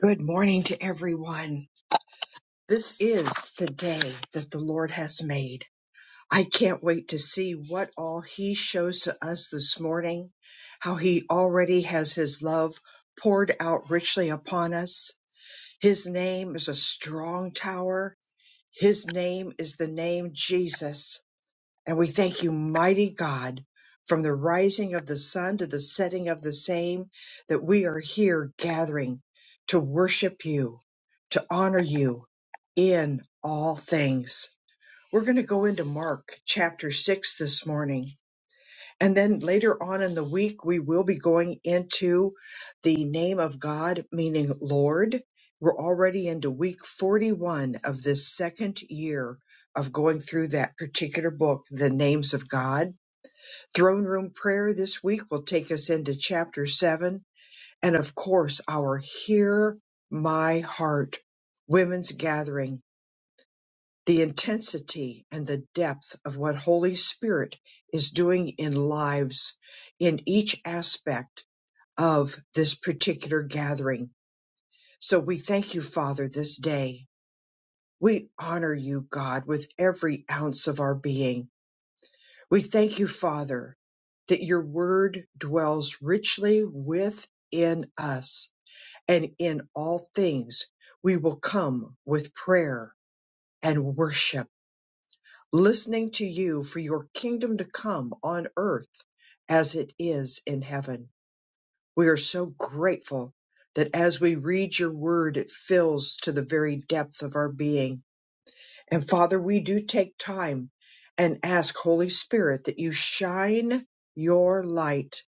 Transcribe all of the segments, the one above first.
Good morning to everyone. This is the day that the Lord has made. I can't wait to see what all He shows to us this morning, how He already has His love poured out richly upon us. His name is a strong tower. His name is the name Jesus. And we thank you, mighty God, from the rising of the sun to the setting of the same, that we are here gathering to worship you, to honor you in all things. We're going to go into Mark chapter 6 this morning. And then later on in the week, we will be going into the name of God, meaning Lord. We're already into week 41 of this second year of going through that particular book, The Names of God. Throne Room Prayer this week will take us into chapter seven. And of course, our Hear My Heart women's gathering the intensity and the depth of what Holy Spirit is doing in lives in each aspect of this particular gathering. So we thank you, Father, this day. We honor you, God, with every ounce of our being. We thank you, Father, that your word dwells richly within us and in all things. We will come with prayer and worship listening to you for your kingdom to come on earth as it is in heaven. We are so grateful that as we read your word, it fills to the very depth of our being. And Father, we do take time and ask, Holy Spirit, that you shine your light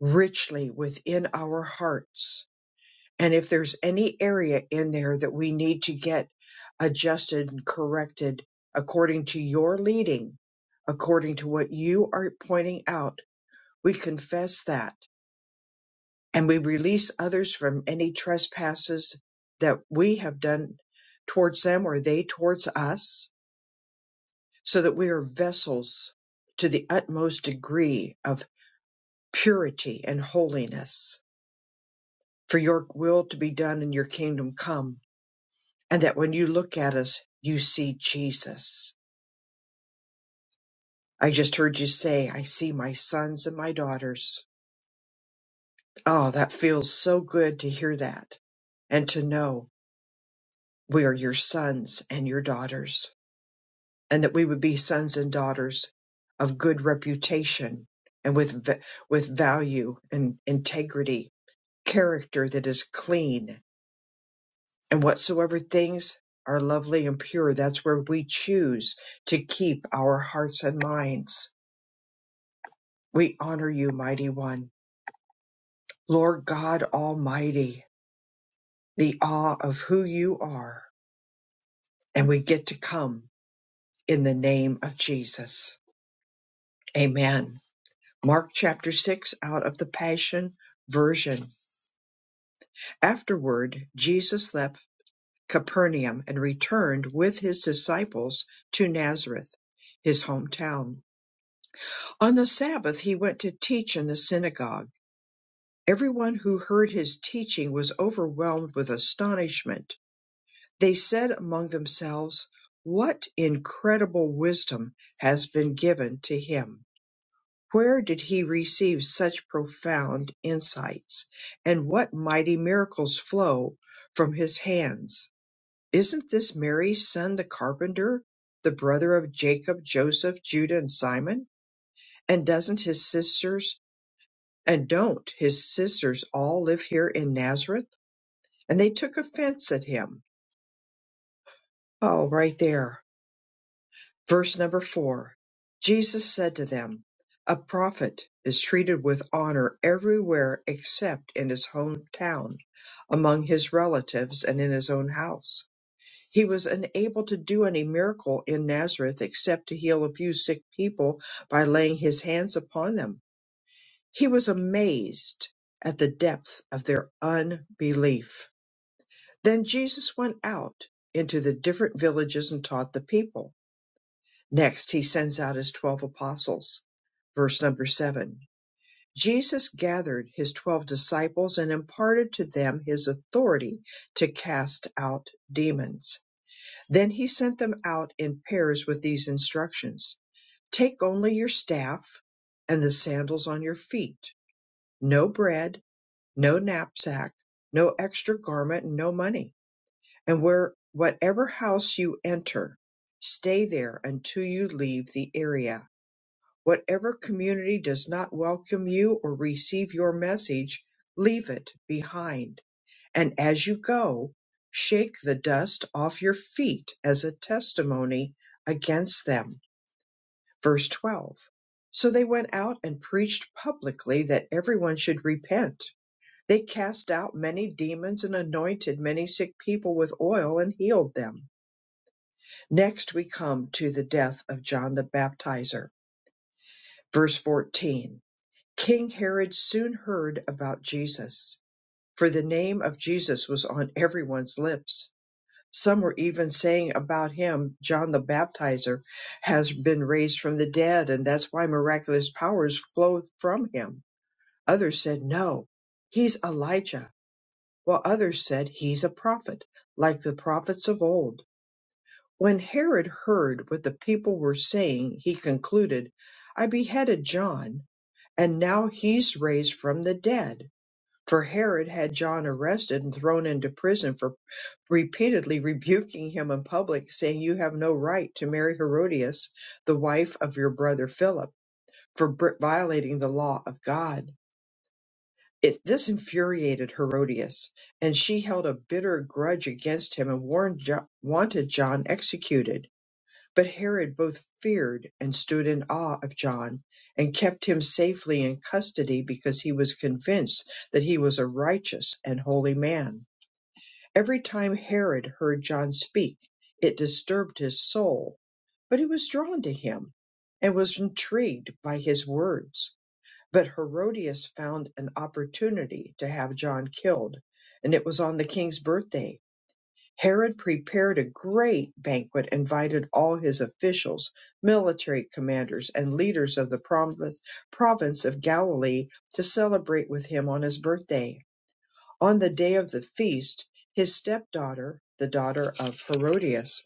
richly within our hearts and if there's any area in there that we need to get adjusted and corrected according to your leading, according to what you are pointing out, we confess that and we release others from any trespasses that we have done towards them or they towards us, so that we are vessels to the utmost degree of purity and holiness for your will to be done and your kingdom come and that when you look at us, you see Jesus. I just heard you say, I see my sons and my daughters. Oh, that feels so good to hear that and to know we are your sons and your daughters, and that we would be sons and daughters of good reputation and with, v- with value and integrity, character that is clean, and whatsoever things are lovely and pure, that's where we choose to keep our hearts and minds We honor you, mighty one, Lord God Almighty, the awe of who you are. And we get to come in the name of Jesus. Amen. Mark chapter 6 out of the Passion Version. Afterward, Jesus left Capernaum and returned with his disciples to Nazareth, his hometown. On the Sabbath, he went to teach in the synagogue. Everyone who heard his teaching was overwhelmed with astonishment They said among themselves, What incredible wisdom has been given to him! Where did he receive such profound insights, and what mighty miracles flow from his hands? Isn't this Mary's son, the carpenter, the brother of Jacob, Joseph, Judah, and Simon? And doesn't his sisters, and don't his sisters all live here in Nazareth? And they took offense at him. Oh, right there. Verse number four Jesus said to them, A prophet is treated with honor everywhere except in his hometown, among his relatives, and in his own house. He was unable to do any miracle in Nazareth except to heal a few sick people by laying his hands upon them. He was amazed at the depth of their unbelief. Then Jesus went out into the different villages and taught the people. Next, he sends out his 12 apostles. Verse number 7 Jesus gathered his 12 disciples and imparted to them his authority to cast out demons. Then he sent them out in pairs with these instructions Take only your staff and the sandals on your feet, no bread, no knapsack, no extra garment, and no money. And where whatever house you enter, stay there until you leave the area Whatever community does not welcome you or receive your message, leave it behind. And as you go, shake the dust off your feet as a testimony against them. Verse 12. So they went out and preached publicly that everyone should repent. They cast out many demons and anointed many sick people with oil and healed them. Next, we come to the death of John the Baptizer. Verse 14. King Herod soon heard about Jesus, for the name of Jesus was on everyone's lips. Some were even saying about him, John the Baptizer has been raised from the dead, and that's why miraculous powers flow from him. Others said, No, he's Elijah, while others said he's a prophet, like the prophets of old. When Herod heard what the people were saying, he concluded, I beheaded John, and now he's raised from the dead for Herod had John arrested and thrown into prison for repeatedly rebuking him in public, saying, You have no right to marry Herodias, the wife of your brother Philip, for br- violating the law of God. It, this infuriated Herodias, and she held a bitter grudge against him and warned jo- wanted John executed. But Herod both feared and stood in awe of John, and kept him safely in custody because he was convinced that he was a righteous and holy man. Every time Herod heard John speak, it disturbed his soul, but he was drawn to him and was intrigued by his words. But Herodias found an opportunity to have John killed, and it was on the king's birthday. Herod prepared a great banquet, invited all his officials, military commanders, and leaders of the province, province of Galilee to celebrate with him on his birthday. On the day of the feast, his stepdaughter, the daughter of Herodias,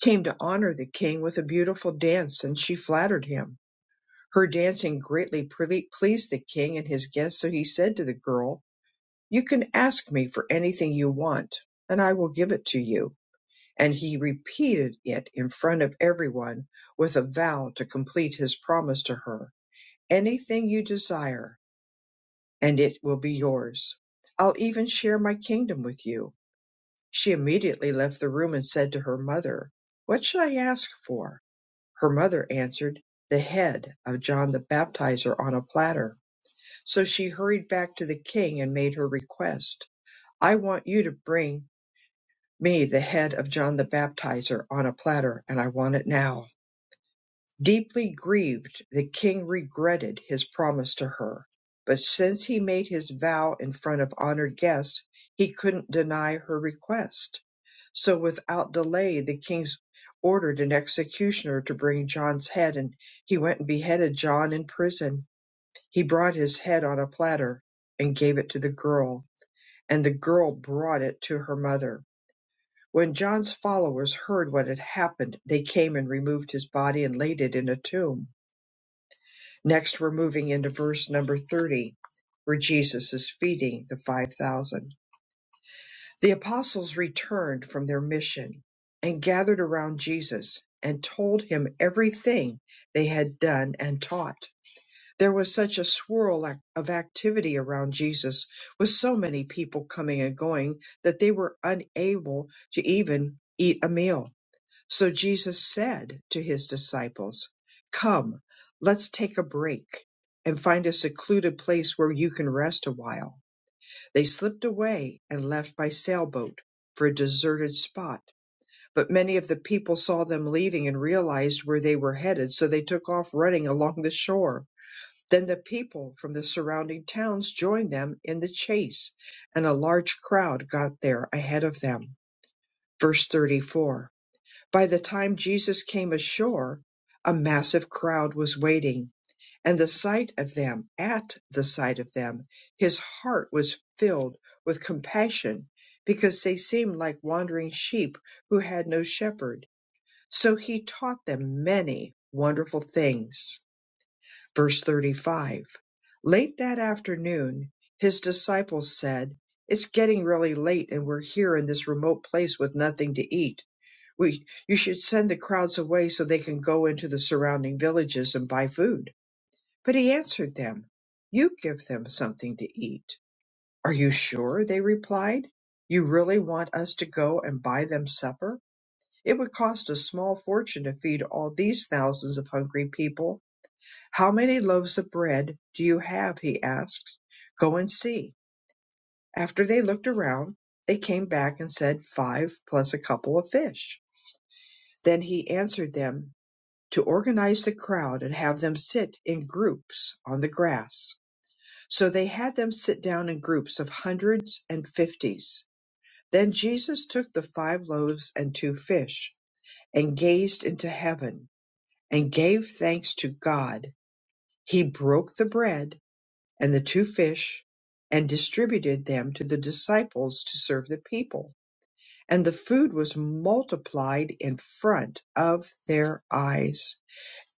came to honor the king with a beautiful dance, and she flattered him. Her dancing greatly ple- pleased the king and his guests, so he said to the girl, You can ask me for anything you want, and I will give it to you and he repeated it in front of everyone with a vow to complete his promise to her. Anything you desire, and it will be yours. I'll even share my kingdom with you. She immediately left the room and said to her mother, What should I ask for? Her mother answered, The head of John the Baptizer on a platter. So she hurried back to the king and made her request. I want you to bring me the head of John the Baptizer on a platter, and I want it now. Deeply grieved, the king regretted his promise to her, but since he made his vow in front of honored guests, he couldn't deny her request. So without delay, the king ordered an executioner to bring John's head, and he went and beheaded John in prison. He brought his head on a platter and gave it to the girl, and the girl brought it to her mother. When John's followers heard what had happened, they came and removed his body and laid it in a tomb. Next, we're moving into verse number 30, where Jesus is feeding the 5,000. The apostles returned from their mission and gathered around Jesus and told him everything they had done and taught. There was such a swirl ac- of activity around Jesus, with so many people coming and going, that they were unable to even eat a meal. So Jesus said to his disciples, Come, let's take a break and find a secluded place where you can rest a while. They slipped away and left by sailboat for a deserted spot. But many of the people saw them leaving and realized where they were headed, so they took off running along the shore. Then the people from the surrounding towns joined them in the chase, and a large crowd got there ahead of them. Verse 34. By the time Jesus came ashore, a massive crowd was waiting, and the sight of them, at the sight of them, his heart was filled with compassion because they seemed like wandering sheep who had no shepherd. So he taught them many wonderful things. Verse 35 Late that afternoon, his disciples said, It's getting really late, and we're here in this remote place with nothing to eat we, you should send the crowds away so they can go into the surrounding villages and buy food. But he answered them, You give them something to eat. Are you sure? They replied. You really want us to go and buy them supper? It would cost a small fortune to feed all these thousands of hungry people. How many loaves of bread do you have? He asked. Go and see. After they looked around, they came back and said, Five plus a couple of fish. Then he answered them, to organize the crowd and have them sit in groups on the grass. So they had them sit down in groups of hundreds and fifties. Then Jesus took the five loaves and two fish and gazed into heaven and gave thanks to God. He broke the bread and the two fish and distributed them to the disciples to serve the people. And the food was multiplied in front of their eyes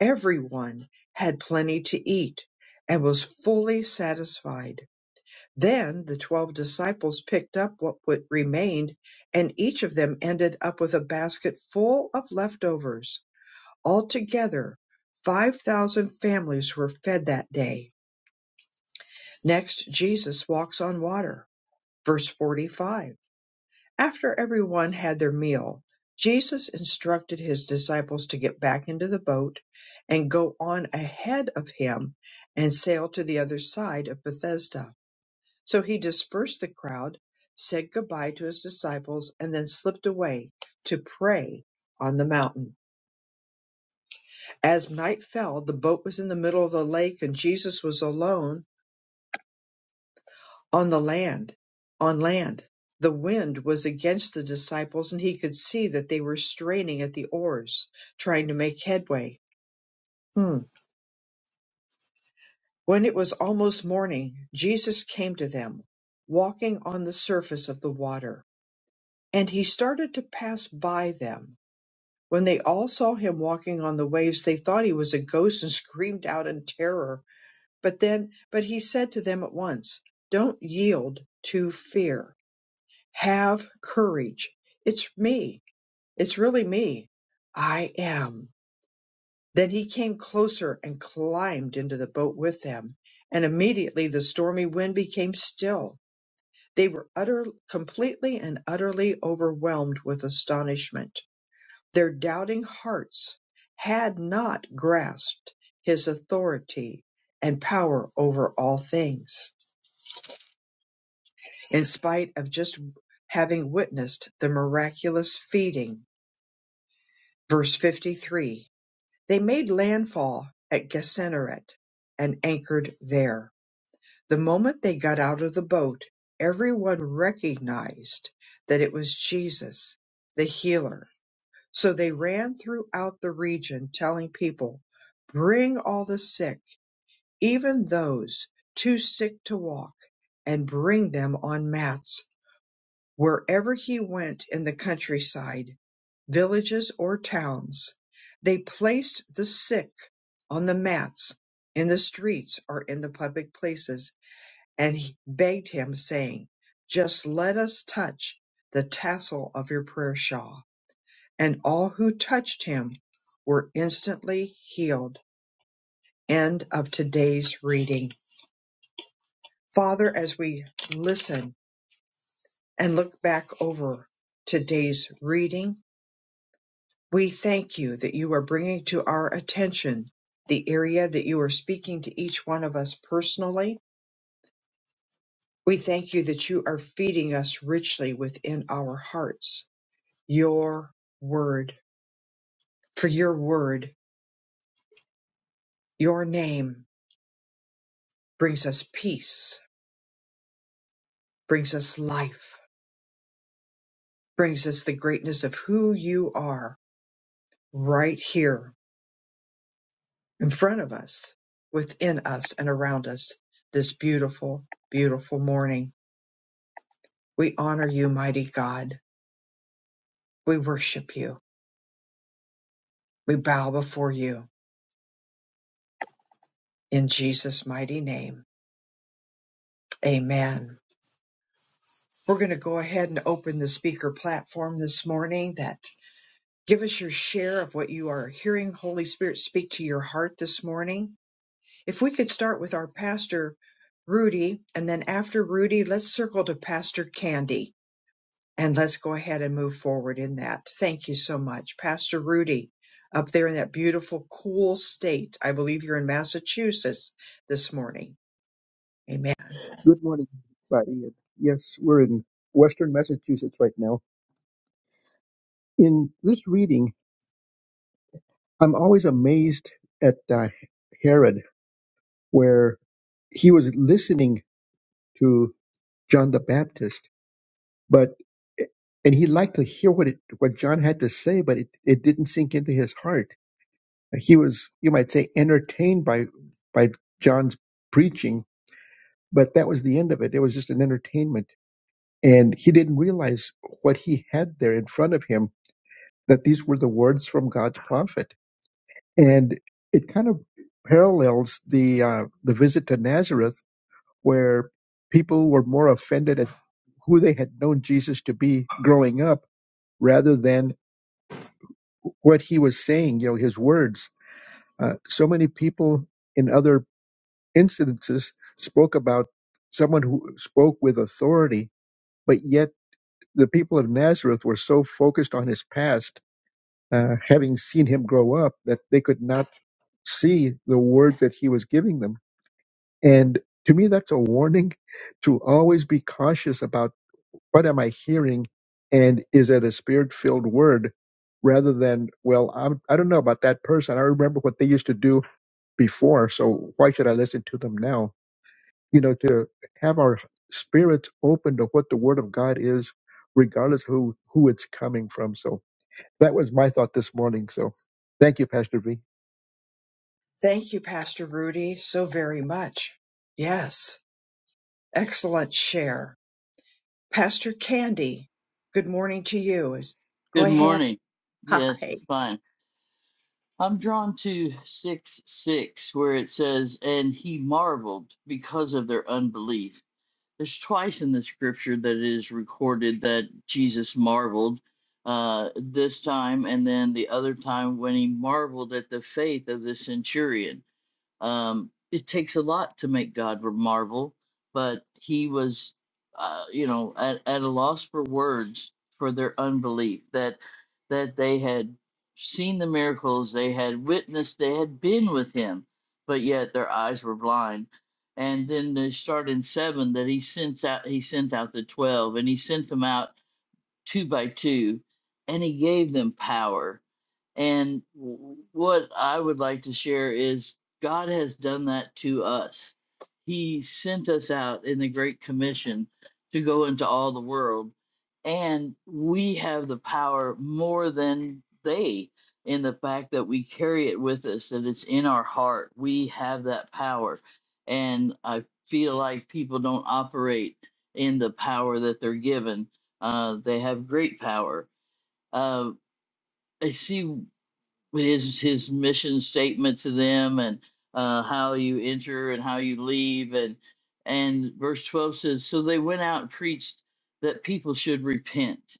Everyone had plenty to eat and was fully satisfied. Then the twelve disciples picked up what wa- remained, and each of them ended up with a basket full of leftovers. Altogether, 5,000 families were fed that day. Next, Jesus walks on water. Verse 45. After everyone had their meal, Jesus instructed his disciples to get back into the boat and go on ahead of him and sail to the other side of Bethesda. So he dispersed the crowd, said goodbye to his disciples, and then slipped away to pray on the mountain. As night fell, the boat was in the middle of the lake and Jesus was alone On the land, on land, the wind was against the disciples, and he could see that they were straining at the oars, trying to make headway. Hmm. When it was almost morning, Jesus came to them, walking on the surface of the water, and he started to pass by them. When they all saw him walking on the waves, they thought he was a ghost and screamed out in terror. But then, but he said to them at once, Don't yield to fear Have courage. It's me. It's really me. I am. Then he came closer and climbed into the boat with them, and immediately the stormy wind became still. They were utter, completely and utterly overwhelmed with astonishment. Their doubting hearts had not grasped his authority and power over all things, in spite of just having witnessed the miraculous feeding Verse 53 They made landfall at Gennesaret and anchored there. The moment they got out of the boat, everyone recognized that it was Jesus, the healer. So they ran throughout the region telling people, Bring all the sick, even those too sick to walk, and bring them on mats Wherever he went in the countryside, villages or towns, they placed the sick on the mats in the streets or in the public places, and he begged him, saying, Just let us touch the tassel of your prayer shawl. And all who touched him were instantly healed. End of today's reading. Father, as we listen and look back over today's reading, We thank you that you are bringing to our attention the area that you are speaking to each one of us personally. We thank you that you are feeding us richly within our hearts. Your word, for your word, your name brings us peace, brings us life, brings us the greatness of who you are right here in front of us, within us, and around us this beautiful, beautiful morning. We honor you, mighty God. We worship you. We bow before you in Jesus' mighty name. Amen. We're going to go ahead and open the speaker platform this morning that give us your share of what you are hearing Holy Spirit speak to your heart this morning. If we could start with our pastor Rudy and then after Rudy, let's circle to Pastor Candy and let's go ahead and move forward in that. Thank you so much, Pastor Rudy, up there in that beautiful, cool state. I believe you're in Massachusetts this morning. Amen. Good morning, everybody. Yes, we're in Western Massachusetts right now. In this reading, I'm always amazed at uh, Herod, where he was listening to John the Baptist, but eh, and he liked to hear what it, what John had to say, but it, it didn't sink into his heart. He was, you might say, entertained by by John's preaching, but that was the end of it. It was just an entertainment, and he didn't realize what he had there in front of him that these were the words from God's prophet. And it kind of parallels the uh, the visit to Nazareth, where people were more offended at who they had known Jesus to be growing up, rather than what he was saying. You know, his words. Uh, so many people in other incidences spoke about someone who spoke with authority, but yet the people of Nazareth were so focused on his past, uh, having seen him grow up, that they could not see the word that he was giving them. And to me, that's a warning to always be cautious about what am I hearing and is it a spirit filled word rather than, well, I'm, I don't know about that person. I remember what they used to do before. So why should I listen to them now? You know, to have our spirits open to what the word of God is, regardless who, who it's coming from. So that was my thought this morning. So thank you, Pastor V. Thank you, Pastor Rudy, so very much. Yes, excellent share. Pastor Candy, good morning to you. Is- Good Go ahead. morning. Yes, Hi. it's fine. I'm drawn to 6 6, where it says, And he marveled because of their unbelief. There's twice in the scripture that it is recorded that Jesus marveled uh, this time, and then the other time when he marveled at the faith of the centurion um, it takes a lot to make God marvel, but he was, uh, you know, at, at a loss for words for their unbelief that that they had seen the miracles, they had witnessed, they had been with him, but yet their eyes were blind. And then they start in seven that he sent out he sent out the twelve and he sent them out two by two, and he gave them power and w- what I would like to share is God has done that to us. He sent us out in the Great Commission to go into all the world, and we have the power more than they in the fact that we carry it with us, that it's in our heart. We have that power. And I feel like people don't operate in the power that they're given. Uh, they have great power. Uh, I see his his mission statement to them and uh, how you enter and how you leave and and verse 12 says so they went out and preached that people should repent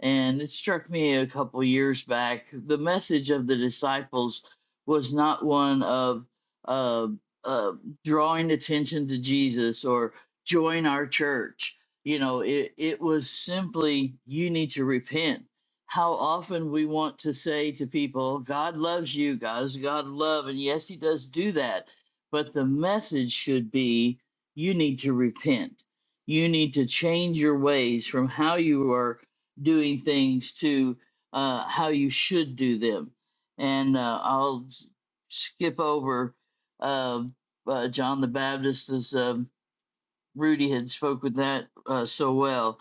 and it struck me a couple years back. The message of the disciples was not one of uh, uh, drawing attention to Jesus or join our church. You know, it, it was simply, you need to repent. How often we want to say to people, God loves you, God is a God of love. And yes, He does do that. But the message should be, you need to repent. You need to change your ways from how you are doing things to uh, how you should do them. And uh, I'll s- skip over uh, uh, John the Baptist as um Rudy had spoke with that uh, so well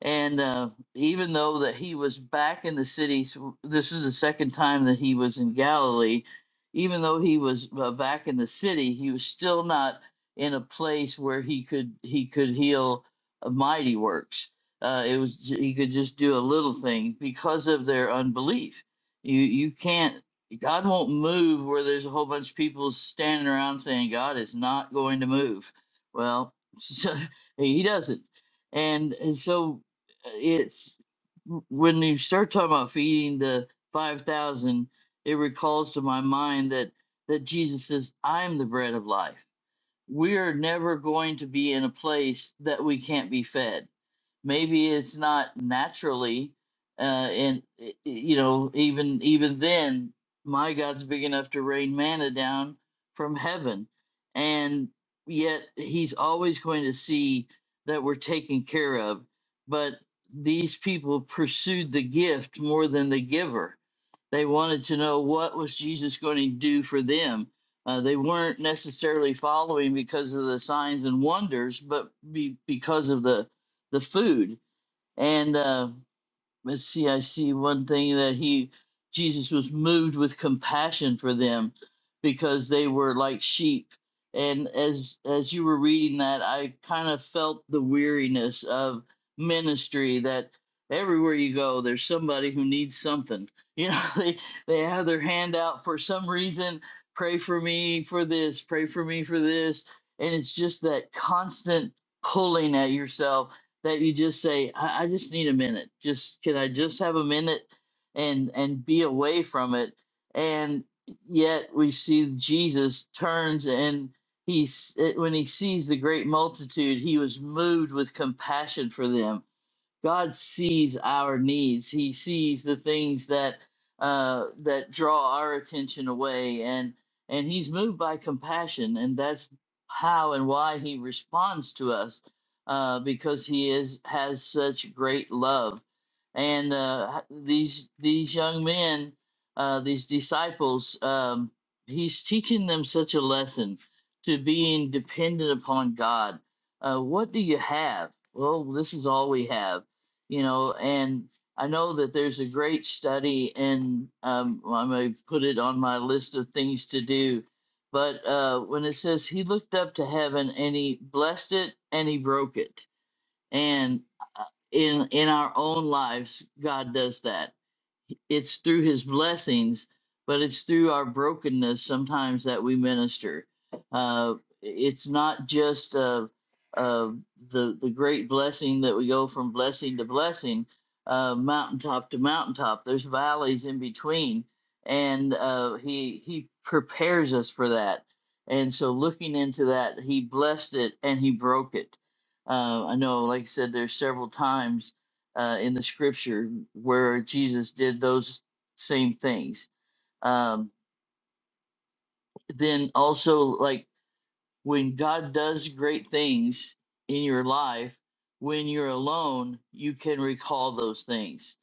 and uh, even though that he was back in the city so this is the second time that he was in galilee even though he was uh, back in the city he was still not in a place where he could he could heal uh, mighty works uh, it was he could just do a little thing because of their unbelief you you can't god won't move where there's a whole bunch of people standing around saying god is not going to move well he doesn't and, and so it's when you start talking about feeding the 5000 it recalls to my mind that that jesus says i'm the bread of life we are never going to be in a place that we can't be fed maybe it's not naturally uh and i- i- you know even even then my god's big enough to rain manna down from heaven and yet he's always going to see that we're taken care of but these people pursued the gift more than the giver they wanted to know what was jesus going to do for them uh, they weren't necessarily following because of the signs and wonders but be, because of the the food and uh, let's see, I see one thing that he, Jesus was moved with compassion for them because they were like sheep. And as as you were reading that, I kind of felt the weariness of ministry that everywhere you go, there's somebody who needs something. You know, they they have their hand out for some reason. Pray for me for this. Pray for me for this. And it's just that constant pulling at yourself that you just say, I, I just need a minute. Just can I just have a minute and and be away from it? And yet we see Jesus turns and he's when he sees the great multitude, he was moved with compassion for them God sees our needs. He sees the things that uh, that draw our attention away, and and He's moved by compassion, and that's how and why He responds to us, uh, because He is has such great love. And uh, these these young men, uh, these disciples, um, He's teaching them such a lesson to being dependent upon God. Uh, what do you have? Well, this is all we have you know and i know that there's a great study and um, well, i may put it on my list of things to do but uh, when it says he looked up to heaven and he blessed it and he broke it and uh, in in our own lives god does that it's through his blessings, but it's through our brokenness sometimes that we minister. Uh, it's not just uh, uh, the the great blessing that we go from blessing to blessing, uh, mountaintop to mountaintop. There's valleys in between, and uh, he he prepares us for that. And so, looking into that, he blessed it and he broke it. Uh, I know, like I said, there's several times uh, in the scripture where Jesus did those same things. Um, then also, like when God does great things in your life, when you're alone, you can recall those things.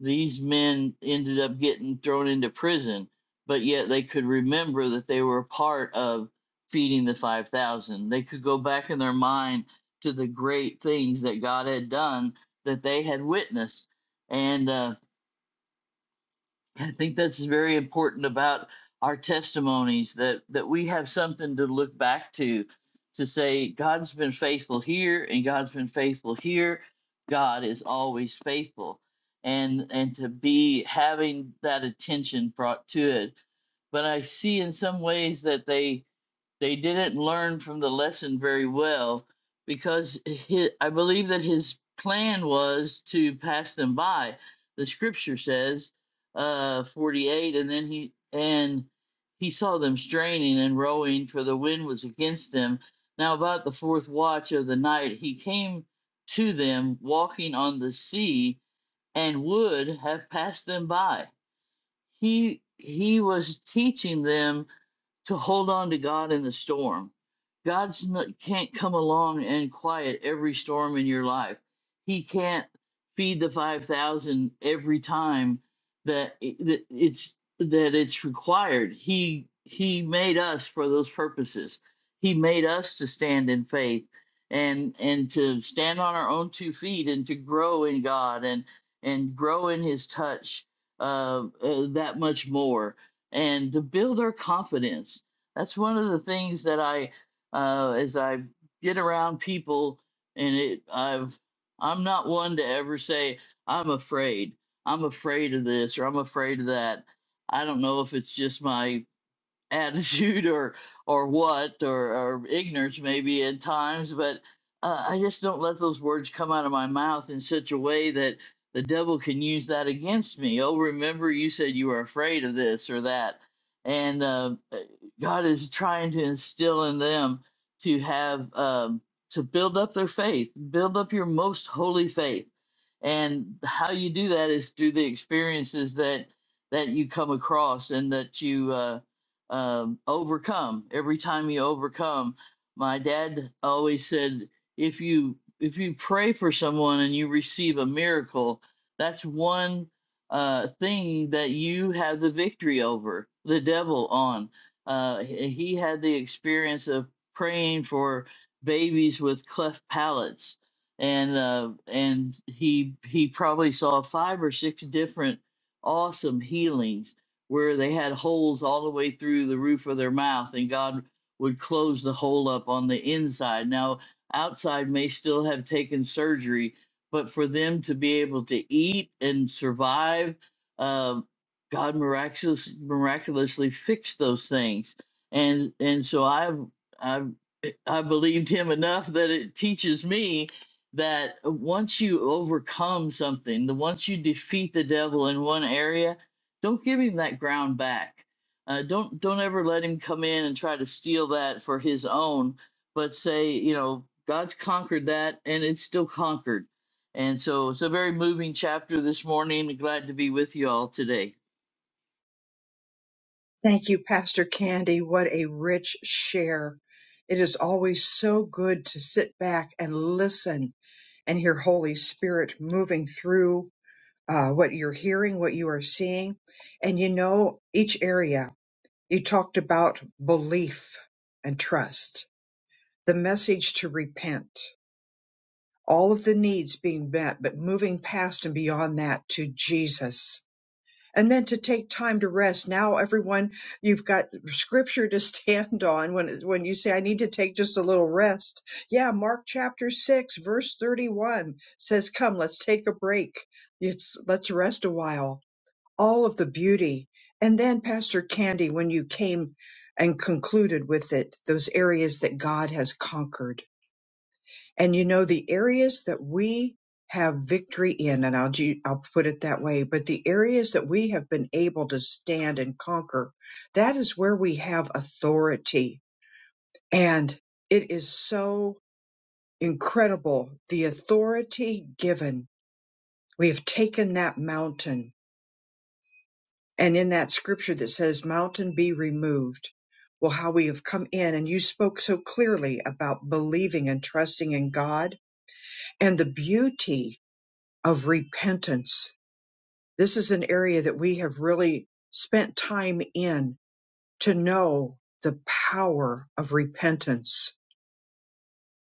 These men ended up getting thrown into prison, but yet they could remember that they were a part of feeding the 5,000. They could go back in their mind to the great things that God had done that they had witnessed. And uh, I think that's very important about our testimonies that that we have something to look back to to say God's been faithful here and God's been faithful here. God is always faithful. And and to be having that attention brought to it. But I see in some ways that they they didn't learn from the lesson very well because hi I believe that his plan was to pass them by. The scripture says, uh, 48, and then he and he saw them straining and rowing, for the wind was against them. Now, about the fourth watch of the night, he came to them walking on the sea and would have passed them by. He he was teaching them to hold on to God in the storm. God can't come along and quiet every storm in your life. He can't feed the 5000 every time that i- that it's that it's required. He he made us for those purposes. He made us to stand in faith and and to stand on our own two feet and to grow in God and and grow in his touch uh, uh that much more and to build our confidence. That's one of the things that I, uh, as I get around people, and it, I've, I'm not one to ever say I'm afraid. I'm afraid of this or I'm afraid of that. I don't know if it's just my attitude or or what or, or ignorance maybe at times but uh, i just don't let those words come out of my mouth in such a way that the devil can use that against me oh remember you said you were afraid of this or that and uh, god is trying to instill in them to have um, to build up their faith build up your most holy faith and how you do that is through the experiences that that you come across and that you uh, um, overcome. Every time you overcome, my dad always said, if you if you pray for someone and you receive a miracle, that's one uh, thing that you have the victory over the devil on. Uh, he he had the experience of praying for babies with cleft palates, and uh, and he he probably saw five or six different awesome healings where they had holes all the way through the roof of their mouth, and God would close the hole up on the inside. Now, outside may still have taken surgery, but for them to be able to eat and survive, uh, God miraculous, miraculously fixed those things. And and so I've I've I believed him enough that it teaches me that once you overcome something, the once you defeat the devil in one area, don't give him that ground back. Uh, don't don't ever let him come in and try to steal that for his own. But say, you know, God's conquered that, and it's still conquered. And so it's a very moving chapter this morning. Glad to be with you all today. Thank you, Pastor Candy. What a rich share. It is always so good to sit back and listen and hear Holy Spirit moving through uh, what you're hearing, what you are seeing. And you know, each area, you talked about belief and trust, the message to repent, all of the needs being met, but moving past and beyond that to Jesus and then to take time to rest now everyone you've got scripture to stand on when when you say i need to take just a little rest yeah mark chapter 6 verse 31 says come let's take a break it's let's rest a while all of the beauty and then pastor candy when you came and concluded with it those areas that god has conquered and you know, the areas that we have victory in, and I'll, ju- I'll put it that way, but the areas that we have been able to stand and conquer, that is where we have authority. And it is so incredible the authority given. We have taken that mountain. And in that scripture that says, Mountain be removed, well, how we have come in. And you spoke so clearly about believing and trusting in God and the beauty of repentance. This is an area that we have really spent time in to know the power of repentance,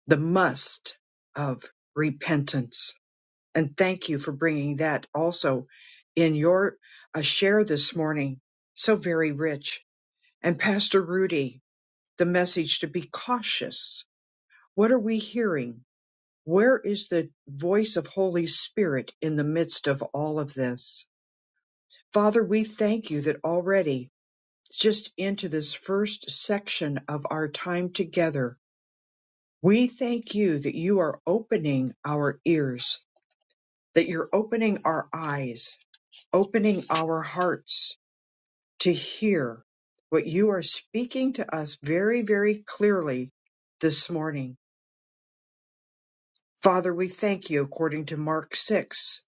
the must of repentance. And thank you for bringing that also in your uh, share this morning. So very rich. And Pastor Rudy, the message to be cautious. What are we hearing? Where is the voice of Holy Spirit in the midst of all of this? Father, we thank you that already, just into this first section of our time together, we thank you that you are opening our ears, that you're opening our eyes, opening our hearts to hear what you are speaking to us very, very clearly this morning. Father, we thank you according to Mark 6,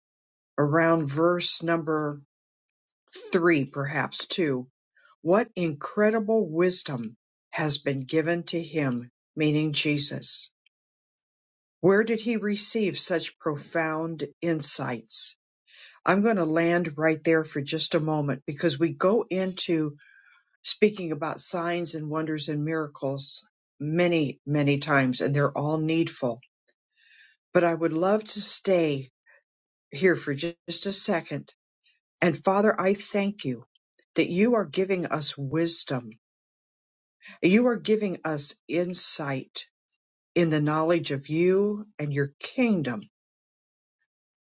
around verse number three, perhaps two. What incredible wisdom has been given to him, meaning Jesus? Where did he receive such profound insights? I'm going to land right there for just a moment because we go into speaking about signs and wonders and miracles many, many times, and they're all needful. But I would love to stay here for just a second. And Father, I thank you that you are giving us wisdom You are giving us insight in the knowledge of you and your kingdom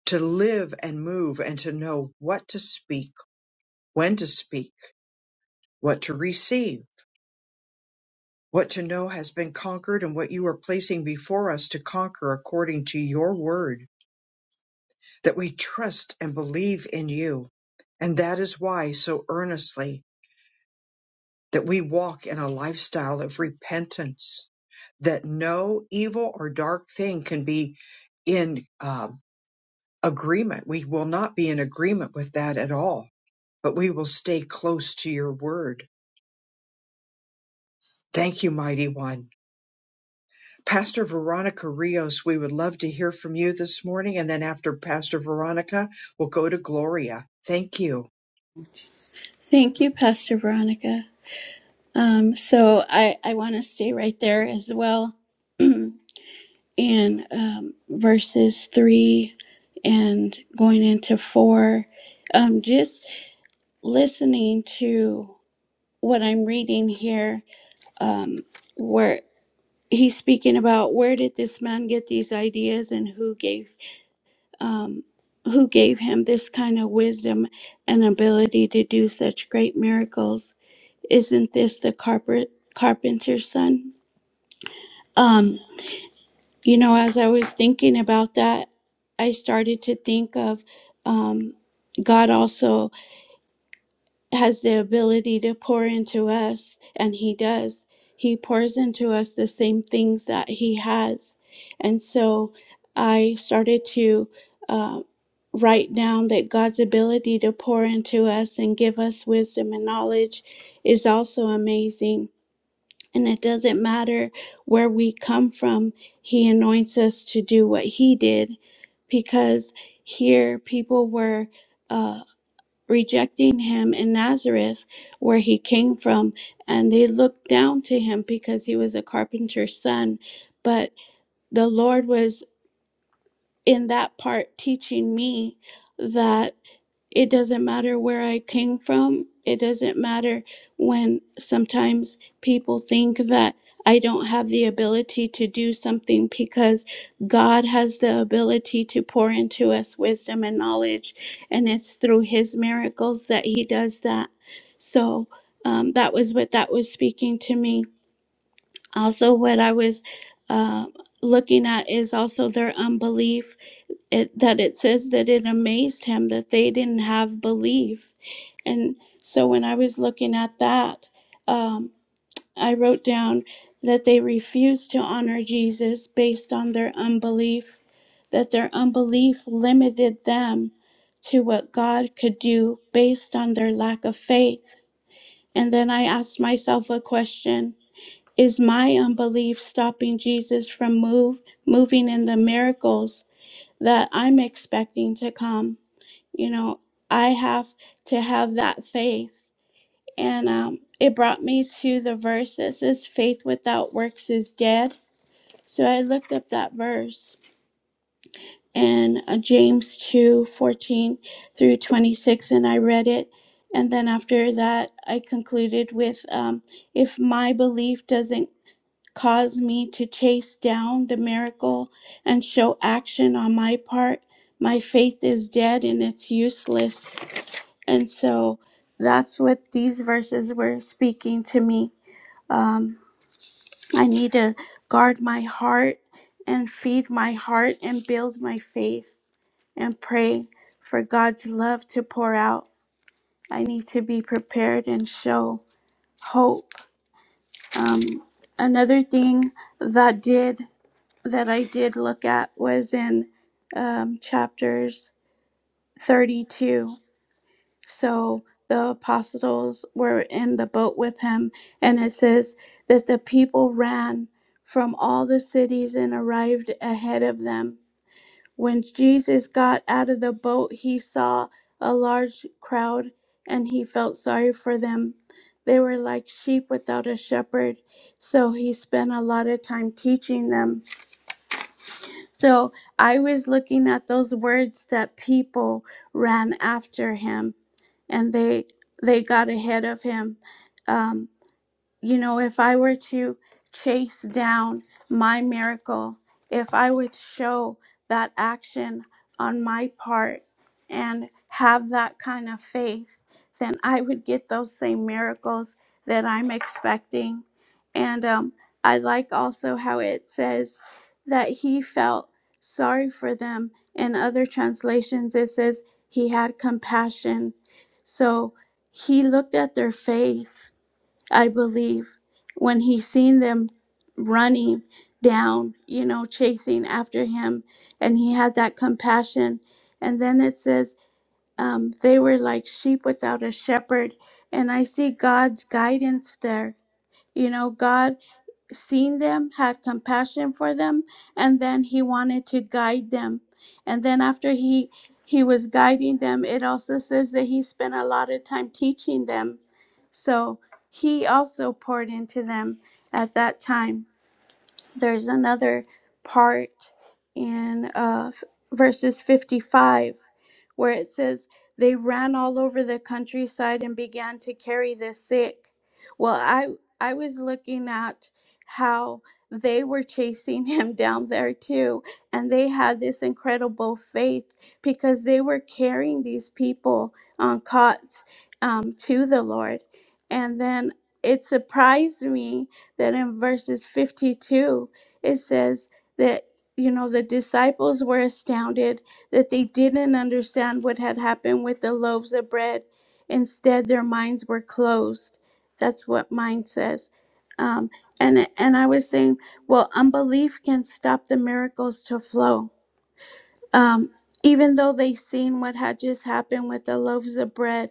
to live and move and to know what to speak, when to speak, what to receive, what to know has been conquered and what you are placing before us to conquer according to your word, that we trust and believe in you. And that is why so earnestly that we walk in a lifestyle of repentance, that no evil or dark thing can be in uh, agreement. We will not be in agreement with that at all, but we will stay close to your word. Thank you, mighty one. Pastor Veronica Rios, we would love to hear from you this morning. And then after Pastor Veronica, we'll go to Gloria. Thank you. Thank you, Pastor Veronica. Um, so I, I want to stay right there as well in um, verses three and going into four. Um, just listening to what I'm reading here, um, where he's speaking about where did this man get these ideas and who gave um, who gave him this kind of wisdom and ability to do such great miracles. Isn't this the carpet, carpenter's son? Um, you know, as I was thinking about that, I started to think of um, God also. has the ability to pour into us, and He does. He pours into us the same things that He has. And so I started to uh, write down that God's ability to pour into us and give us wisdom and knowledge is also amazing. And it doesn't matter where we come from, He anoints us to do what He did because here people were. uh, rejecting him in Nazareth, where he came from, and they looked down to him because he was a carpenter's son. But the Lord was in that part teaching me that it doesn't matter where I came from. It doesn't matter when sometimes people think that I don't have the ability to do something because God has the ability to pour into us wisdom and knowledge. And it's through His miracles that He does that. So um, that was what that was speaking to me. Also, what I was uh, looking at is also their unbelief it that it says that it amazed him that they didn't have belief and so when i was looking at that um, i wrote down that they refused to honor jesus based on their unbelief that their unbelief limited them to what god could do based on their lack of faith and then i asked myself a question is my unbelief stopping jesus from move moving in the miracles that I'm expecting to come. You know, I have to have that faith. And um, it brought me to the verse that says, faith without works is dead. So I looked up that verse in uh, James 2 14 through 26, and I read it. And then after that, I concluded with, um, if my belief doesn't Cause me to chase down the miracle and show action on my part. My faith is dead and it's useless. And so that's what these verses were speaking to me. Um, I need to guard my heart and feed my heart and build my faith and pray for God's love to pour out. I need to be prepared and show hope. Um, another thing that did that I did look at was in um, chapters 32. So the apostles were in the boat with him, and it says that the people ran from all the cities and arrived ahead of them. When Jesus got out of the boat, he saw a large crowd and he felt sorry for them. They were like sheep without a shepherd, so he spent a lot of time teaching them. So I was looking at those words that people ran after him and they they got ahead of him. Um, you know, if I were to chase down my miracle, if I would show that action on my part and have that kind of faith, then I would get those same miracles that I'm expecting. And um, I like also how it says that he felt sorry for them. In other translations, it says he had compassion. So he looked at their faith I believe when he seen them running down, you know, chasing after him, and he had that compassion. And then it says, um, they were like sheep without a shepherd. And I see God's guidance there. You know, God seen them, had compassion for them, and then he wanted to guide them. And then after he he was guiding them, it also says that he spent a lot of time teaching them. So he also poured into them at that time. There's another part in uh, verses 55 where it says, They ran all over the countryside and began to carry the sick. Well, I, I was looking at how they were chasing him down there too, and they had this incredible faith because they were carrying these people on cots um, to the Lord. And then it surprised me that in verses 52, it says that, you know, the disciples were astounded that they didn't understand what had happened with the loaves of bread. Instead, their minds were closed. That's what mine says. Um, and and I was saying, well, unbelief can stop the miracles to flow. Um, even though they seen what had just happened with the loaves of bread,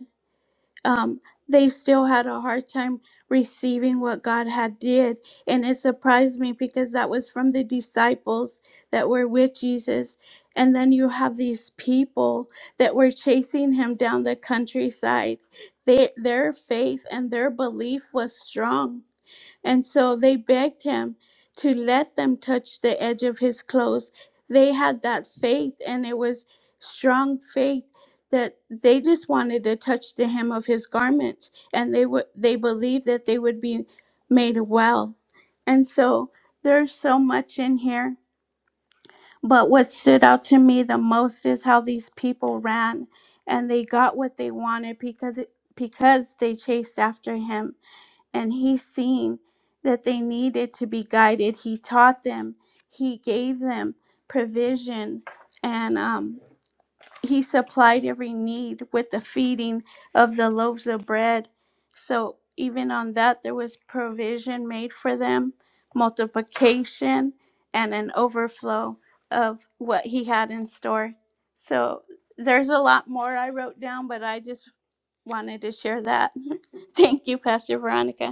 um, they still had a hard time receiving what God had did, and it surprised me because that was from the disciples that were with Jesus, and then you have these people that were chasing him down the countryside. They, their faith and their belief was strong and so they begged him to let them touch the edge of his clothes. They had that faith, and it was strong faith that they just wanted to touch the hem of his garment, and they would they believed that they would be made well. And so there's so much in here. But what stood out to me the most is how these people ran and they got what they wanted because because they chased after him and he seen that they needed to be guided. He taught them, he gave them provision, and um, he supplied every need with the feeding of the loaves of bread. So, even on that, there was provision made for them, multiplication, and an overflow of what he had in store. So, there's a lot more I wrote down, but I just wanted to share that. Thank you, Pastor Veronica.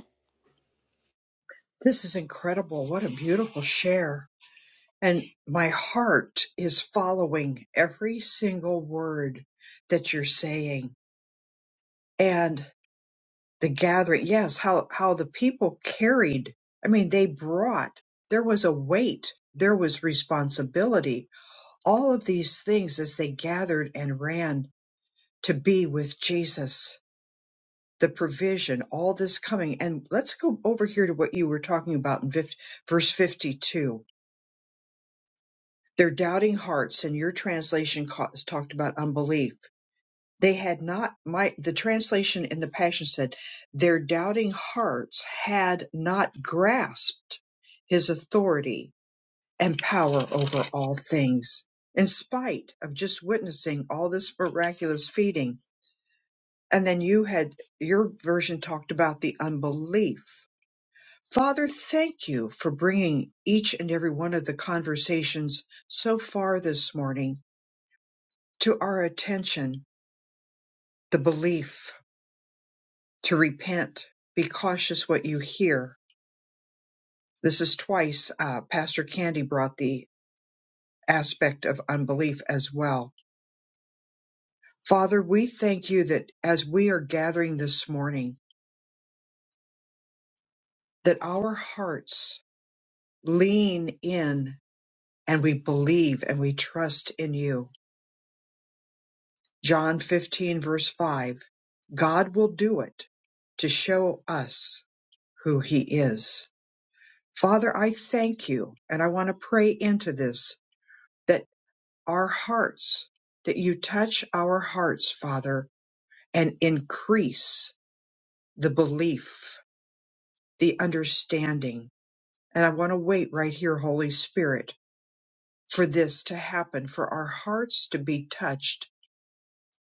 This is incredible. What a beautiful share. And my heart is following every single word that you're saying. And the gathering yes how how the people carried i mean they brought there was a weight there was responsibility all of these things as they gathered and ran to be with jesus the provision all this coming and let's go over here to what you were talking about in fif- verse 52 their doubting hearts and your translation ca- talked about unbelief They had not my the translation in the Passion said, their doubting hearts had not grasped his authority and power over all things, in spite of just witnessing all this miraculous feeding. And then you had your version talked about the unbelief. Father, thank you for bringing each and every one of the conversations so far this morning to our attention, the belief to repent. Be cautious what you hear. This is twice uh, Pastor Candy brought the aspect of unbelief as well. Father, we thank you that as we are gathering this morning, that our hearts lean in and we believe and we trust in you. John 15, verse 5 God will do it to show us who he is. Father, I thank you and I want to pray into this that. our hearts, that you touch our hearts, Father, and increase the belief, the understanding. And I want to wait right here, Holy Spirit, for this to happen, for our hearts to be touched.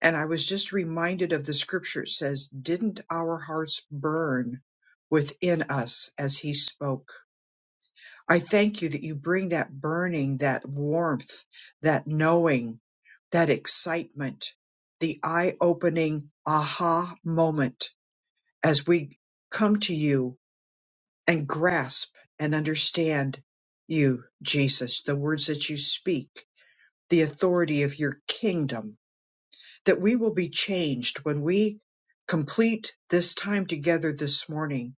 And I was just reminded of the scripture it says, Didn't our hearts burn within us as He spoke? I thank you that you bring that burning, that warmth, that knowing, that excitement, the eye opening aha moment as we come to you and grasp and understand you, Jesus, the words that you speak, the authority of your kingdom, that we will be changed when we complete this time together this morning,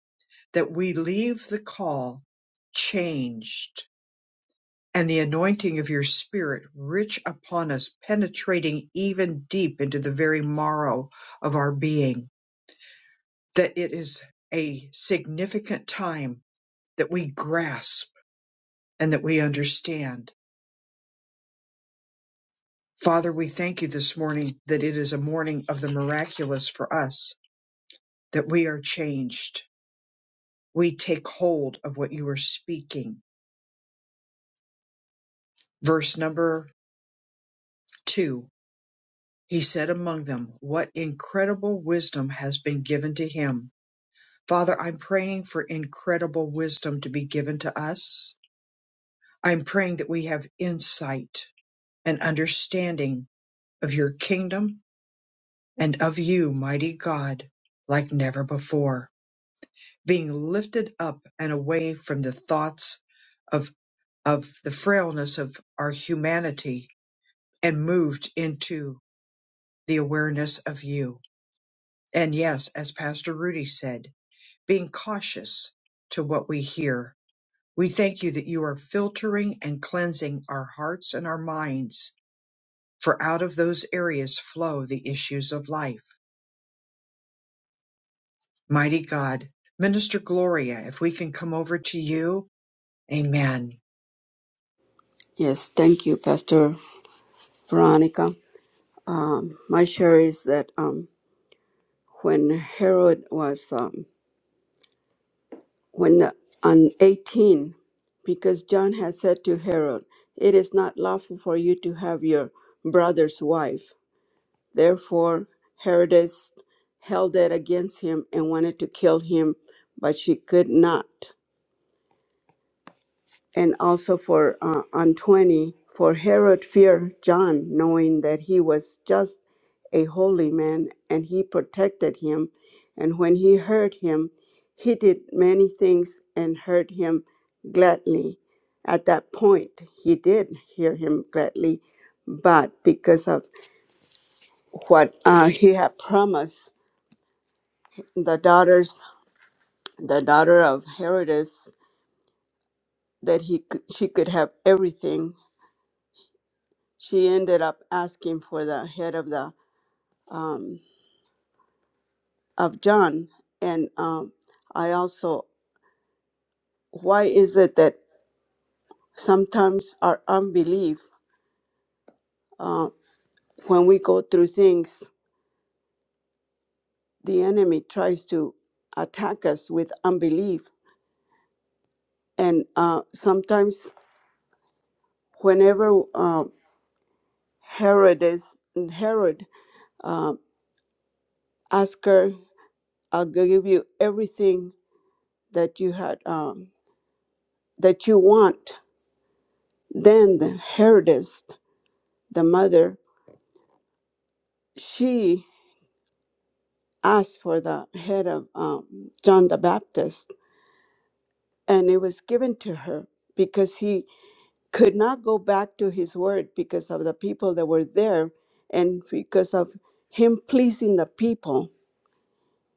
that we leave the call changed and the anointing of your Spirit rich upon us, penetrating even deep into the very marrow of our being, that it is a significant time that we grasp and that we understand. Father, we thank you this morning that it is a morning of the miraculous for us, that we are changed. We take hold of what you are speaking. Verse number two. He said among them, What incredible wisdom has been given to him Father, I'm praying for incredible wisdom to be given to us. I'm praying that we have insight and understanding of your kingdom and of you, mighty God, like never before, being lifted up and away from the thoughts of, of the frailness of our humanity and moved into the awareness of you. And yes, as Pastor Rudy said, being cautious to what we hear We thank you that you are filtering and cleansing our hearts and our minds, for out of those areas flow the issues of life. Mighty God, Minister Gloria, if we can come over to you, amen. Yes, thank you, Pastor Veronica. Um, my share is that um, when Herod was, um, when the, on 18, because John had said to Herod, It is not lawful for you to have your brother's wife. Therefore, Herodes held it against him and wanted to kill him, but she could not. and also for uh, on 20 for herod feared john knowing that he was just a holy man and he protected him and when he heard him he did many things and heard him gladly at that point he did hear him gladly but because of what uh, he had promised the daughters the daughter of herodes that he could, she could have everything she ended up asking for the head of the um, of John. And um, I also, why is it that sometimes our unbelief, uh, when we go through things, the enemy tries to attack us with unbelief, and uh, sometimes whenever uh, Herod is Herod uh, asked her, "I'll give you everything that you had um, that you want," Then the Herodess, the mother, she asked for the head of um, John the Baptist, and it was given to her because he could not go back to his word because of the people that were there and because of him pleasing the people.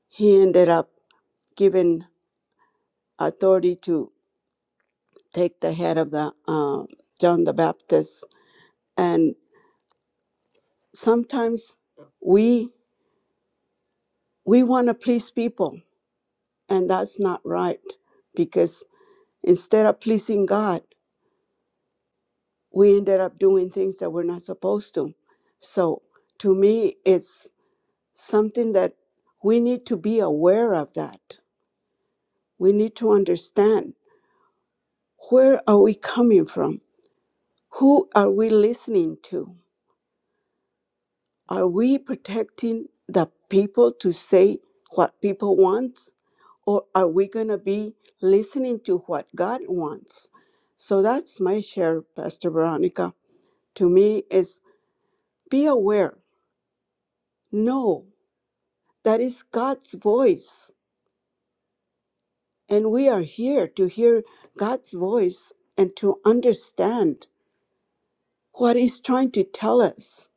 He ended up given authority to take the head of the um John the Baptist, and sometimes we we want to please people And that's not right because instead of pleasing God, we ended up doing things that we're not supposed to. So to me, it's something that we need to be aware of that. We need to understand where are we coming from? Who are we listening to? Are we protecting the people to say what people want? Or are we going to be listening to what God wants? So that's my share, Pastor Veronica. To me, is be aware, know that is God's voice. And we are here to hear God's voice and to understand what He's trying to tell us,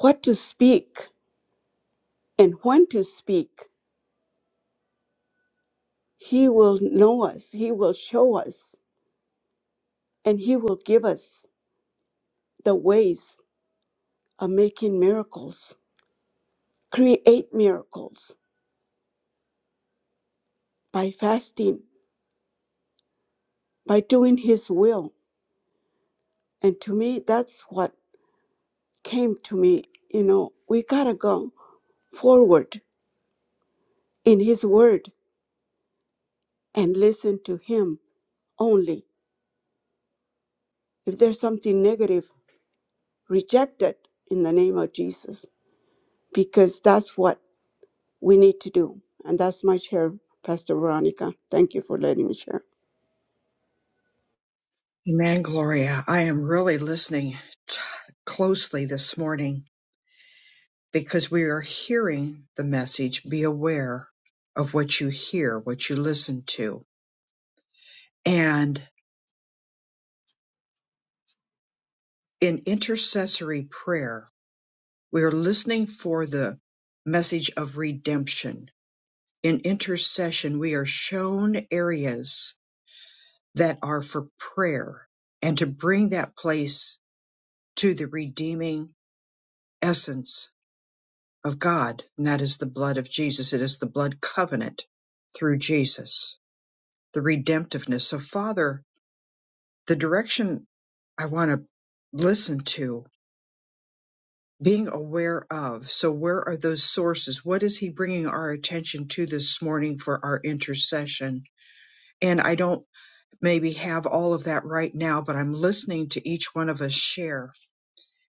what to speak, and when to speak. He will know us, He will show us and He will give us the ways of making miracles. Create miracles by fasting, by doing His will. And to me, that's what came to me. You know, we gotta go forward in His Word and listen to Him only. If there's something negative, reject it in the name of Jesus, because that's what we need to do. And that's my share, Pastor Veronica. Thank you for letting me share. Amen, Gloria. I am really listening t- closely this morning because we are hearing the message be aware of what you hear, what you listen to. And in intercessory prayer, We are listening for the message of redemption. In intercession, we are shown areas that are for prayer and to bring that place to the redeeming essence of God, and that is the blood of Jesus. It is the blood covenant through Jesus, the redemptiveness. So, Father, the direction I want to listen to being aware of. So, where are those sources? What is He bringing our attention to this morning for our intercession? And I don't maybe have all of that right now, but I'm listening to each one of us share.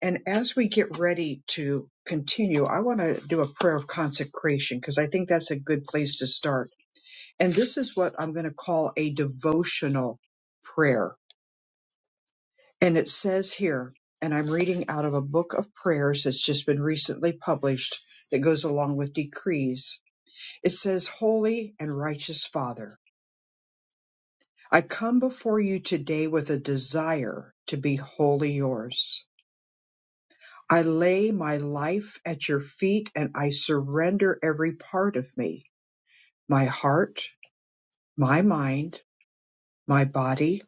And as we get ready to continue, I want to do a prayer of consecration because I think that's a good place to start. And this is what I'm going to call a devotional prayer And it says here, and I'm reading out of a book of prayers that's just been recently published that goes along with decrees. It says, Holy and righteous Father, I come before you today with a desire to be wholly yours. I lay my life at your feet and I surrender every part of me, my heart, my mind, my body,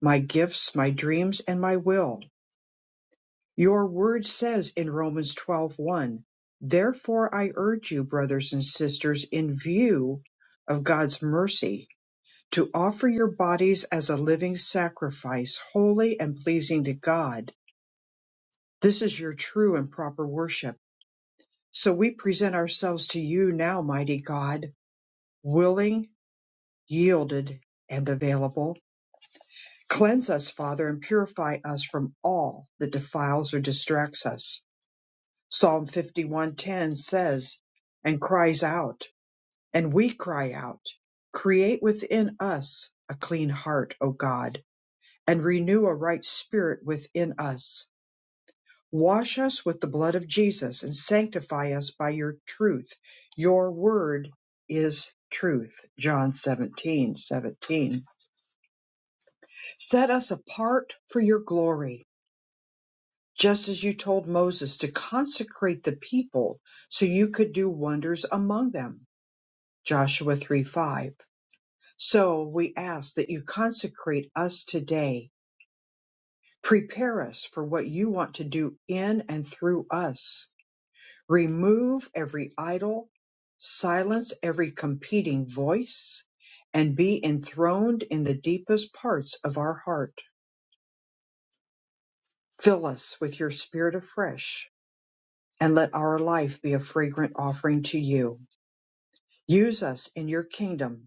my gifts, my dreams, and my will. Your word says in Romans 12:1, "Therefore I urge you, brothers and sisters, in view of God's mercy, to offer your bodies as a living sacrifice, holy and pleasing to God. This is your true and proper worship." So we present ourselves to you now, mighty God, willing, yielded, and available. Cleanse us, Father, and purify us from all that defiles or distracts us Psalm 51:10 says, and cries out, and we cry out, create within us a clean heart, O God, and renew a right spirit within us. Wash us with the blood of Jesus and sanctify us by your truth. Your word is truth. John 17:17. Set us apart for your glory, just as you told Moses to consecrate the people so you could do wonders among them. Joshua 3 5. So we ask that you consecrate us today. Prepare us for what you want to do in and through us. Remove every idol, silence every competing voice, and be enthroned in the deepest parts of our heart. Fill us with your spirit afresh, and let our life be a fragrant offering to you. Use us in your kingdom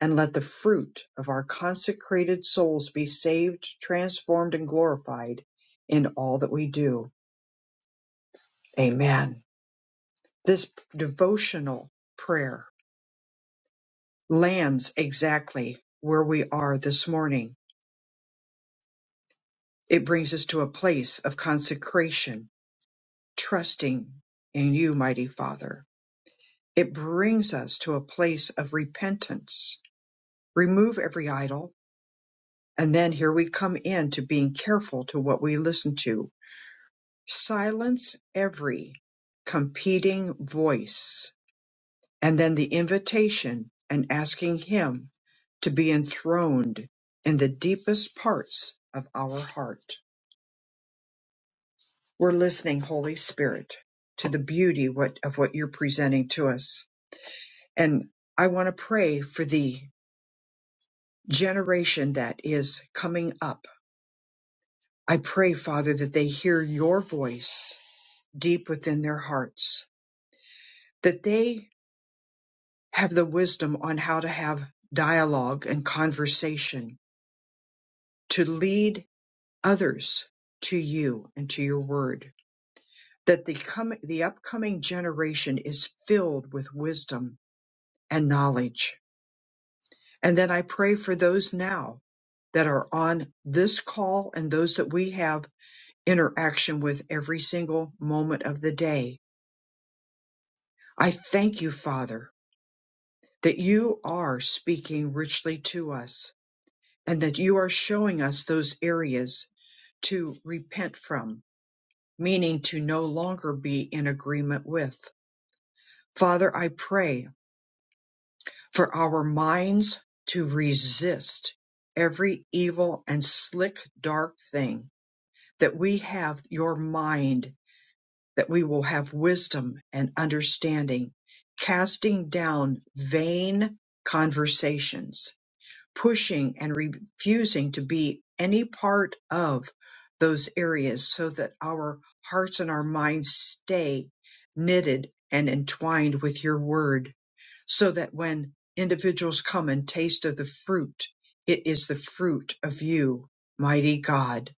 and let the fruit of our consecrated souls be saved, transformed, and glorified in all that we do. Amen. This devotional prayer lands exactly where we are this morning. It brings us to a place of consecration, trusting in you, mighty Father. It brings us to a place of repentance. Remove every idol. And then here we come in to being careful to what we listen to Silence every competing voice, and then the invitation and asking Him to be enthroned in the deepest parts of our heart. We're listening, Holy Spirit, to the beauty what, of what you're presenting to us. And I want to pray for the generation that is coming up. I pray, Father, that they hear your voice deep within their hearts, that they have the wisdom on how to have dialogue and conversation to lead others to you and to your word that the com- the upcoming generation is filled with wisdom and knowledge and then i pray for those now that are on this call and those that we have interaction with every single moment of the day i thank you father that you are speaking richly to us and that you are showing us those areas to repent from, meaning to no longer be in agreement with. Father, I pray for our minds to resist every evil and slick, dark thing, that we have your mind, that we will have wisdom and understanding, casting down vain conversations pushing and refusing to be any part of those areas so that our hearts and our minds stay knitted and entwined with your word so that when individuals come and taste of the fruit, it is the fruit of you, mighty God,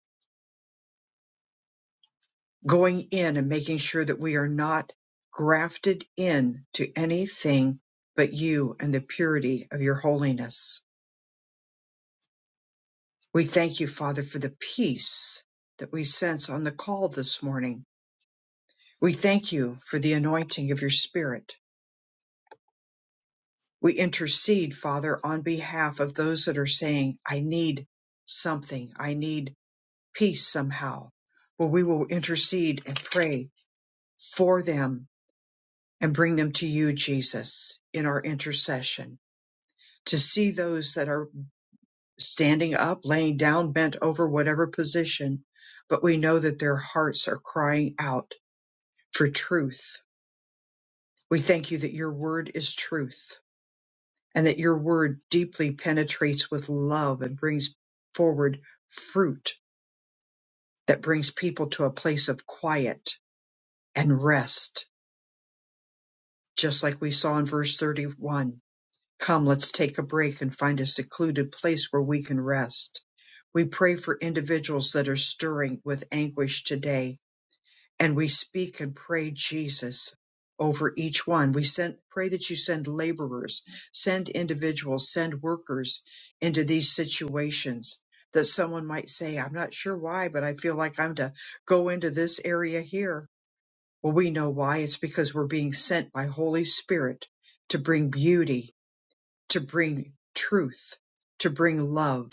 going in and making sure that we are not grafted in to anything but you and the purity of your holiness. We thank you, Father, for the peace that we sense on the call this morning. We thank you for the anointing of your spirit. We intercede, Father, on behalf of those that are saying, I need something. I need peace somehow. Well, we will intercede and pray for them and bring them to you, Jesus, in our intercession to see those that are standing up, laying down, bent over, whatever position. But we know that their hearts are crying out for truth. We thank you that your word is truth and that your word deeply penetrates with love and brings forward fruit that brings people to a place of quiet and rest, just like we saw in verse 31. Come, let's take a break and find a secluded place where we can rest. We pray for individuals that are stirring with anguish today and we speak and pray Jesus over each one. We send, pray that you send laborers, send individuals, send workers into these situations that someone might say, I'm not sure why, but I feel like I'm to go into this area here. Well, we know why. It's because we're being sent by Holy Spirit to bring beauty, to bring truth, to bring love,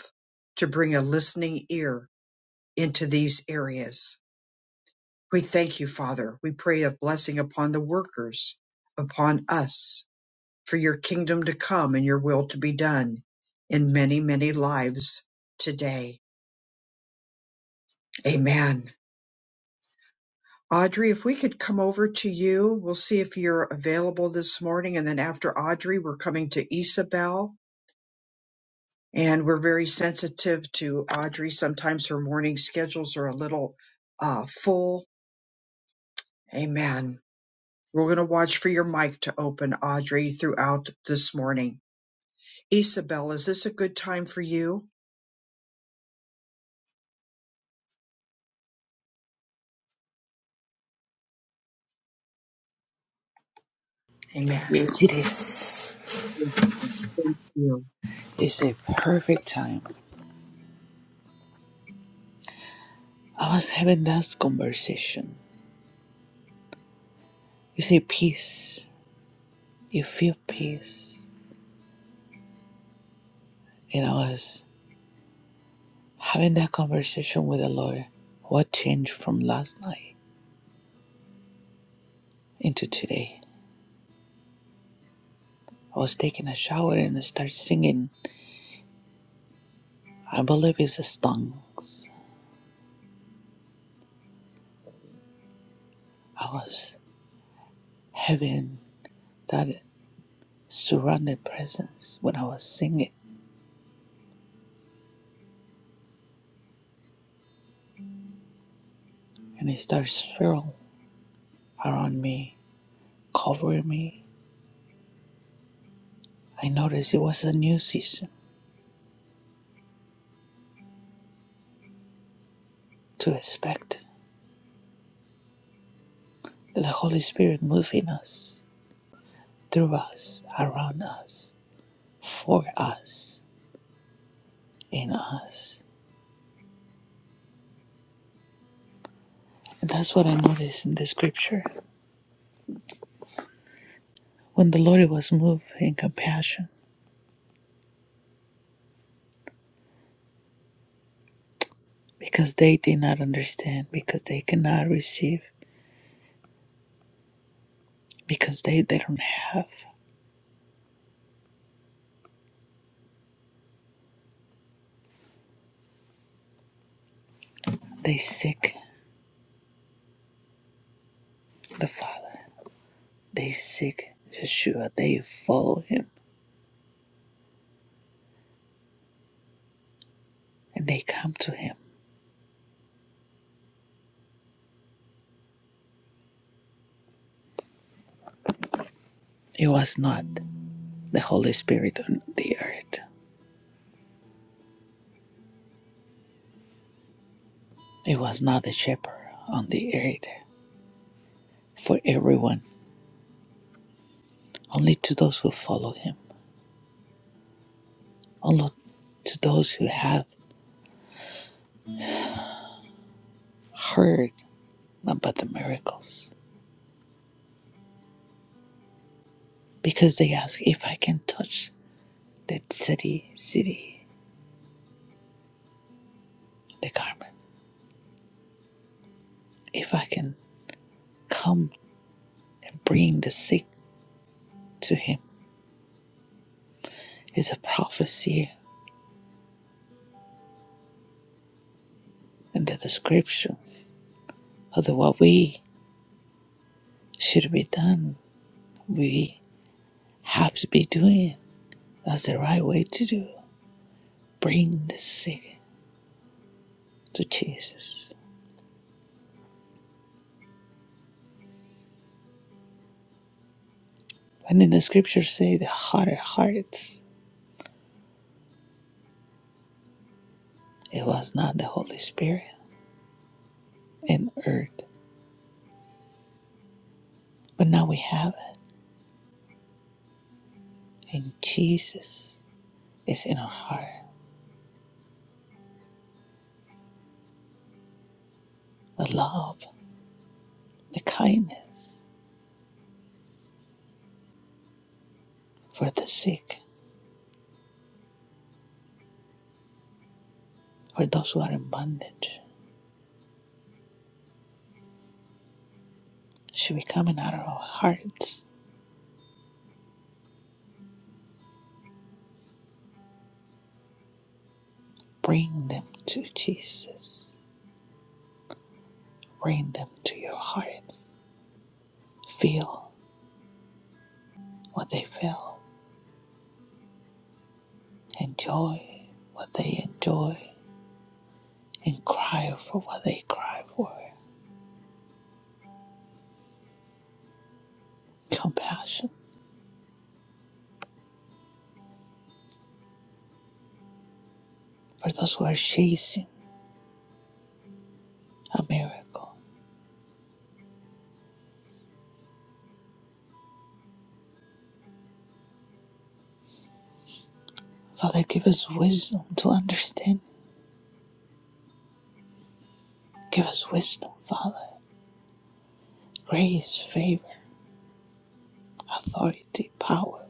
to bring a listening ear into these areas. We thank you, Father. We pray a blessing upon the workers, upon us, for your kingdom to come and your will to be done in many, many lives today. Amen. Audrey, if we could come over to you, we'll see if you're available this morning. And then after Audrey, we're coming to Isabel. And we're very sensitive to Audrey. Sometimes her morning schedules are a little uh, full. Amen. We're going to watch for your mic to open, Audrey, throughout this morning. Isabel, is this a good time for you? Yes, Amen. it is. Thank you. It's a perfect time. I was having that conversation. You say peace. You feel peace. And I was having that conversation with the Lord. What changed from last night into today? I was taking a shower and I started singing. I believe it's the songs. I was having that surrounded presence when I was singing. And it started swirling around me, covering me, I noticed it was a new season to expect the Holy Spirit moving us, through us, around us, for us, in us. And that's what I noticed in the scripture. When the Lord was moved in compassion, because they did not understand, because they cannot receive, because they, they don't have, they seek the Father, they seek Yeshua, they follow Him, and they come to Him. It was not the Holy Spirit on the earth. There was not a shepherd on the earth for everyone, only to those who follow him, only to those who have heard about the miracles. Because they ask if I can touch that city, city, the garment, if I can come and bring the sick to him, is a prophecy and the description of the, what we should be done. We have to be doing. That's the right way to do. Bring the sick to Jesus And in the scriptures say the harder hearts, it was not the Holy Spirit in earth, but now we have it. And Jesus is in our heart. The love, the kindness for the sick, for those who are in bondage, should be coming out of our hearts. Bring them to Jesus. Bring them to your heart. Feel what they feel. Enjoy what they enjoy. And cry for what they cry for. Compassion for those who are chasing a miracle. Father, give us wisdom to understand. Give us wisdom, Father, grace, favor, authority, power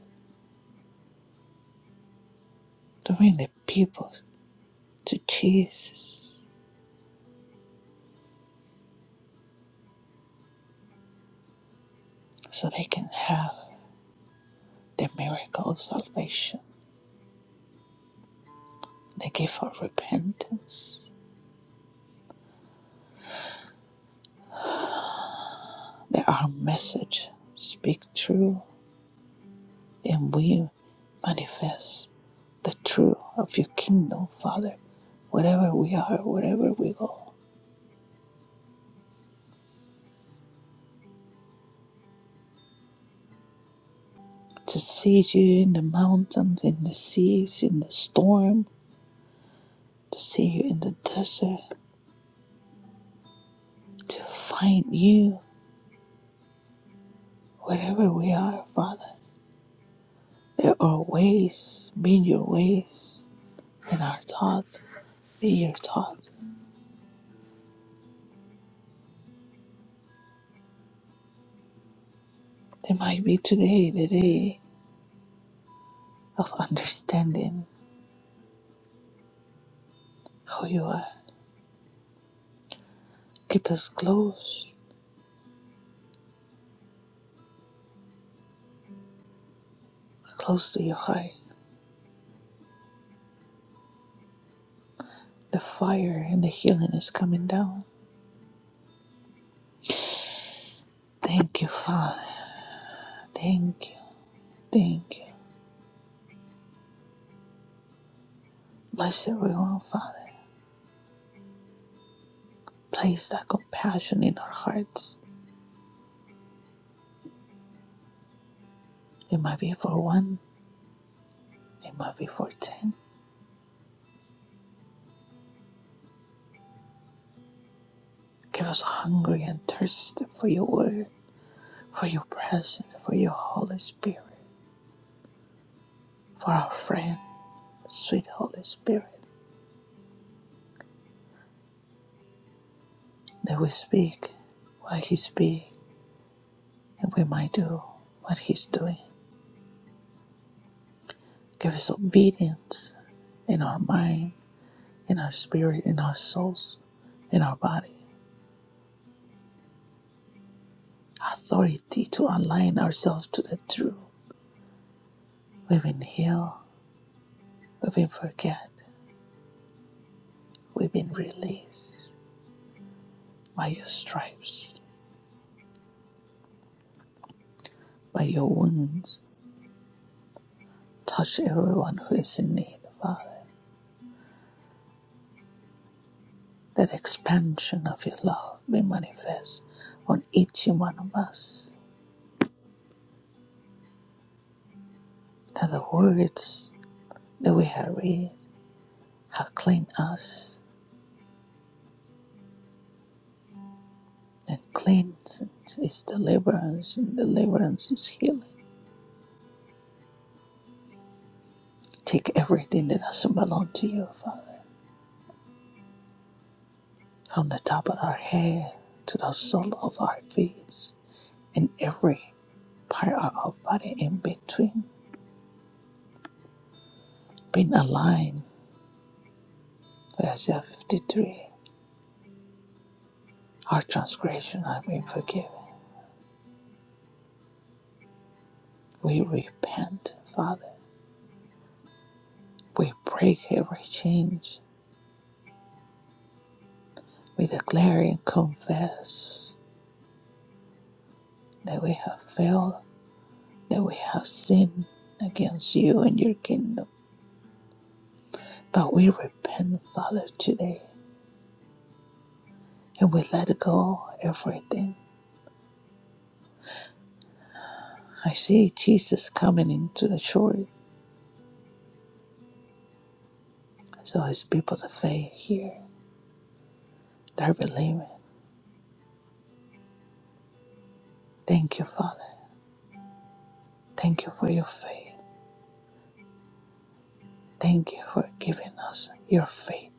to bring the people to Jesus so they can have the miracle of salvation, the gift of repentance, that our message speak true and we manifest the truth of your kingdom, Father, wherever we are, wherever we go. to see you in the mountains, in the seas, in the storm, to see you in the desert, to find you wherever we are, Father. There are ways, be your ways, and our thoughts, be your thoughts. There might be today the day of understanding who you are. Keep us close, close to your heart. The fire and the healing is coming down. Thank you, Father. Thank you. Thank you. Bless everyone, Father. Place that compassion in our hearts. It might be for one, it might be for ten. Give us hungry and thirsty for your word, for your presence, for your Holy Spirit, for our friend, sweet Holy Spirit, that we speak what He speaks and we might do what He's doing. Give us obedience in our mind, in our spirit, in our souls, in our body. Authority to align ourselves to the truth. We've been healed, we've been forget, We've been released by your stripes, by your wounds. Touch everyone who is in need, Father. That expansion of your love be manifest on each one of us. That the words that we have read have cleaned us, and cleanse is deliverance, and deliverance is healing. Take everything that doesn't belong to you, Father, from the top of our head to the sole of our feet, and every part out of body in between, being aligned with Isaiah 53. Our transgression has been forgiven. We repent, Father. We break every change. We declare and confess that we have failed, that we have sinned against you and your kingdom. But we repent, Father, today, and we let go everything. I see Jesus coming into the church, so his people, the faith here, they're believing. Thank you, Father. Thank you for your faith. Thank you for giving us your faith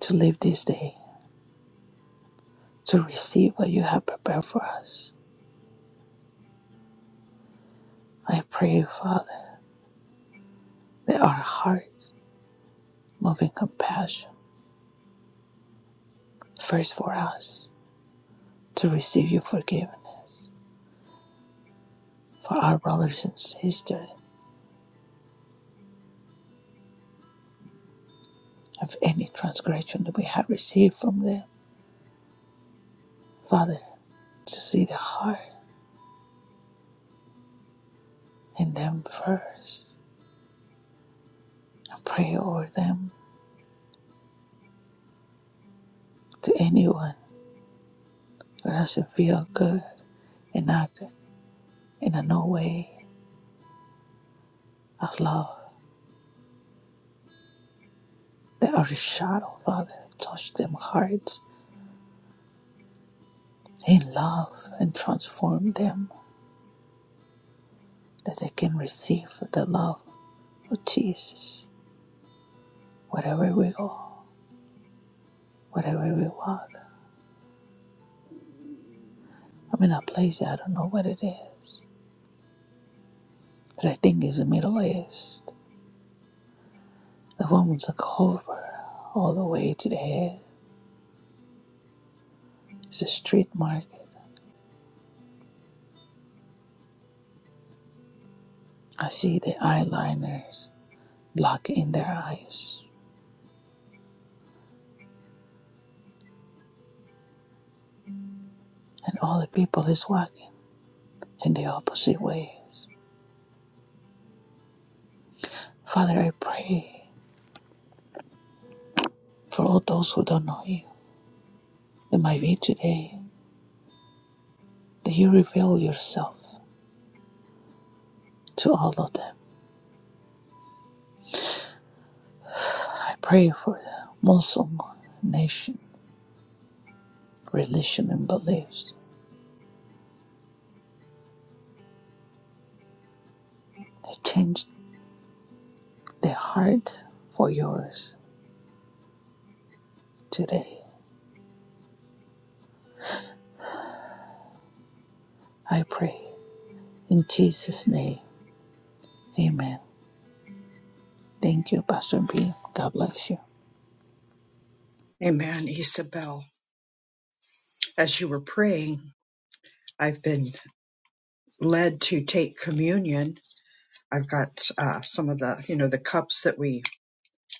to live this day, to receive what you have prepared for us. I pray, Father, that our hearts move in compassion, first for us, to receive your forgiveness, for our brothers and sisters, of any transgression that we have received from them. Father, to see the heart in them first. I pray over them to anyone who doesn't feel good and active in a no way of love that are your shadow, Father. Touch them hearts in love and transform them that they can receive the love of Jesus. Wherever we go, wherever we walk, I'm in a place I don't know what it is, but I think it's the Middle East. The woman's a cover all the way to the head. It's a street market. I see the eyeliners blocking their eyes, and all the people is walking. in the opposite ways. Father, I pray for all those who don't know you that might be today, that you reveal yourself to all of them. I pray for the Muslim nation, religion, and beliefs that change their heart for yours today. I pray in Jesus' name. Amen. Thank you, Pastor B. God bless you. Amen, Isabel. As you were praying, I've been led to take communion. I've got uh, some of the, you know, the cups that we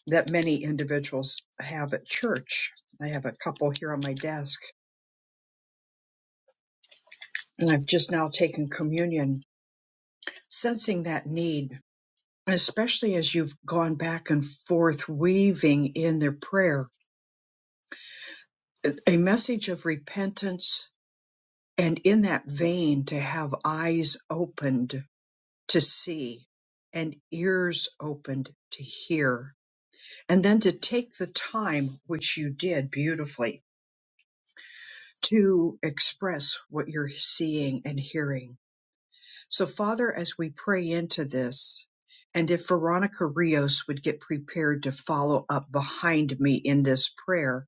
that many individuals have at church. I have a couple here on my desk, and I've just now taken communion, sensing that need. And especially as you've gone back and forth weaving in their prayer a message of repentance and in that vein to have eyes opened to see and ears opened to hear and then to take the time which you did beautifully to express what you're seeing and hearing So, Father, as we pray into this, and if Veronica Rios would get prepared to follow up behind me in this prayer,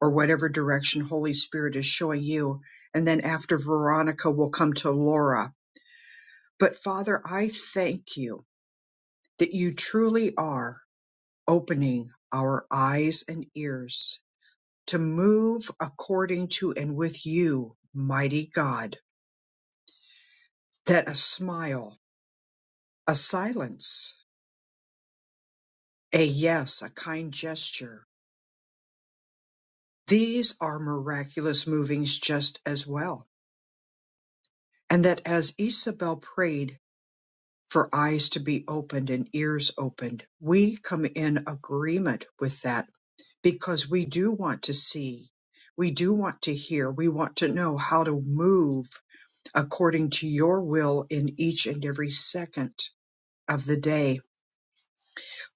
or whatever direction Holy Spirit is showing you, and then after Veronica will come to Laura. But Father, I thank you that you truly are opening our eyes and ears to move according to and with you, mighty God, that a smile, a silence, A yes, a kind gesture. These are miraculous movings just as well. And that as Isabel prayed for eyes to be opened and ears opened, we come in agreement with that because we do want to see, we do want to hear, we want to know how to move according to your will in each and every second of the day.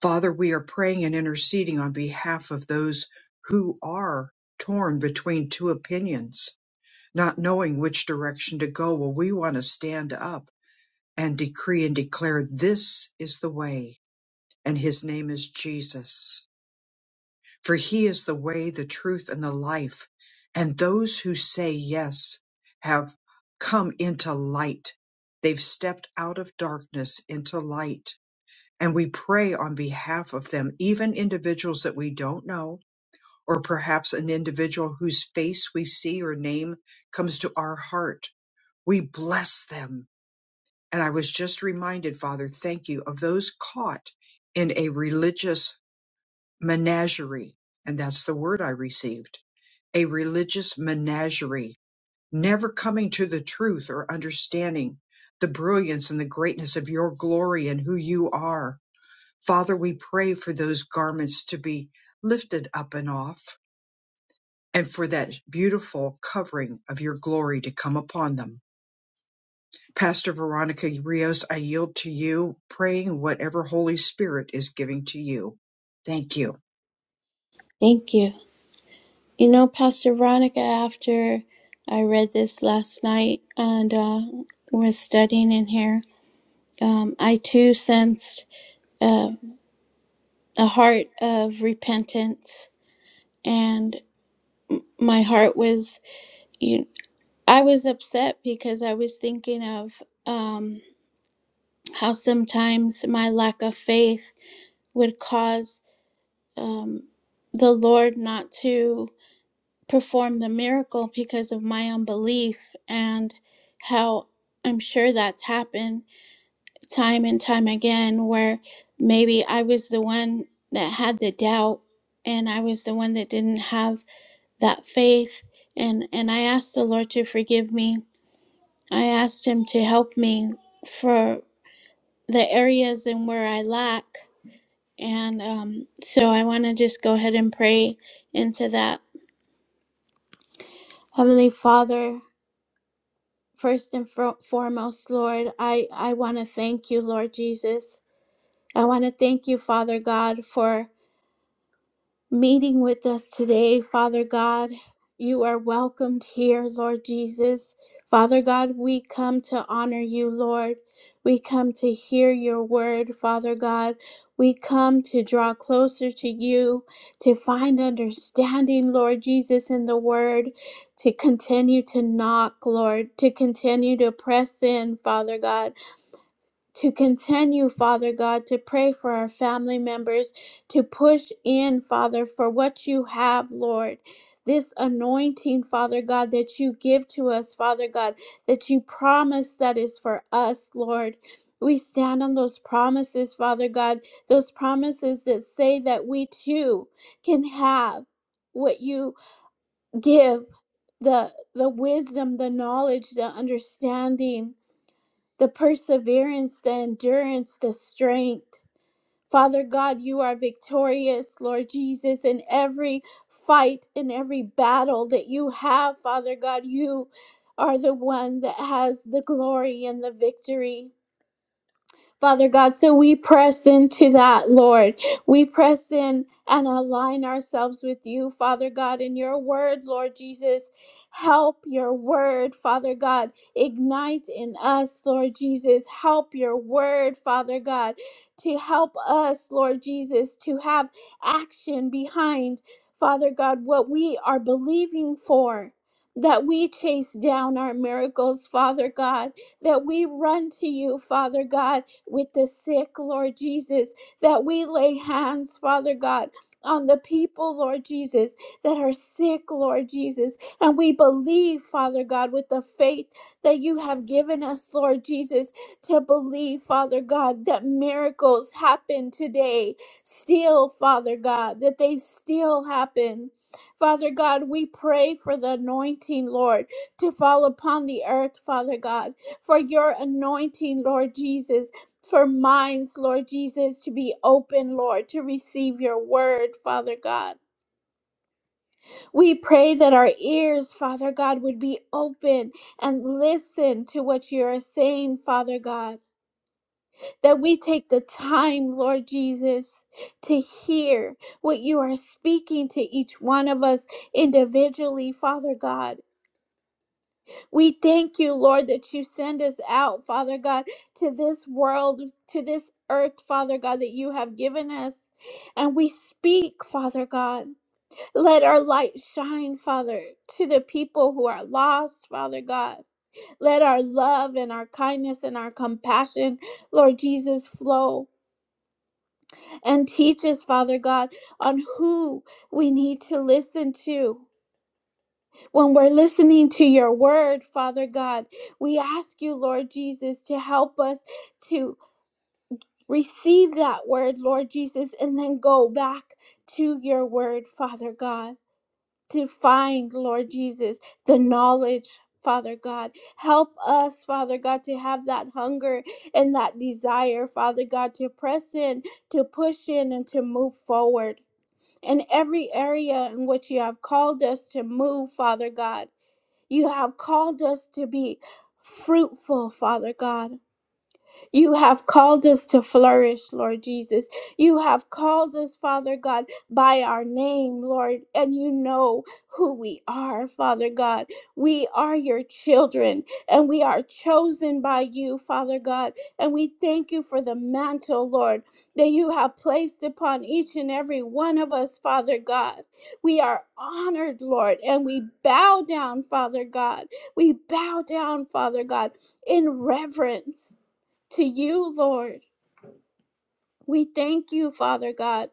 Father, we are praying and interceding on behalf of those who are torn between two opinions, not knowing which direction to go. Well, we want to stand up and decree and declare this is the way, and his name is Jesus. For he is the way, the truth, and the life. And those who say yes have come into light. They've stepped out of darkness into light and we pray on behalf of them, even individuals that we don't know, or perhaps an individual whose face we see or name comes to our heart. We bless them. And I was just reminded, Father, thank you, of those caught in a religious menagerie. And that's the word I received a religious menagerie, never coming to the truth or understanding the brilliance and the greatness of your glory and who you are Father, we pray for those garments to be lifted up and off and for that beautiful covering of your glory to come upon them. Pastor Veronica Rios, I yield to you, praying whatever Holy Spirit is giving to you. Thank you. Thank you. You know, Pastor Veronica, after I read this last night and uh, was studying in here, um, I too sensed uh, a heart of repentance. And my heart was, you, I was upset because I was thinking of um, how sometimes my lack of faith would cause um, the Lord not to. perform the miracle because of my unbelief and how I'm sure that's happened time and time again where maybe I was the one that had the doubt and I was the one that didn't have that faith and and I asked the Lord to forgive me. I asked him to help me for the areas and where I lack and um, so I want to just go ahead and pray into that. Heavenly Father, First and fro- foremost, Lord, I, I want to thank you, Lord Jesus. I want to thank you, Father God, for meeting with us today, Father God. You are welcomed here, Lord Jesus. Father God, we come to honor you, Lord. We come to hear your word, Father God. We come to draw closer to you, to find understanding, Lord Jesus, in the word, to continue to knock, Lord, to continue to press in, Father God to continue, Father God, to pray for our family members, to push in, Father, for what you have, Lord. This anointing, Father God, that you give to us, Father God, that you promise that is for us, Lord. We stand on those promises, Father God, those promises that say that we too can have what you give the the wisdom the knowledge the understanding the perseverance, the endurance, the strength. Father God, you are victorious, Lord Jesus, in every fight, in every battle that you have, Father God, you are the one that has the glory and the victory. Father God. So we press into that, Lord. We press in and align ourselves with you, Father God, in your word, Lord Jesus. Help your word, Father God. Ignite in us, Lord Jesus. Help your word, Father God, to help us, Lord Jesus, to have action behind, Father God, what we are believing for. That we chase down our miracles, Father God, that we run to you, Father God, with the sick, Lord Jesus, that we lay hands, Father God, on the people, Lord Jesus, that are sick, Lord Jesus. And we believe, Father God, with the faith that you have given us, Lord Jesus, to believe, Father God, that miracles happen today, still, Father God, that they still happen. Father God, we pray for the anointing, Lord, to fall upon the earth, Father God, for your anointing, Lord Jesus for minds, Lord Jesus, to be open, Lord, to receive your word, Father God. We pray that our ears, Father God, would be open and listen to what you are saying, Father God. That we take the time, Lord Jesus, to hear what you are speaking to each one of us individually, Father God. We thank you, Lord, that you send us out, Father God, to this world, to this earth, Father God, that you have given us. And we speak, Father God. Let our light shine, Father, to the people who are lost, Father God. Let our love and our kindness and our compassion, Lord Jesus, flow and teach us, Father God, on who we need to listen to when we're listening to your word, Father God, we ask you, Lord Jesus, to help us to receive that word, Lord Jesus, and then go back to your word, Father God, to find, Lord Jesus, the knowledge. Father God, help us, Father God, to have that hunger and that desire, Father God, to press in, to push in, and to move forward in every area in which you have called us to move, Father God. You have called us to be fruitful, Father God. You have called us to flourish, Lord Jesus. You have called us, Father God, by our name, Lord, and you know who we are, Father God. We are your children, and we are chosen by you, Father God. And we thank you for the mantle, Lord, that you have placed upon each and every one of us, Father God. We are honored, Lord, and we bow down, Father God. We bow down, Father God, in reverence to you, Lord. We thank you, Father God.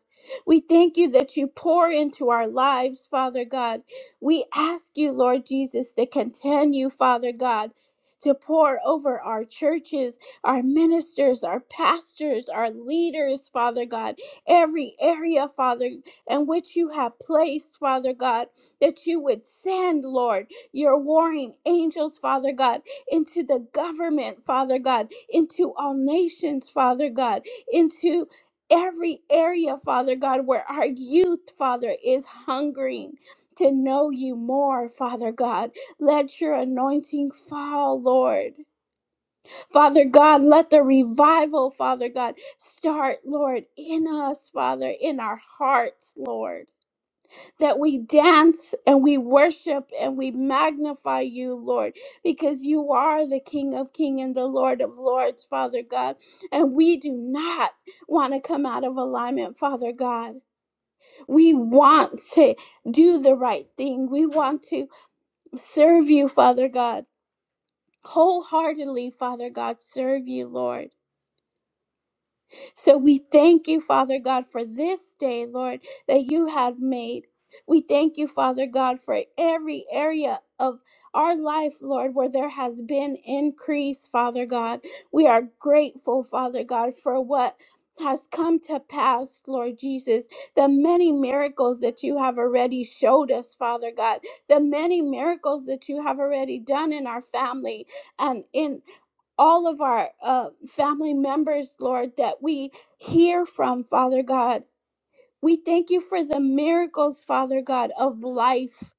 We thank you that you pour into our lives, Father God. We ask you, Lord Jesus, to continue, Father God, to pour over our churches, our ministers, our pastors, our leaders, Father God, every area, Father, in which you have placed, Father God, that you would send, Lord, your warring angels, Father God, into the government, Father God, into all nations, Father God into every area, Father God, where our youth, Father, is hungering to know you more, Father God. Let your anointing fall, Lord. Father God, let the revival, Father God, start, Lord, in us, Father, in our hearts, Lord that we dance and we worship and we magnify you, Lord, because you are the King of Kings and the Lord of Lords, Father God. And we do not want to come out of alignment, Father God. We want to do the right thing. We want to serve you, Father God, wholeheartedly, Father God, serve you, Lord. So we thank you, Father God, for this day, Lord, that you have made. We thank you, Father God, for every area of our life, Lord, where there has been increase, Father God. We are grateful, Father God, for what has come to pass, Lord Jesus, the many miracles that you have already showed us, Father God, the many miracles that you have already done in our family and in all of our uh, family members, Lord, that we hear from, Father God. We thank you for the miracles, Father God, of life,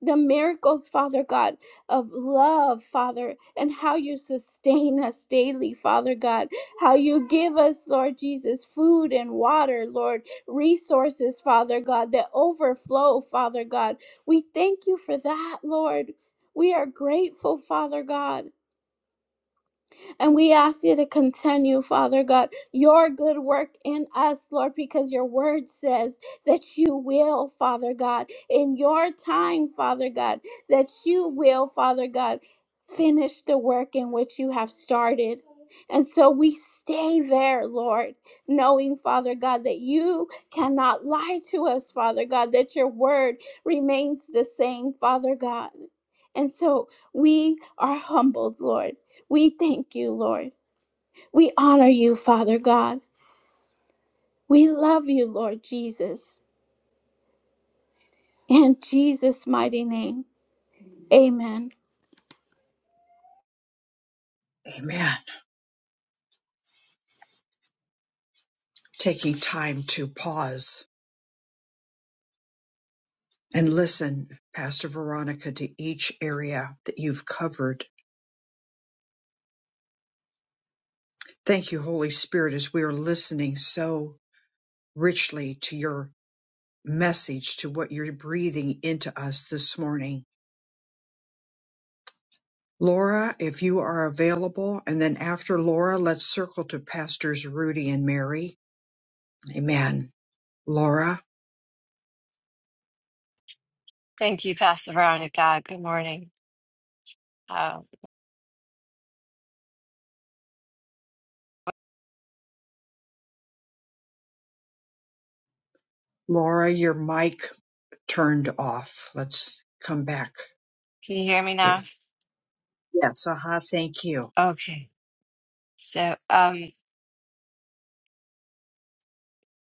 the miracles, Father God, of love, Father, and how you sustain us daily, Father God. How you give us, Lord Jesus, food and water, Lord, resources, Father God, that overflow, Father God. We thank you for that, Lord. We are grateful, Father God. And we ask you to continue, Father God, your good work in us, Lord, because your word says that you will, Father God, in your time, Father God, that you will, Father God, finish the work in which you have started. And so we stay there, Lord, knowing, Father God, that you cannot lie to us, Father God, that your word remains the same, Father God. And so we are humbled, Lord we thank you, Lord. We honor you, Father God. We love you, Lord Jesus. In Jesus' mighty name, amen. Amen. Taking time to pause and listen, Pastor Veronica, to each area that you've covered. Thank you, Holy Spirit, as we are listening so richly to your message to what you're breathing into us this morning. Laura, if you are available, and then after Laura, let's circle to Pastors Rudy and Mary. Amen. Laura, Thank you, Pastor Veronica. Good morning. Uh, Laura, your mic turned off. Let's come back. can you hear me now? There. Yes, aha, thank you. Okay. So, um,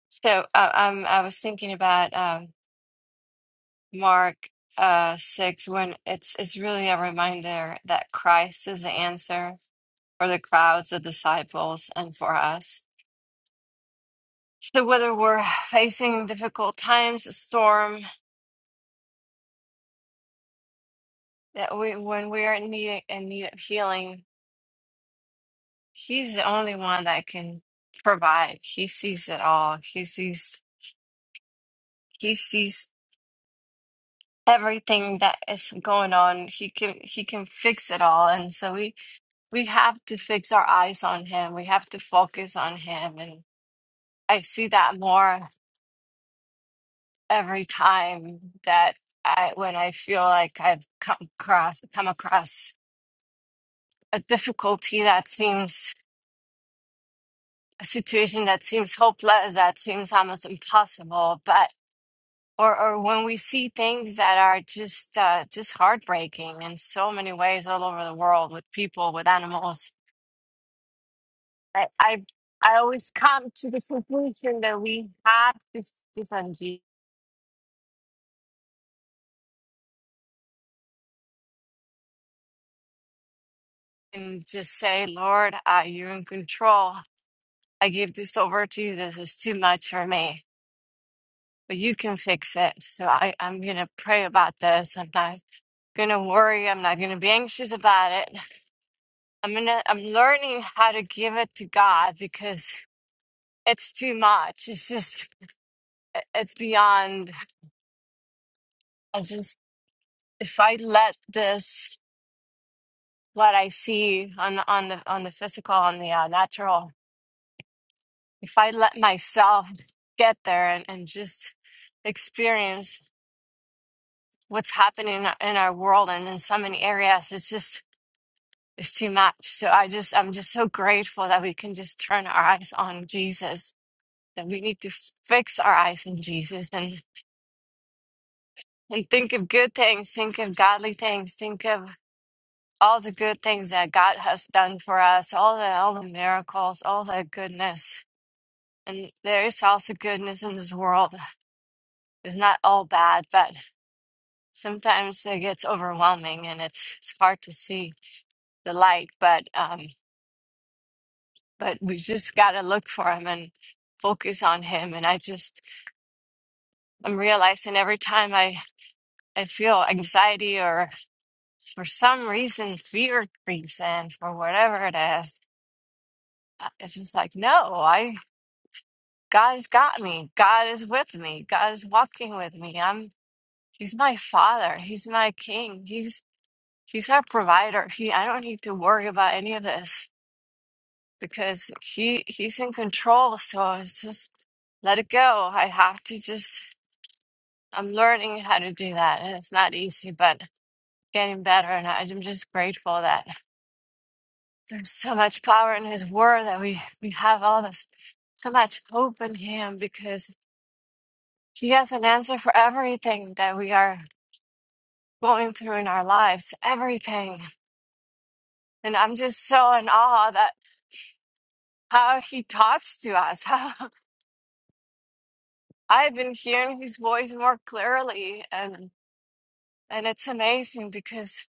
so uh, um, I was thinking about um, Mark uh, six when it's it's really a reminder that Christ is the answer for the crowds of disciples and for us. So whether we're facing difficult times, a storm, that we when we are in need in need of healing, He's the only one that can provide. He sees it all. He sees He sees everything that is going on. He can he can fix it all. And so we we have to fix our eyes on him. We have to focus on him. And I see that more every time that I when I feel like I've come across come across a difficulty that seems a situation that seems hopeless, that seems almost impossible. But or or when we see things that are just uh, just heartbreaking in so many ways all over the world with people with animals i i and just say lord uh, you're in control i give this over to you this is too much for me but you can fix it so i i'm gonna pray about this i'm not gonna worry i'm not gonna be anxious about it i'm gonna i'm learning how to give it to god because it's too much it's just it's beyond I just. if I let this what I see on the on the on the physical on the uh, natural, if I let myself get there and, and just experience what's happening in our, in our world and in so many areas, it's just it's too much. So I just I'm just so grateful that we can just turn our eyes on Jesus. That we need to f- fix our eyes on Jesus and and think of good things, think of godly things, think of all the good things that God has done for us, all the all the miracles, all the goodness. And there is also goodness in this world. It's not all bad, but sometimes it gets overwhelming and it's it's hard to see the light. But um, but we just gotta look for him and focus on him. And I just I'm realizing every time I I feel anxiety or for some reason fear creeps in for whatever it is. uh, It's just like no, I. God's got me. God is with me. God is walking with me. I'm he's my father. He's my king. He's he's our provider. He I don't need to worry about any of this because he he's in control. So it's just let it go. I have to just I'm learning how to do that. And it's not easy, but getting better and I- I'm just grateful that there's so much power in his word that we we have all this so much hope in him because. She has an answer for everything that we are going through in our lives, everything. And I'm just so in awe that how he talks to us. How I've been hearing his voice more clearly and and it's amazing because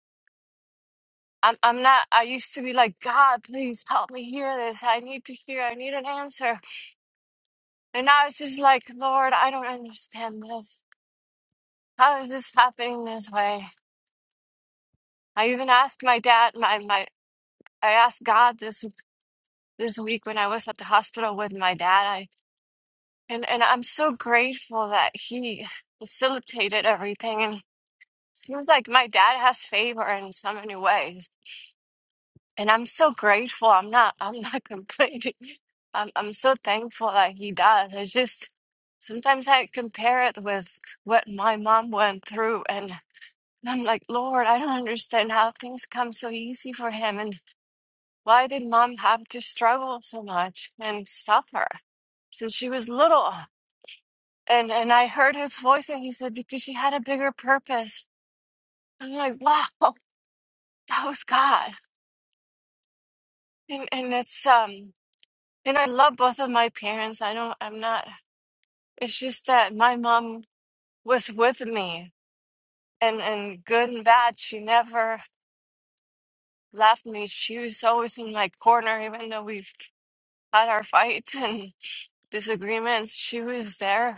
I'm I'm not I used to be like, God, please help me hear this. I need to hear, I need an answer. And now it's just like, Lord, I don't understand this. How is this happening this way? I even asked my dad, my my I asked God this this week when I was at the hospital with my dad. I and and I'm so grateful that he facilitated everything. And seems like my dad has favor in so many ways. And I'm so grateful. I'm not I'm not complaining. I'm I'm so thankful that he does. It's just sometimes I compare it with what my mom went through and I'm like, Lord, I don't understand how things come so easy for him. and. Why did mom have to struggle so much and suffer since she was little? And and I heard his voice and he said, because she had a bigger purpose. I'm like, wow, that was God. And and it's um and I love both of my parents. I don't I'm not it's just that my mom was with me and, and good and bad. She never left me. She was always in my corner, even though we've had our fights and disagreements. She was there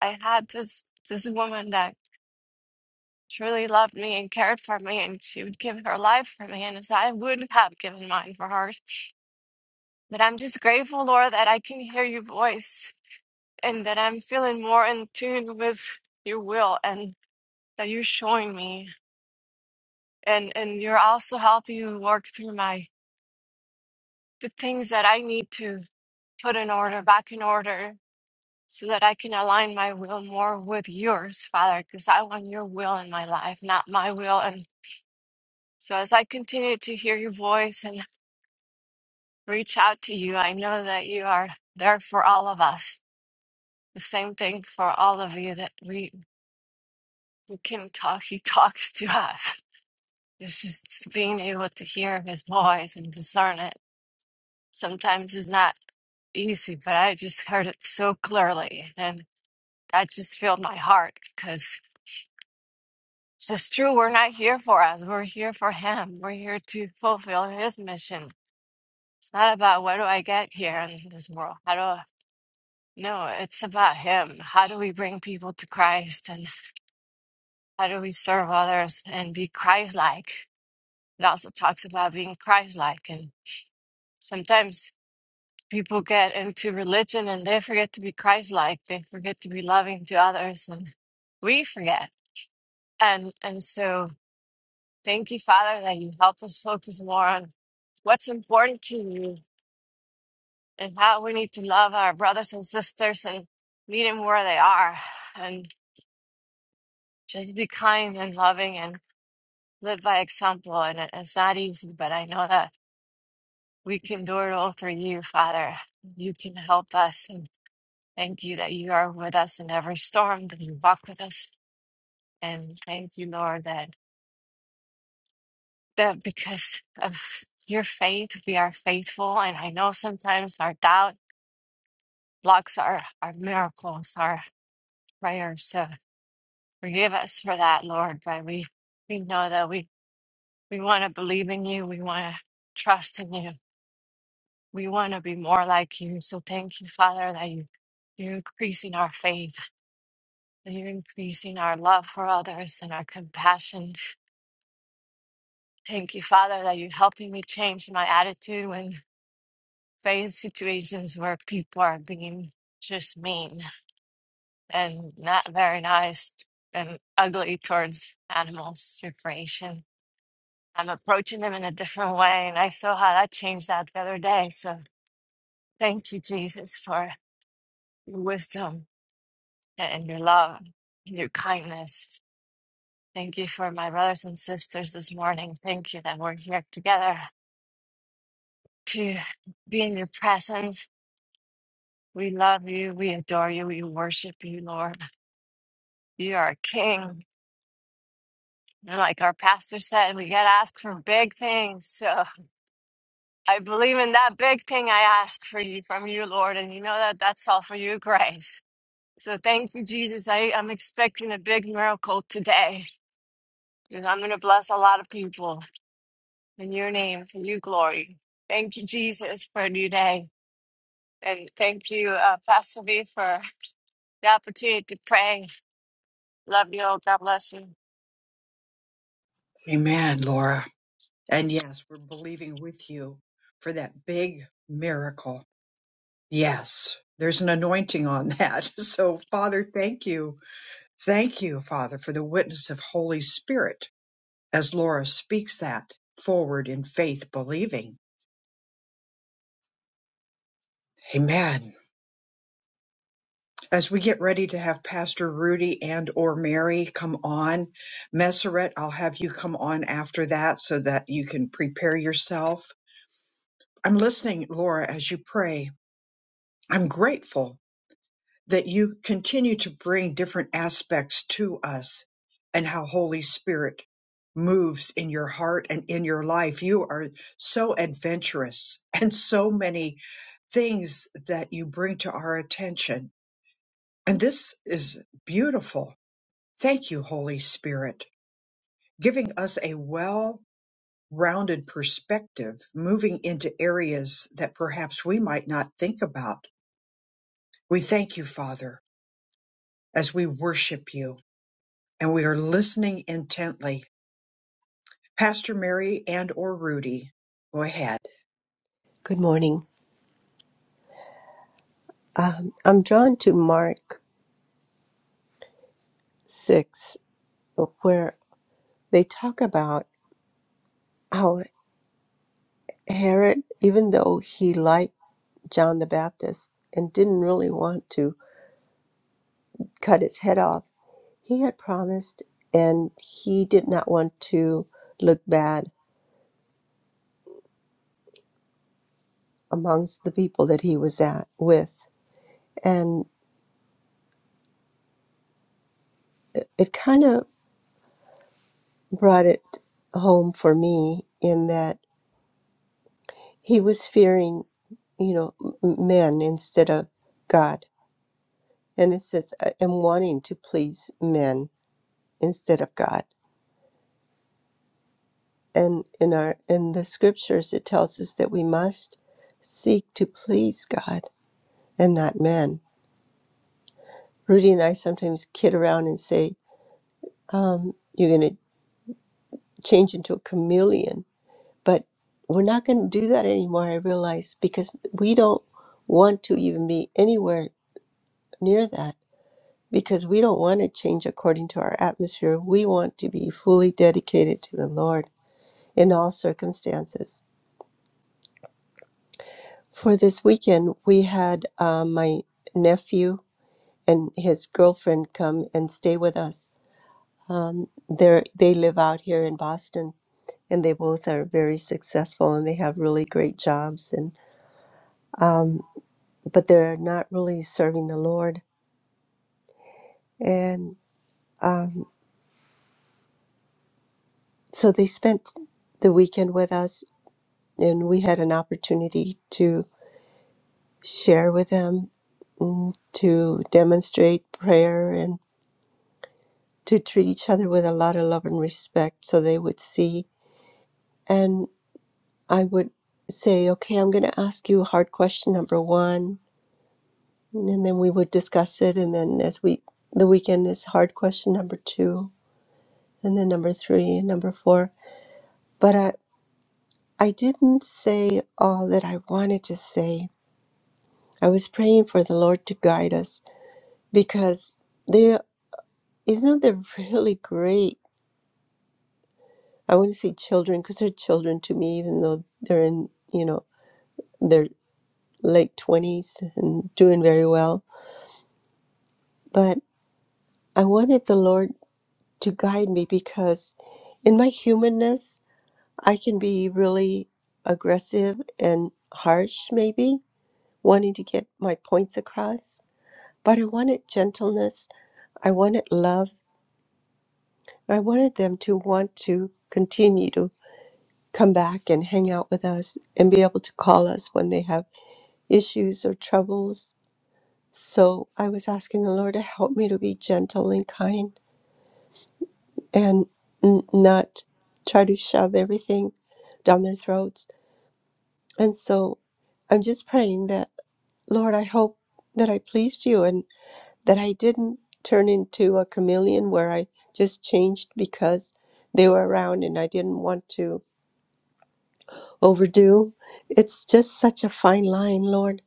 I had this this woman that truly loved me and cared for me and she would give her life for me and as I would have given mine for hers. But I'm just grateful, Lord, that I can hear your voice and that I'm feeling more in tune with your will and that you're showing me and and you're also helping work through my the things that I need to put in order back in order so that I can align my will more with yours, Father, because I want your will in my life, not my will and. So as I continue to hear your voice and reach out to you, I know that you are there for all of us. The same thing for all of you that we, we can talk, he talks to us. It's just being able to hear his voice and discern it. Sometimes is not easy, but I just heard it so clearly and that just filled my heart because it's true. We're not here for us. We're here for him. We're here to fulfill his mission. It's not about what do I get here in this world? How do No, it's about Him. How do we bring people to Christ and how do we serve others and be Christ like? It also talks about being Christ like. And sometimes people get into religion and they forget to be Christ like. They forget to be loving to others and we forget. And, and so thank you, Father, that you help us focus more on what's important to you and how we need to love our brothers and sisters and meet them where they are and just be kind and loving and. live by example, and it- it's not easy, but I know that we can do it all through you, Father. You can help us, and thank you that you are with us in every storm, that you walk with us. And thank you, Lord, that, that because of your faith, we are faithful. And I know sometimes our doubt blocks our, our miracles, our prayers. So forgive us for that, Lord, but we, we know that we, we want to believe in you. We want to trust in you. We want to be more like you. So thank you, Father, that you, you're increasing our faith, that you're increasing our love for others and our compassion. Thank you, Father, that you're helping me change my attitude when faced situations where people are being just mean and not very nice and ugly towards animals, your creation. I'm approaching them in a different way. And I saw how that changed that the other day. So thank you, Jesus, for your wisdom and your love and your kindness. Thank you for my brothers and sisters this morning. Thank you that we're here together to be in your presence. We love you. We adore you. We worship you, Lord. You are King. And like our pastor said, we got to ask for big things. So I believe in that big thing I ask for you from you, Lord. And you know that that's all for you, grace. So thank you, Jesus. I, I'm expecting a big miracle today because I'm going to bless a lot of people. In your name, for your glory. Thank you, Jesus, for a new day. And thank you, uh, Pastor V, for the opportunity to pray. Love you all. God bless you. Amen, Laura. And yes, we're believing with you for that big miracle. Yes, there's an anointing on that. So, Father, thank you Thank you, Father, for the witness of Holy Spirit as Laura speaks that forward in faith believing. Amen. As we get ready to have Pastor Rudy and or Mary come on, Messeret, I'll have you come on after that so that you can prepare yourself. I'm listening, Laura, as you pray. I'm grateful that you continue to bring different aspects to us and how Holy Spirit moves in your heart and in your life. You are so adventurous and so many things that you bring to our attention. And this is beautiful. Thank you, Holy Spirit, giving us a well rounded perspective, moving into areas that perhaps we might not think about. We thank you, Father, as we worship you. and we are listening intently. Pastor Mary and or Rudy, go ahead. Good morning. I'm drawn to Mark 6, where they talk about how Herod, even though he liked John the Baptist and didn't really want to cut his head off, he had promised and he did not want to look bad amongst the people that he was at with. And it it kind of brought it home for me in that he was fearing, you know, m- men instead of God And it says, "I am wanting to please men instead of God." And in our in the scriptures, it tells us that we must seek to please God and not men. Rudy and I sometimes kid around and say, um, "You're going to change into a chameleon," but we're not going to do that anymore. I realize because we don't want to even be anywhere near that because we don't want to change according to our atmosphere. We want to be fully dedicated to the Lord in all circumstances. For this weekend, we had uh, my nephew and his girlfriend come and stay with us. Um, they're, they live out here in Boston, and they both are very successful and they have really great jobs. And um, but they're not really serving the Lord, and um, so they spent the weekend with us, and we had an opportunity to share with them, mm, to demonstrate prayer and. to treat each other with a lot of love and respect so they would see. And I would say, okay, I'm going to ask you hard question number one. And then we would discuss it. And then as we, the weekend is hard question number two, and then number three, and number four. But I, I didn't say all that I wanted to say. I was praying for the Lord to guide us because they, even though they're really great, I want to say children because they're children to me, even though they're in, you know, their late 20s and doing very well. But I wanted the Lord to guide me because in my humanness, I can be really aggressive and harsh, maybe, wanting to get my points across. But I wanted gentleness, I wanted love, I wanted them to want to continue to come back and hang out with us and be able to call us when they have issues or troubles So I was asking the Lord to help me to be gentle and kind and n- not try to shove everything down their throats. And so I'm just praying that, Lord, I hope that I pleased you and that I didn't turn into a chameleon where I just changed because they were around and I didn't want to overdo. It's just such a fine line, Lord.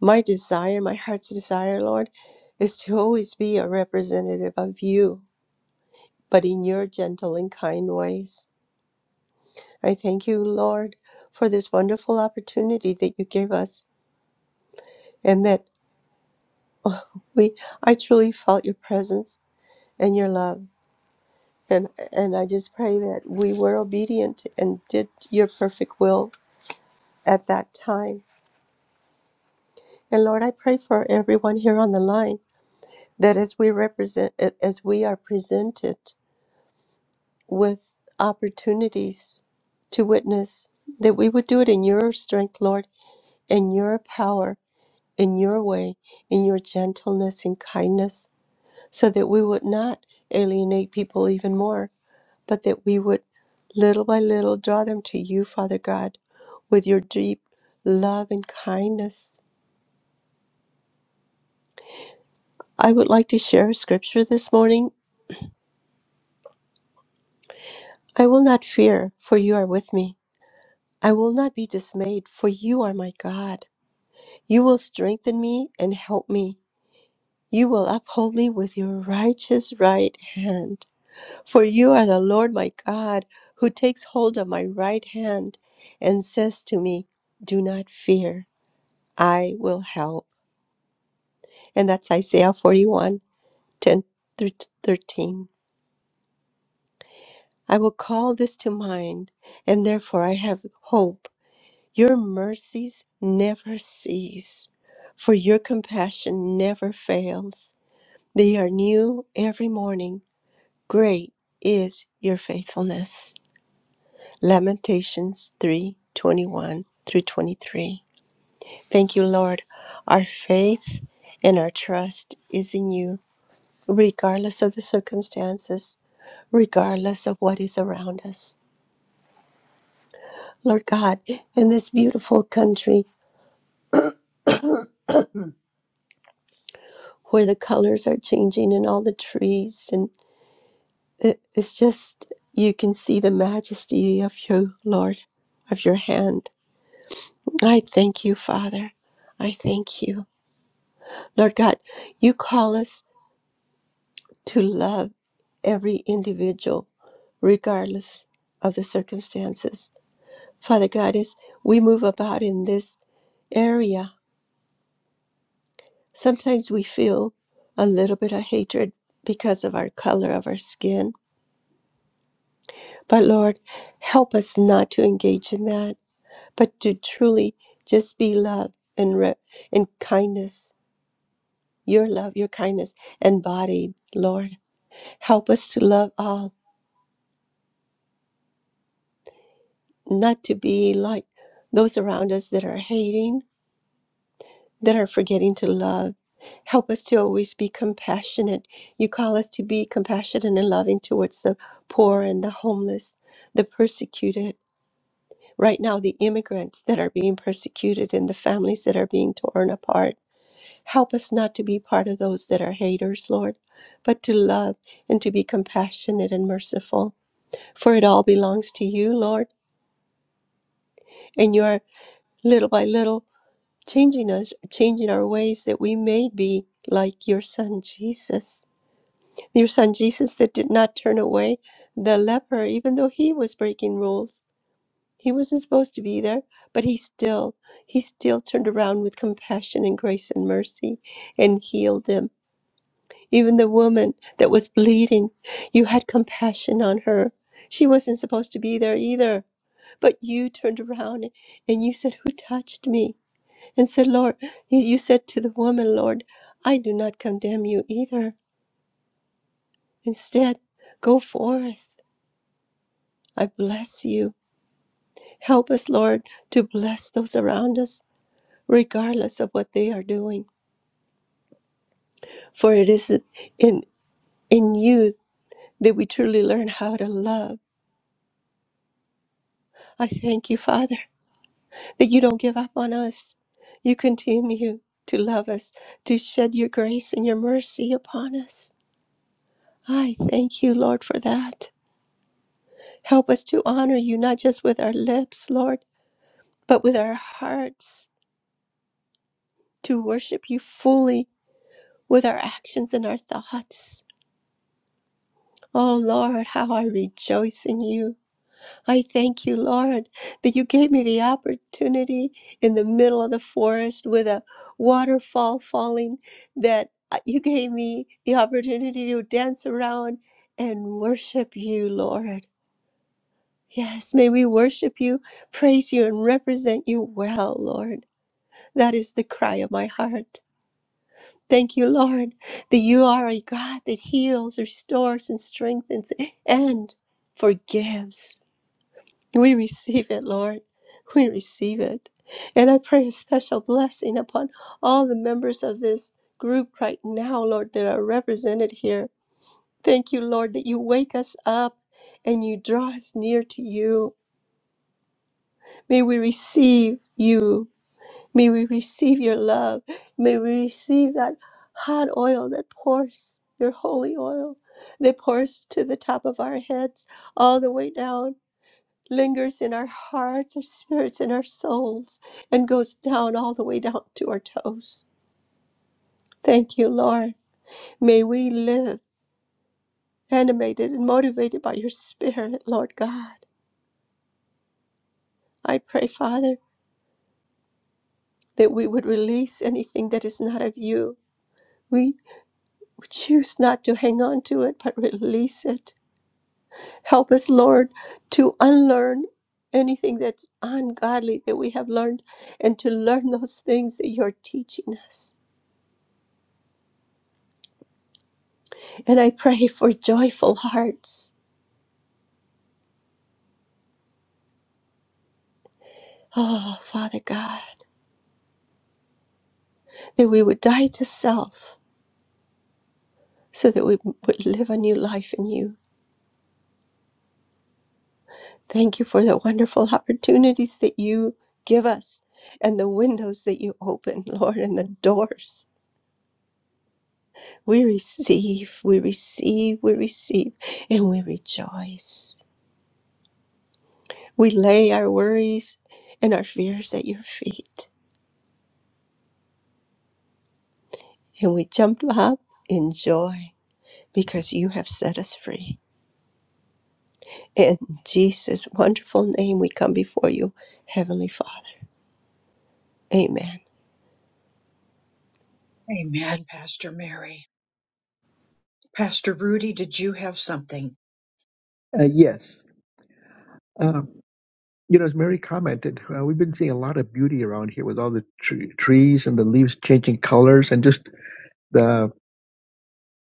My desire, my heart's desire, Lord, is to always be a representative of you but in your gentle and kind ways. I thank you, Lord, for this wonderful opportunity that you gave us and that we I truly felt your presence and your love. And and I just pray that we were obedient and did your perfect will at that time. And Lord, I pray for everyone here on the line that as we represent as we are presented with opportunities to witness that we would do it in your strength, Lord, and your power in your way, in your gentleness and kindness, so that we would not alienate people even more, but that we would little by little draw them to you, Father God, with your deep love and kindness. I would like to share a scripture this morning. I will not fear, for you are with me. I will not be dismayed, for you are my God. You will strengthen me and help me. You will uphold me with your righteous right hand. For you are the Lord my God, who takes hold of my right hand and says to me, Do not fear, I will help. And that's Isaiah 41 10 through 13. I will call this to mind, and therefore I have hope. Your mercies never cease, for your compassion never fails. They are new every morning. Great is your faithfulness. Lamentations 3 21 through 23. Thank you, Lord. Our faith and our trust is in you, regardless of the circumstances, regardless of what is around us. Lord God, in this beautiful country where the colors are changing and all the trees, and it- it's just, you can see the majesty of you, Lord, of your hand. I thank you, Father. I thank you. Lord God, you call us to love every individual, regardless of the circumstances. Father God, as we move about in this area, sometimes we feel a little bit of hatred because of our color of our skin. But Lord, help us not to engage in that, but to truly just be love and, re- and kindness, your love, your kindness embodied, Lord. Help us to love all not to be like those around us that are hating, that are forgetting to love. Help us to always be compassionate. You call us to be compassionate and loving towards the poor and the homeless, the persecuted. Right now, the immigrants that are being persecuted and the families that are being torn apart. Help us not to be part of those that are haters, Lord, but to love and to be compassionate and merciful. For it all belongs to you, Lord, and you are little by little changing us, changing our ways that we may be like your son Jesus. Your son Jesus that did not turn away the leper, even though he was breaking rules. He wasn't supposed to be there, but he still, he still turned around with compassion and grace and mercy and healed him. Even the woman that was bleeding, you had compassion on her. She wasn't supposed to be there either, but you turned around and you said, Who touched me? and said, Lord, you said to the woman, Lord, I do not condemn you either. Instead, go forth. I bless you. Help us, Lord, to bless those around us, regardless of what they are doing. For it is in, in you that we truly learn how to love. I thank you, Father, that you don't give up on us. You continue to love us, to shed your grace and your mercy upon us. I thank you, Lord, for that. Help us to honor you, not just with our lips, Lord, but with our hearts, to worship you fully with our actions and our thoughts. Oh, Lord, how I rejoice in you. I thank you, Lord, that you gave me the opportunity in the middle of the forest with a waterfall falling, that uh, you gave me the opportunity to dance around and worship you, Lord. Yes, may we worship you, praise you, and represent you well, Lord. That is the cry of my heart. Thank you, Lord, that you are a God that heals, restores, and strengthens and forgives. We receive it, Lord. We receive it. And I pray a special blessing upon all the members of this group right now, Lord, that are represented here. Thank you, Lord, that you wake us up and you draw us near to you. May we receive you May we receive your love. May we receive that hot oil that pours, your holy oil that pours to the top of our heads, all the way down, lingers in our hearts, our spirits, and our souls, and goes down all the way down to our toes. Thank you, Lord. May we live animated and motivated by your Spirit, Lord God. I pray, Father, that we would release anything that is not of you. We. Choose not to hang on to it, but release it. Help us, Lord, to unlearn anything that's ungodly that we have learned and to learn those things that you're teaching us. And I pray for joyful hearts. Oh, Father God, that we would die to self so that we would live a new life in you. Thank you for the wonderful opportunities that you give us and the windows that you open, Lord, and the doors We receive, we receive, we receive, and we rejoice. We lay our worries and our fears at your feet, and we jump up in joy because you have set us free. In Jesus' wonderful name, we come before you, Heavenly Father. Amen. Amen, Pastor Mary. Pastor Rudy, did you have something? Uh, yes. You know, as Mary commented, uh, we've been seeing a lot of beauty around here with all the tre- trees and the leaves changing colors and just the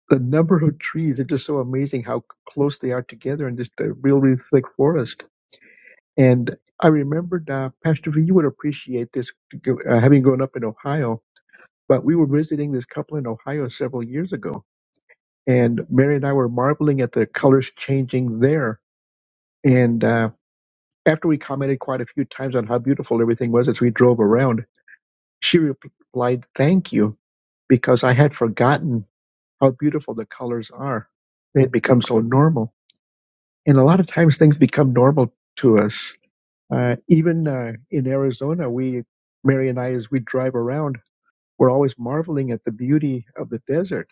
the number of trees. It's just so amazing how close they are together in just a real, really thick forest. And I remembered, uh, Pastor V, you would appreciate this, uh, having grown up in Ohio, but we were visiting this couple in Ohio several years ago. And Mary and I were marveling at the colors changing there. And uh, after we commented quite a few times on how beautiful everything was as we drove around, She replied, Thank you, because I had forgotten how beautiful the colors are. They had become so normal. And a lot of times things become normal to us. Uh, even uh, in Arizona, we, Mary and I, as we drive around, we're always marveling at the beauty of the desert.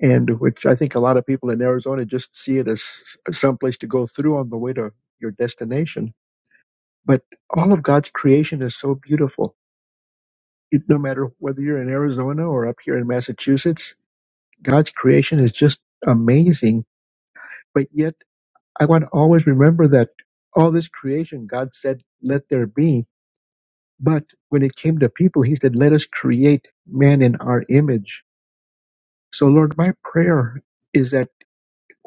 And which I think a lot of people in Arizona just see it as someplace to go through on the way to your destination. But all of God's creation is so beautiful. It, no matter whether you're in Arizona or up here in Massachusetts, God's creation is just amazing. But yet, I want to always remember that all this creation, God said, let there be. But when it came to people, He said, let us create man in our image. So, Lord, my prayer is that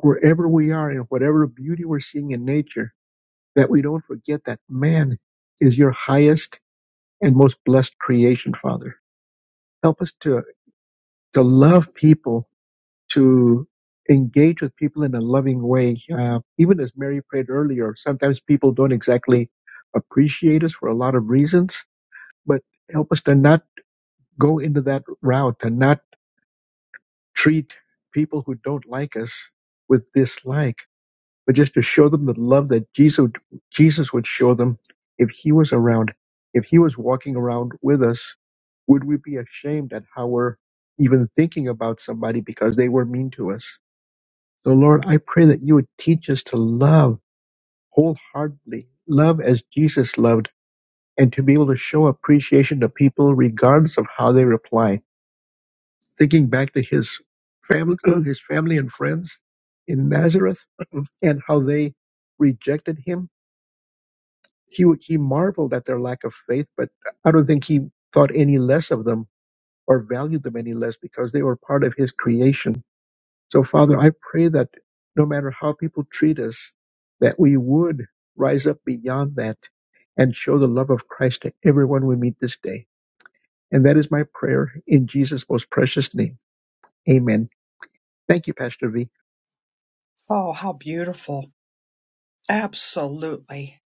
wherever we are and whatever beauty we're seeing in nature, that we don't forget that man is your highest and most blessed creation, Father. Help us to, to love people to engage with people in a loving way. Uh, even as Mary prayed earlier, sometimes people don't exactly appreciate us for a lot of reasons, but help us to not go into that route and not treat people who don't like us with dislike, but just to show them the love that Jesus, Jesus would show them if he was around. If he was walking around with us, would we be ashamed at how we're even thinking about somebody because they were mean to us? So, Lord, I pray that you would teach us to love wholeheartedly, love as Jesus loved, and to be able to show appreciation to people regardless of how they reply. Thinking back to his family, his family and friends in Nazareth, and how they rejected him, he he marveled at their lack of faith, but I don't think he thought any less of them or valued them any less because they were part of his creation So, Father, I pray that no matter how people treat us, that we would rise up beyond that and show the love of Christ to everyone we meet this day. And that is my prayer in Jesus' most precious name. Amen. Thank you, Pastor V. Oh, how beautiful. Absolutely.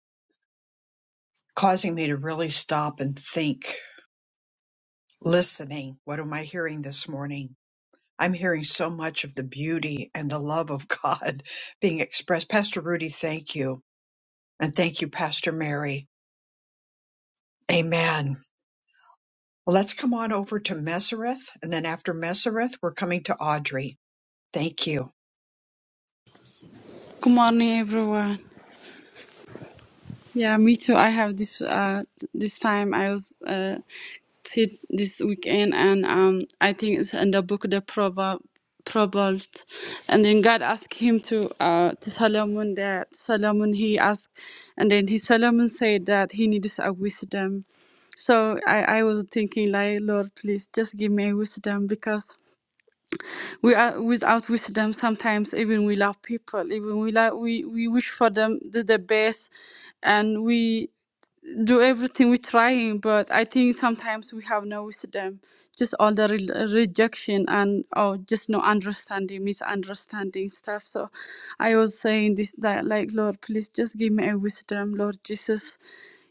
Causing me to really stop and think, listening. What am I hearing this morning? I'm hearing so much of the beauty and the love of God being expressed. Pastor Rudy, thank you. And thank you, Pastor Mary. Amen. Well, let's come on over to Mesereth, and then after Mesereth, we're coming to Audrey. Thank you. Good morning, everyone. Yeah, me too. I have this uh this time I was uh sit this weekend and um I think it's in the book the proverb proverbs and then God asked him to uh to Solomon that Solomon he asked and then he Solomon said that he needs a wisdom. So I I was thinking like Lord please just give me wisdom because we are without wisdom sometimes even we love people even we love we, we wish for them the, the best and we do everything we trying but i think sometimes we have no wisdom just all the re- rejection and oh just no understanding misunderstanding stuff so i was saying this that like lord please just give me a wisdom lord jesus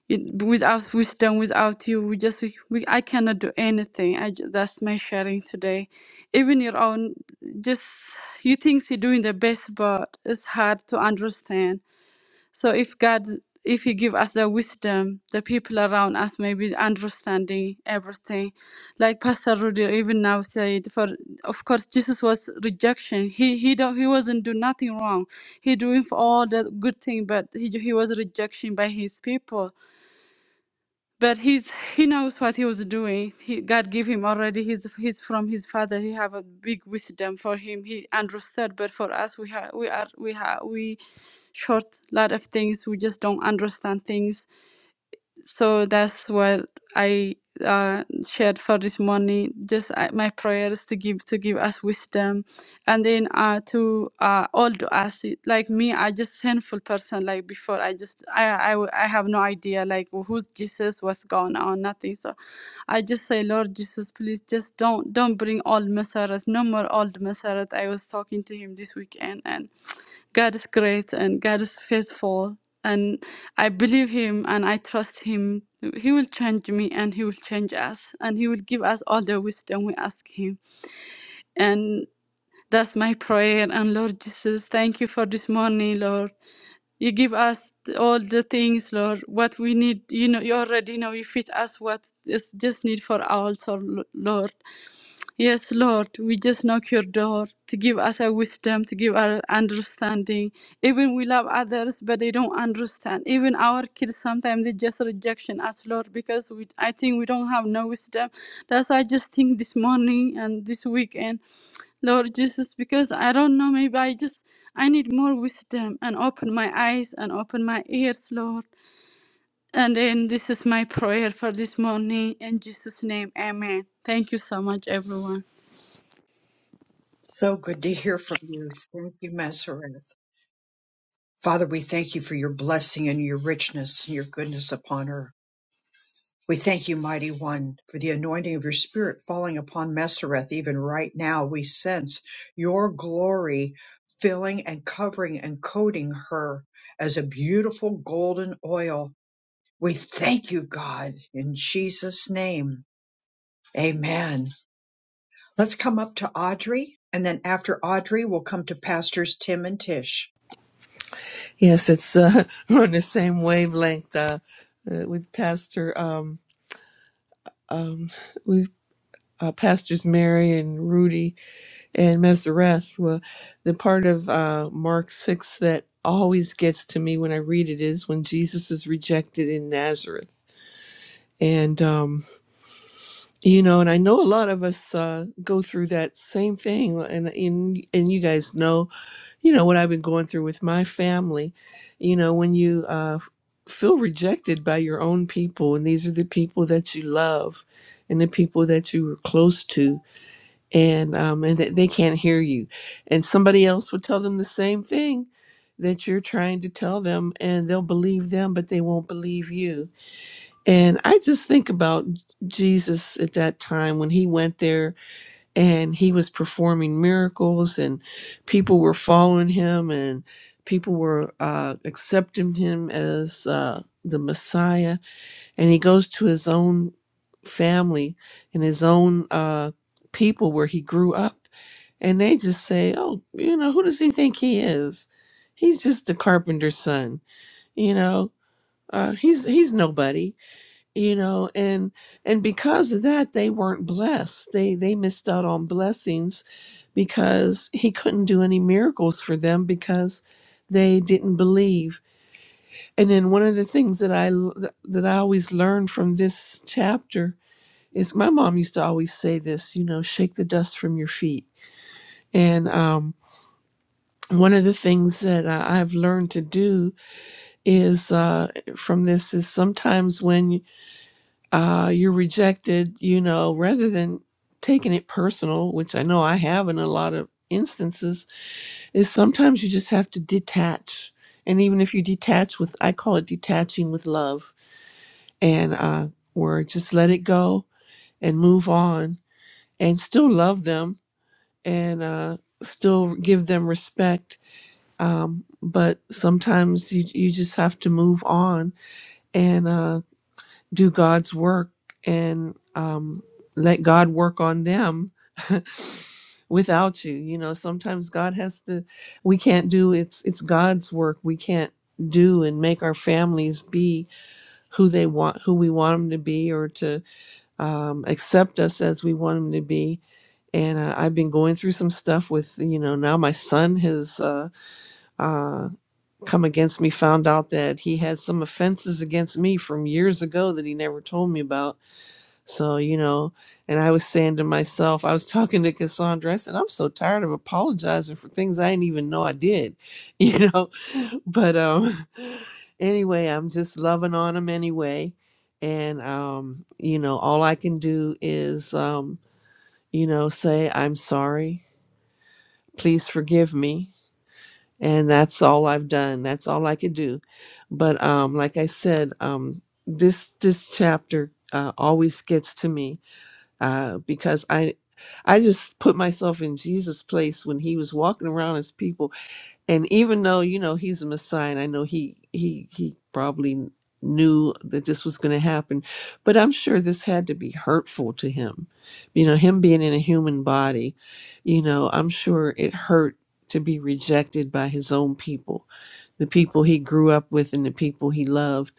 it, without wisdom without you we just we, we i cannot do anything i ju- that's my sharing today even your own just you think you're doing the best but it's hard to understand so if god if he give us the wisdom the people around us maybe understanding everything like pastor rudy even now said for of course jesus was rejection he he don't he wasn't doing nothing wrong he doing for all the good thing but he, he was rejection by his people but he's he knows what he was doing he god gave him already he's he's from his father he have a big wisdom for him he understood but for us we have we are we have we short lot of things we just don't understand things so that's what I uh, shared for this morning. Just uh, my prayers to give to give us wisdom, and then uh, to uh, all to us. Like me, I just sinful person. Like before, I just I I w- I have no idea like who's Jesus, what's going on, nothing. So I just say, Lord Jesus, please just don't don't bring old Masarat, no more old Masarat. I was talking to him this weekend, and. God is great and God is faithful. And I believe Him and I trust Him. He will change me and He will change us. And He will give us all the wisdom we ask Him. and that's my prayer. And Lord Jesus, thank you for this morning, Lord. You give us all the things, Lord, what we need. You know, you already know you fit us what is just need for our soul, Lord. Yes, Lord, we just knock your door to give us a wisdom, to give our understanding. Even we love others, but they don't understand. Even our kids sometimes they just rejection us, Lord, because we I think we don't have no wisdom. That's why I just think this morning and this weekend. Lord Jesus, because I don't know, maybe I just, I need more wisdom and open my eyes and open my ears, Lord. And then this is my prayer for this morning. In Jesus' name, amen. Thank you so much, everyone. So good to hear from you. Thank you, Mesereth. Father, we thank you for your blessing and your richness and your goodness upon her. We thank you, Mighty One, for the anointing of your Spirit falling upon Mesereth. Even right now, we sense your glory filling and covering and coating her as a beautiful golden oil. We thank you, God, in Jesus' name. Amen. Let's come up to Audrey, and then after Audrey, we'll come to Pastors Tim and Tish. Yes, it's uh, we're on the same wavelength uh, uh, with Pastor um, um, with uh, Pastors Mary and Rudy and Mesereth. Well, the part of uh, Mark six that always gets to me when I read it is when Jesus is rejected in Nazareth, and um, you know, and I know a lot of us uh, go through that same thing, and and and you guys know you know what I've been going through with my family. You know, when you uh, feel rejected by your own people, and these are the people that you love, and the people that you were close to, and um, and that they can't hear you, and somebody else will tell them the same thing that you're trying to tell them, and they'll believe them, but they won't believe you. And I just think about Jesus at that time when he went there and he was performing miracles and people were following him and people were uh, accepting him as uh, the messiah and he goes to his own family and his own uh, people where he grew up and they just say oh you know who does he think he is he's just the carpenter's son you know uh, he's he's nobody you know and and because of that they weren't blessed they they missed out on blessings because he couldn't do any miracles for them because they didn't believe and then one of the things that I that i always learned from this chapter is my mom used to always say this you know shake the dust from your feet and um one of the things that I- I've learned to do is uh, from this is sometimes when uh, you're rejected, you know, rather than taking it personal, which I know I have in a lot of instances, is sometimes you just have to detach. And even if you detach with, I call it detaching with love, and uh, where just let it go and move on and still love them and uh, still give them respect. Um, but sometimes you, you just have to move on. And uh, do God's work and um, let God work on them without you. You know, sometimes God has to. We can't do it's it's God's work. We can't do and make our families be who they want, who we want them to be, or to um, accept us as we want them to be. And uh, I've been going through some stuff with, you know, now my son has uh, uh, come against me, found out that he had some offenses against me from years ago that he never told me about so, you know, and I was saying to myself, I was talking to Cassandra, I said, I'm so tired of apologizing for things I didn't even know I did, you know. But um anyway, I'm just loving on him anyway. And um, you know, all I can do is um, you know, say, I'm sorry, please forgive me. And that's all I've done. That's all I could do. But um, like I said, um, this this chapter uh, always gets to me uh, because I I just put myself in Jesus' place when he was walking around His people, and even though you know he's a Messiah, and I know he he he probably knew that this was going to happen, but I'm sure this had to be hurtful to him. You know, him being in a human body, you know, I'm sure it hurt to be rejected by his own people, the people he grew up with and the people he loved,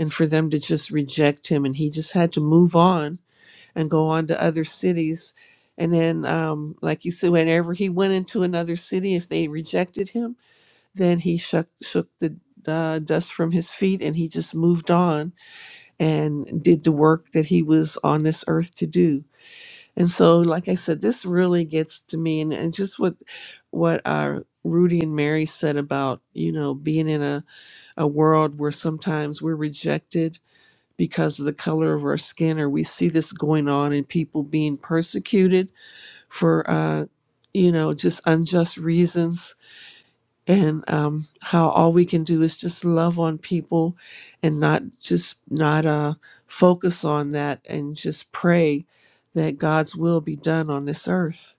and for them to just reject him, and he just had to move on and go on to other cities. And then, um, like you said, whenever he went into another city, if they rejected him, then he shook, shook the uh, dust from his feet and he just moved on and did the work that he was on this earth to do. And so, like I said, this really gets to me, and, and just what what uh, Rudy and Mary said about you know being in a, a world where sometimes we're rejected because of the color of our skin, or we see this going on in people being persecuted for, uh, you know, just unjust reasons, and um, how all we can do is just love on people and not just not uh, focus on that and just pray that God's will be done on this earth.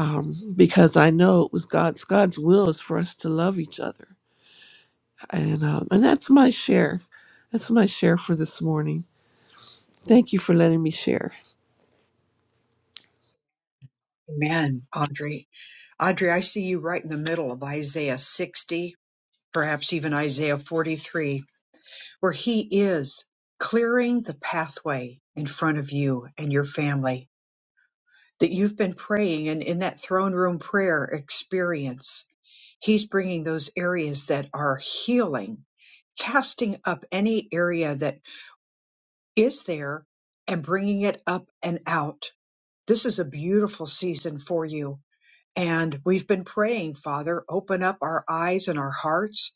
Um, because I know it was God's God's will is for us to love each other, and um, and that's my share. That's my share for this morning. Thank you for letting me share. Amen, Audrey. Audrey, I see you right in the middle of Isaiah 60, perhaps even Isaiah 43, where he is clearing the pathway in front of you and your family that you've been praying. And in that throne room prayer experience, he's bringing those areas that are healing, casting up any area that is there and bringing it up and out. This is a beautiful season for you. And we've been praying, Father, open up our eyes and our hearts.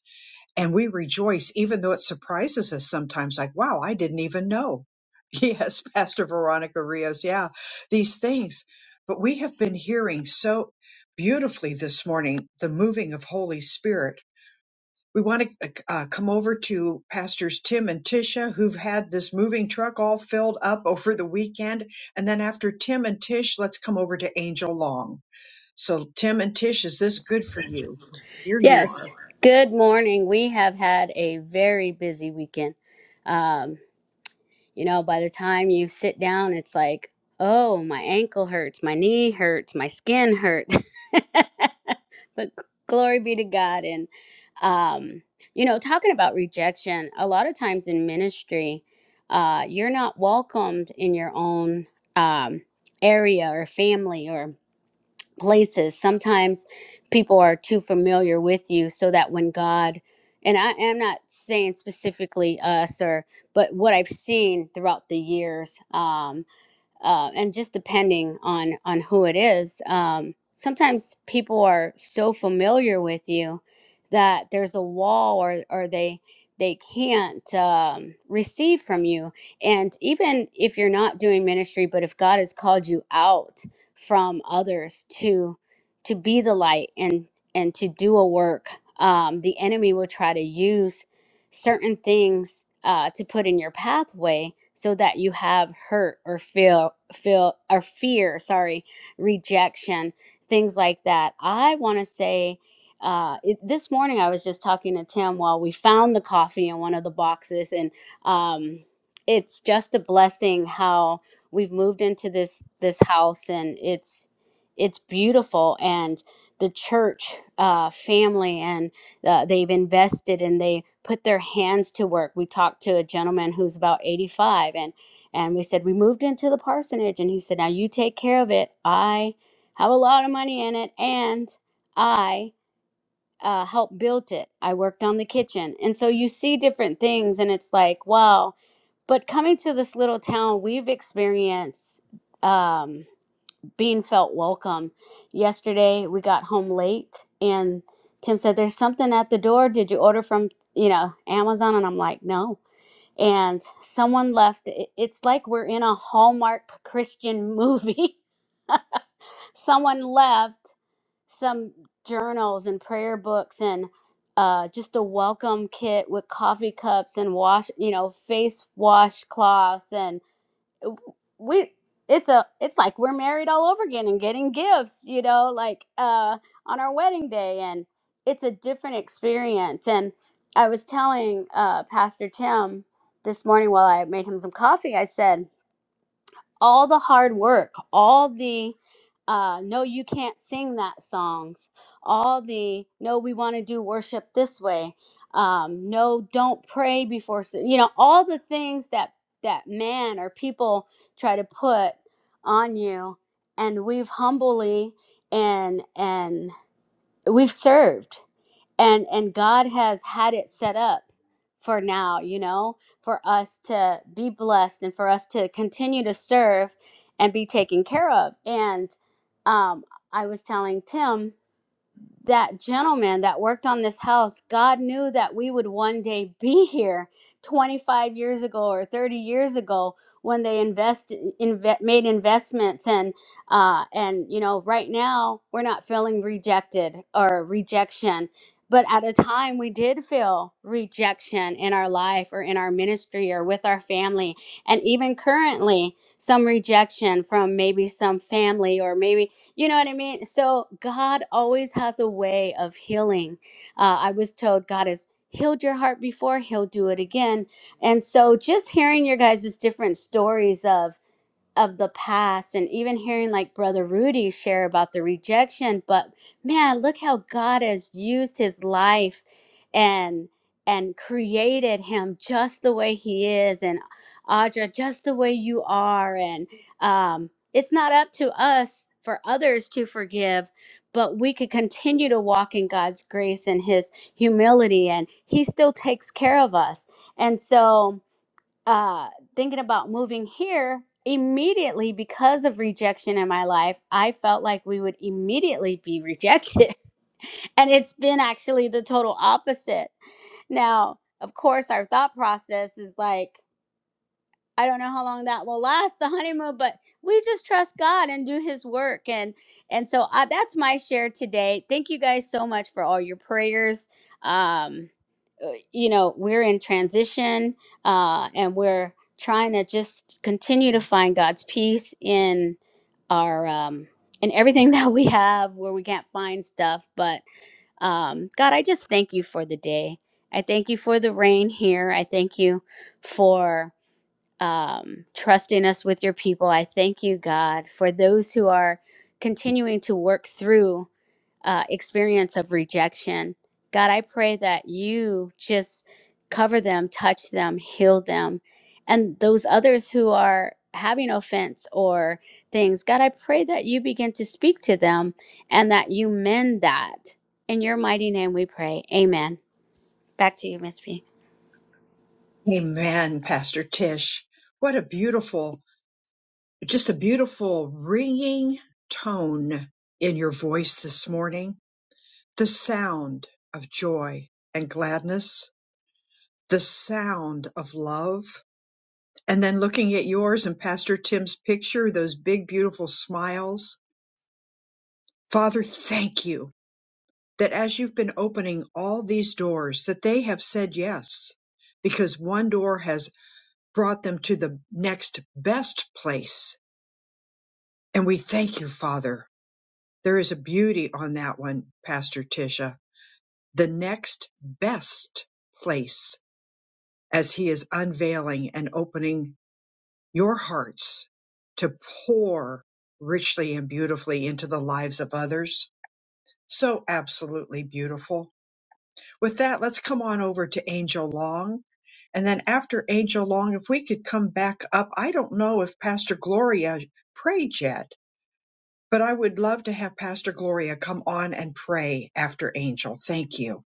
And we rejoice, even though it surprises us sometimes, like, wow, I didn't even know. Yes, Pastor Veronica Rios, yeah, these things. But we have been hearing so beautifully this morning the moving of Holy Spirit we want to uh, come over to Pastors Tim and Tisha, who've had this moving truck all filled up over the weekend. And then after Tim and Tish, let's come over to Angel Long. So, Tim and Tish, is this good for you? Here you Yes. are. Good morning. We have had a very busy weekend. Um, you know, by the time you sit down, it's like, oh, my ankle hurts, my knee hurts, my skin hurts. but glory be to God. And, um, you know, talking about rejection, a lot of times in ministry, uh, you're not welcomed in your own um, area or family places sometimes people are too familiar with you so that when god and i am not saying specifically us or but what i've seen throughout the years um, uh, and just depending on on who it is um, sometimes people are so familiar with you that there's a wall or or they they can't um, receive from you and even if you're not doing ministry but if god has called you out from others to to be the light and and to do a work um, the enemy will try to use certain things uh, to put in your pathway so that you have hurt or feel feel or fear sorry rejection things like that i want to say uh, it, this morning i was just talking to tim while we found the coffee in one of the boxes and um, it's just a blessing how we've moved into this this house and it's it's beautiful and the church uh, family and uh, they've invested and they put their hands to work. We talked to a gentleman who's about 85 and and we said we moved into the parsonage and he said now you take care of it. I have a lot of money in it and I uh, helped built it. I worked on the kitchen. And so you see different things and it's like, wow. But coming to this little town, we've experienced Um, being felt welcome. Yesterday we got home late and Tim said, There's something at the door. Did you order from, you know, Amazon? And I'm like, No. And someone left. It- It's like we're in a Hallmark Christian movie. someone left some journals and prayer books and uh, just a welcome kit with coffee cups and wash, you know, face wash cloths and we it's a it's like we're married all over again and getting gifts you know like uh on our wedding day and it's a different experience and i was telling uh pastor tim this morning while i made him some coffee i said all the hard work, all the uh, no, you can't sing that songs, all the no, we want to do worship this way, um, no, don't pray before, s- you know, all the things that that man or people try to put on you, and we've humbly and and we've served and and God has had it set up for now, you know, for us to be blessed and for us to continue to serve and be taken care of. And um I was telling Tim that gentleman that worked on this house, God knew that we would one day be here 25 years ago or 30 years ago when they invest, inve- made investments and uh, and you know right now we're not feeling rejected or rejection but at a time we did feel rejection in our life or in our ministry or with our family and even currently some rejection from maybe some family or maybe you know what I mean? So God always has a way of healing. Uh, I was told God has healed your heart before, He'll do it again. And so just hearing your guys' different stories of, of the past and even hearing like brother Rudy share about the rejection but man look how God has used his life and and created him just the way he is and Audra just the way you are and um it's not up to us for others to forgive but we could continue to walk in God's grace and his humility and he still takes care of us and so uh, thinking about moving here, immediately because of rejection in my life, I felt like we would immediately be rejected. And it's been actually the total opposite. Now, of course, our thought process is like, I don't know how long that will last, the honeymoon, but we just trust God and do His work, and and so uh, that's my share today. Thank you guys so much for all your prayers. Um, uh, you know, we're in transition, uh, and we're trying to just continue to find God's peace in our um, in everything that we have, where we can't find stuff. But um, God, I just thank you for the day. I thank you for the rain here. I thank you for um, trusting us with your people. I thank you, God, for those who are continuing to work through uh, experience of rejection. God, I pray that you just cover them, touch them, heal them, and those others who are having offense or things. God, I pray that you begin to speak to them and that you mend that. In your mighty name we pray. Amen. Back to you, Miss P. Amen, Pastor Tish. What a beautiful, just a beautiful ringing tone in your voice this morning. The sound of joy and gladness, the sound of love and then looking at yours and Pastor Tim's picture, those big, beautiful smiles. Father, thank you that as you've been opening all these doors, that they have said yes, because one door has brought them to the next best place. And we thank you, Father. There is a beauty on that one, Pastor Tisha. The next best place as he is unveiling and opening your hearts to pour richly and beautifully into the lives of others. So absolutely beautiful. With that, let's come on over to Angel Long. And then after Angel Long, if we could come back up, I don't know if Pastor Gloria prayed yet, but I would love to have Pastor Gloria come on and pray after Angel. Thank you.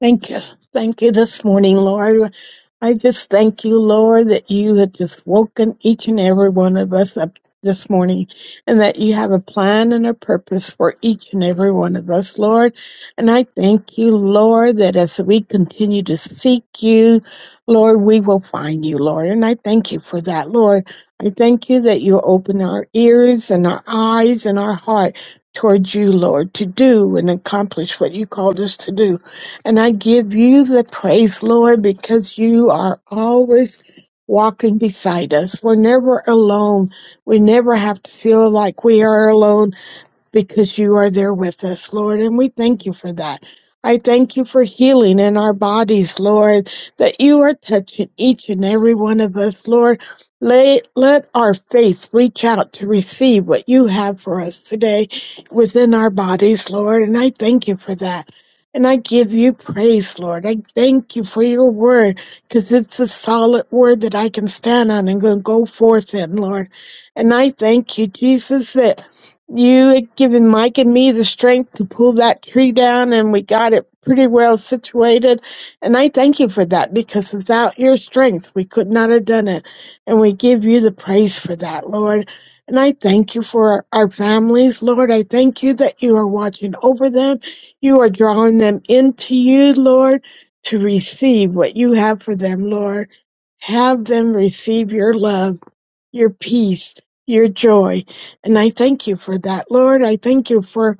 Thank you. Thank you this morning, Lord. I just thank you, Lord, that you have just woken each and every one of us up this morning and that you have a plan and a purpose for each and every one of us, Lord. And I thank you, Lord, that as we continue to seek you, Lord, we will find you, Lord. And I thank you for that, Lord. I thank you that you open our ears and our eyes and our heart towards you, Lord, to do and accomplish what you called us to do. And I give you the praise, Lord, because you are always walking beside us. We're never alone. We never have to feel like we are alone because you are there with us, Lord, and we thank you for that. I thank you for healing in our bodies, Lord, that you are touching each and every one of us, Lord. Let, let our faith reach out to receive what you have for us today within our bodies, Lord, and I thank you for that. And I give you praise, Lord. I thank you for your word because it's a solid word that I can stand on and go go forth in, Lord. And I thank you, Jesus, that you had given Mike and me the strength to pull that tree down, and we got it pretty well situated. And I thank you for that because without your strength, we could not have done it. And we give you the praise for that, Lord. And I thank you for our families, Lord. I thank you that you are watching over them. You are drawing them into you, Lord, to receive what you have for them, Lord. Have them receive your love your peace, your joy. And I thank you for that, Lord. I thank you for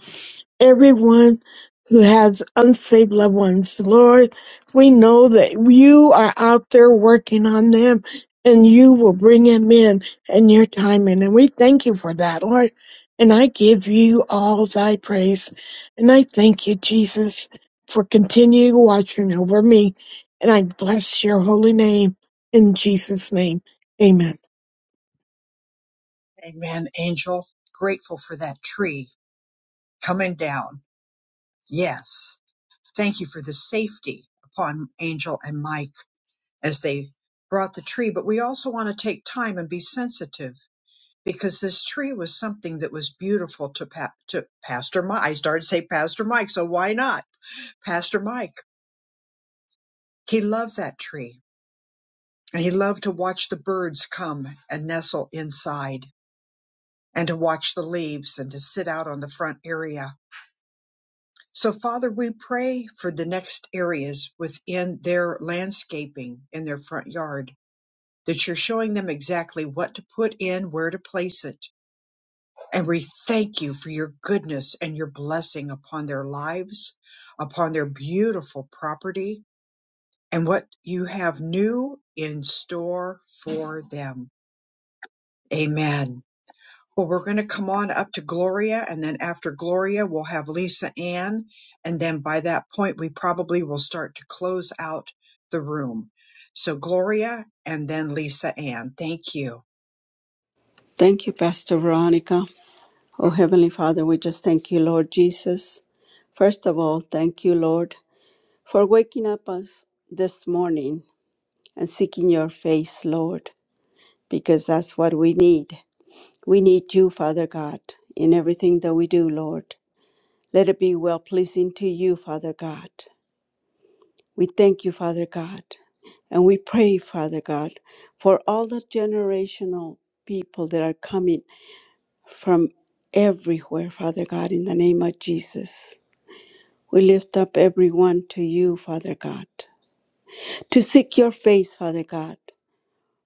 everyone who has unsaved loved ones. Lord, we know that you are out there working on them and you will bring them in in your timing. And we thank you for that, Lord. And I give you all thy praise. And I thank you, Jesus, for continuing watching over me. And I bless your holy name in Jesus' name. Amen. Amen, Angel. Grateful for that tree coming down. Yes. Thank you for the safety upon Angel and Mike as they brought the tree. But we also want to take time and be sensitive because this tree was something that was beautiful to, pa- to Pastor Mike. I started to say Pastor Mike, so why not? Pastor Mike. He loved that tree and he loved to watch the birds come and nestle inside and to watch the leaves and to sit out on the front area. So, Father, we pray for the next areas within their landscaping in their front yard that you're showing them exactly what to put in, where to place it. And we thank you for your goodness and your blessing upon their lives, upon their beautiful property, and what you have new in store for them. Amen. Well, we're going to come on up to Gloria, and then after Gloria, we'll have Lisa Ann. And then by that point, we probably will start to close out the room. So, Gloria and then Lisa Ann. Thank you. Thank you, Pastor Veronica. Oh, Heavenly Father, we just thank you, Lord Jesus. First of all, thank you, Lord, for waking up us this morning and seeking your face, Lord, because that's what we need. We need you, Father God, in everything that we do, Lord. Let it be well pleasing to you, Father God. We thank you, Father God, and we pray, Father God, for all the generational people that are coming from everywhere, Father God, in the name of Jesus. We lift up everyone to you, Father God, to seek your face, Father God,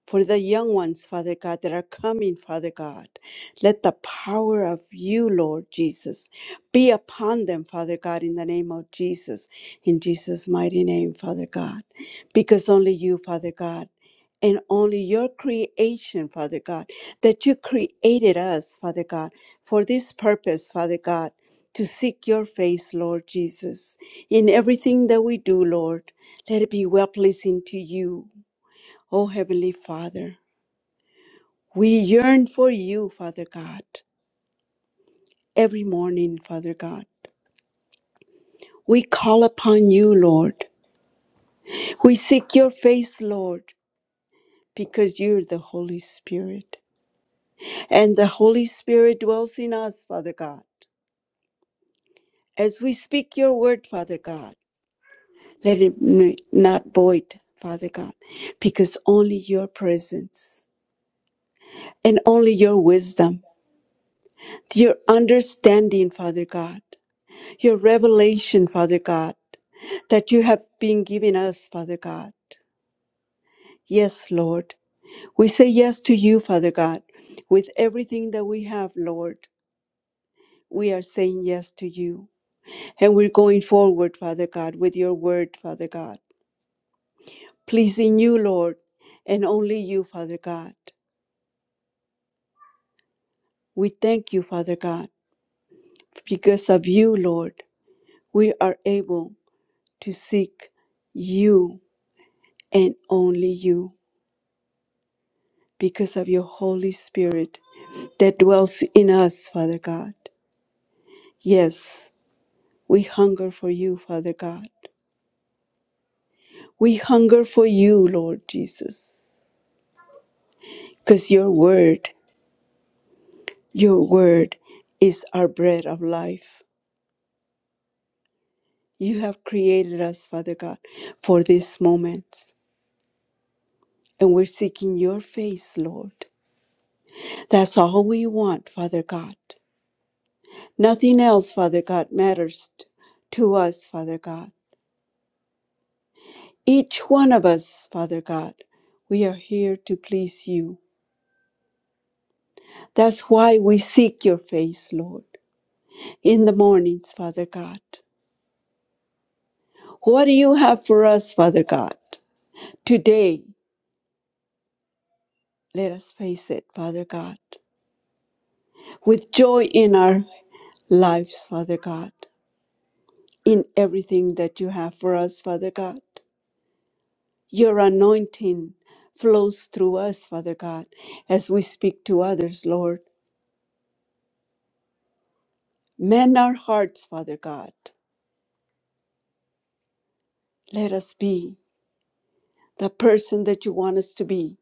for the young ones, Father God, that are coming, Father God. Let the power of you, Lord Jesus, be upon them, Father God, in the name of Jesus, in Jesus' mighty name, Father God. Because only you, Father God, and only your creation, Father God, that you created us, Father God, for this purpose, Father God. To seek your face, Lord Jesus, in everything that we do, Lord. Let it be well pleasing to you, O Heavenly Father. We yearn for you, Father God, every morning, Father God. We call upon you, Lord. We seek your face, Lord, because you're the Holy Spirit. And the Holy Spirit dwells in us, Father God. As we speak your word, Father God, let it n- not void, Father God, because only your presence and only your wisdom, your understanding, Father God. your revelation, Father God, that you have been giving us, Father God. Yes, Lord. We say yes to you, Father God, with everything that we have, Lord. We are saying yes to you. And we're going forward, Father God, with your word, Father God. Pleasing you, Lord, and only you, Father God. We thank you, Father God. Because of you, Lord, we are able to seek you and only you. because of your Holy Spirit that dwells in us, Father God. Yes, we hunger for you, Father God. We hunger for you, Lord Jesus, because your word, your word is our bread of life. You have created us, Father God, for this moment, and we're seeking your face, Lord. That's all we want, Father God. Nothing else, Father God, matters t- to us, Father God. Each one of us, Father God, we are here to please you. That's why we seek your face, Lord, in the mornings, Father God. What do you have for us, Father God? Today, let us face it, Father God, with joy in our lives, Father God, in everything that you have for us, Father God. Your anointing flows through us, Father God, as we speak to others, Lord. Mend our hearts, Father God Let us be the person that you want us to be.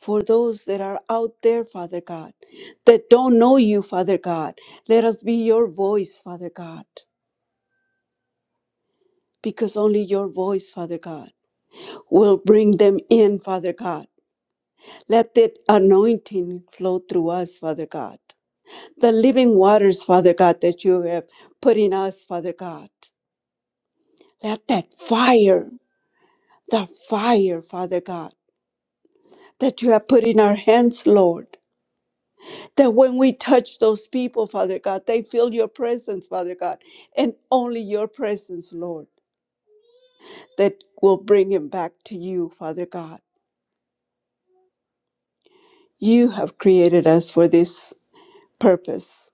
For those that are out there, Father God, that don't know you, Father God, let us be your voice, Father God, because only your voice, Father God, will bring them in, Father God. Let that anointing flow through us, Father God. The living waters, Father God, that you have put in us, Father God. Let that fire, the fire, Father God, that you have put in our hands, Lord. that when we touch those people, Father God, they feel your presence, Father God, and only your presence, Lord, that will bring him back to you, Father God. You have created us for this purpose,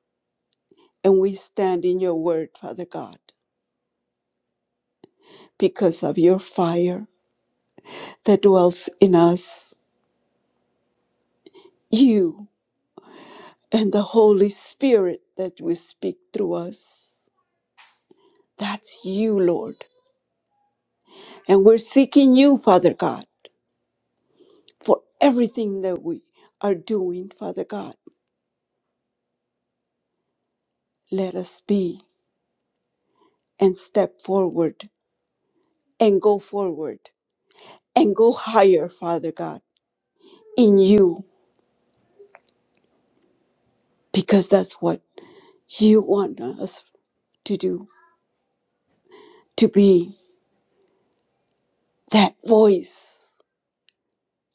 and we stand in your word, Father God, because of your fire that dwells in us, you and the Holy Spirit that will speak through us. That's you, Lord. And we're seeking you, Father God. for everything that we are doing, Father God. Let us be and step forward and go forward and go higher, Father God, in you, because that's what you want us to do to be that voice,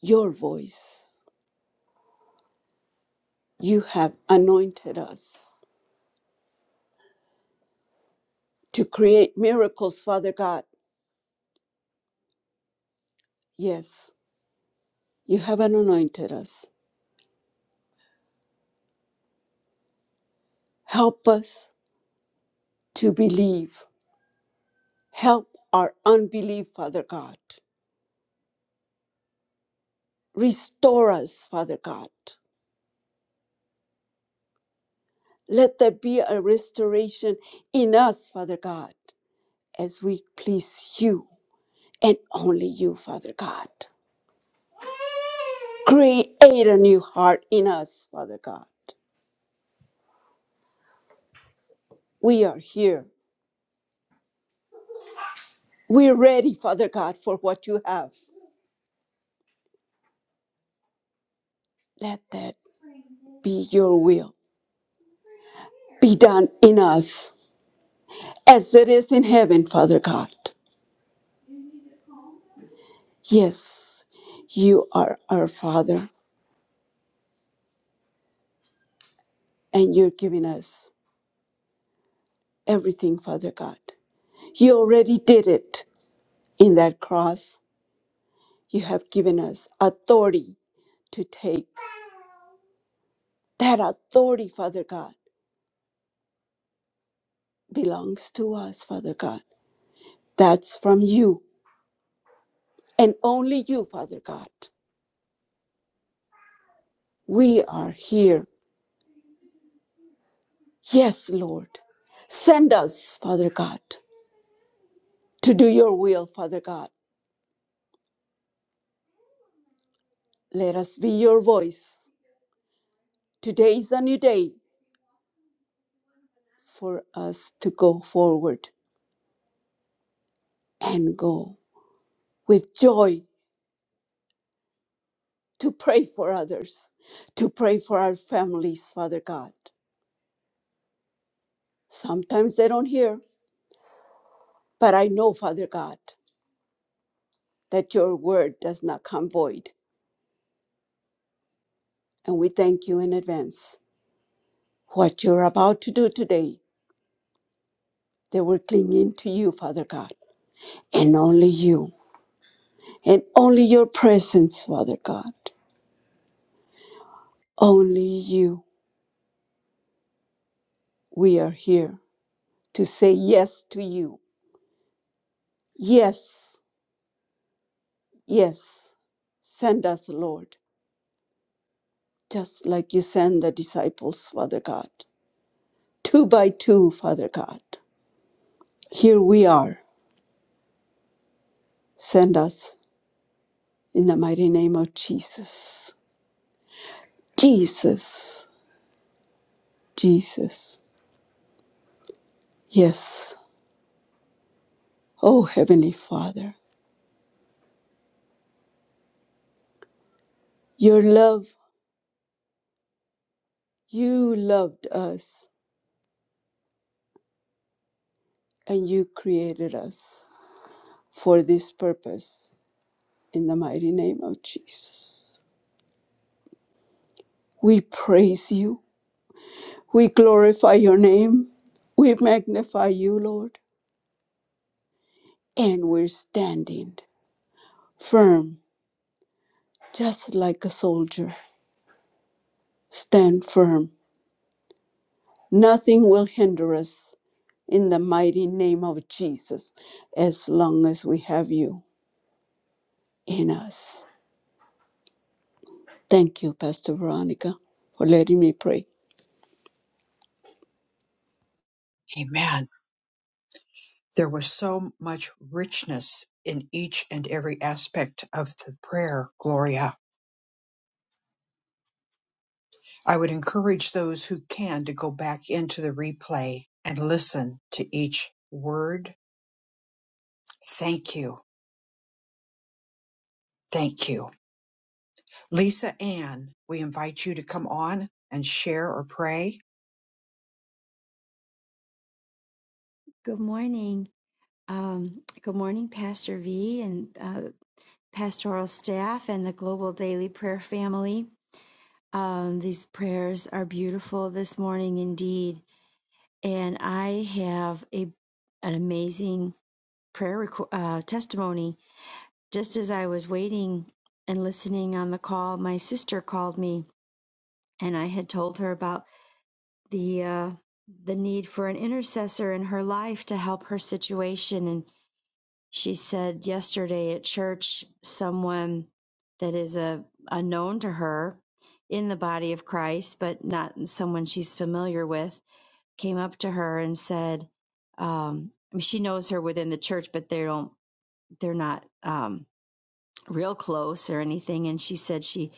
your voice. You have anointed us to create miracles, Father God. Yes, you have anointed us. Help us to believe Help our unbelief, Father God. Restore us, Father God. Let there be a restoration in us, Father God, as we please you and only you, Father God. Create a new heart in us, Father God. We are here. We're ready, Father God, for what you have. Let that be your will be done in us as it is in heaven, Father God. Yes, you are our Father. and you're giving us everything, Father God. You already did it in that cross. You have given us authority to take. That authority, Father God, belongs to us, Father God. That's from you and only you, Father God. We are here. Yes, Lord. Send us, Father God, to do your will, Father God. Let us be your voice. Today is a new day for us to go forward and go with joy to pray for others, to pray for our families, Father God. Sometimes they don't hear, but I know, Father God, that your word does not come void. And we thank you in advance. What you're about to do today, they were clinging to you, Father God, and only you, and only your presence, Father God. Only you. We are here to say yes to you. Yes Yes, send us, Lord, just like you send the disciples, Father God. Two by two, Father God. Here we are. Send us in the mighty name of Jesus. Jesus, Jesus. Yes, oh Heavenly Father, your love, you loved us and you created us for this purpose in the mighty name of Jesus. We praise you. We glorify your name. We magnify you, Lord. And we're standing firm, just like a soldier. Stand firm. Nothing will hinder us in the mighty name of Jesus as long as we have you in us. Thank you, Pastor Veronica, for letting me pray. Amen. There was so much richness in each and every aspect of the prayer, Gloria. I would encourage those who can to go back into the replay and listen to each word. Thank you. Thank you. Lisa Ann, we invite you to come on and share or pray. Good morning. Um, good morning, Pastor V and uh, pastoral staff and the Global Daily Prayer family. Um, these prayers are beautiful this morning indeed. And I have a an amazing prayer reco- uh, testimony. Just as I was waiting and listening on the call, my sister called me and I had told her about the uh, the need for an intercessor in her life to help her situation and. She said yesterday at church, someone that is a unknown to her in the body of Christ, but not someone she's familiar with, came up to her and said, um, I mean, she knows her within the church, but they don't, they're not um, real close or anything. And she said she,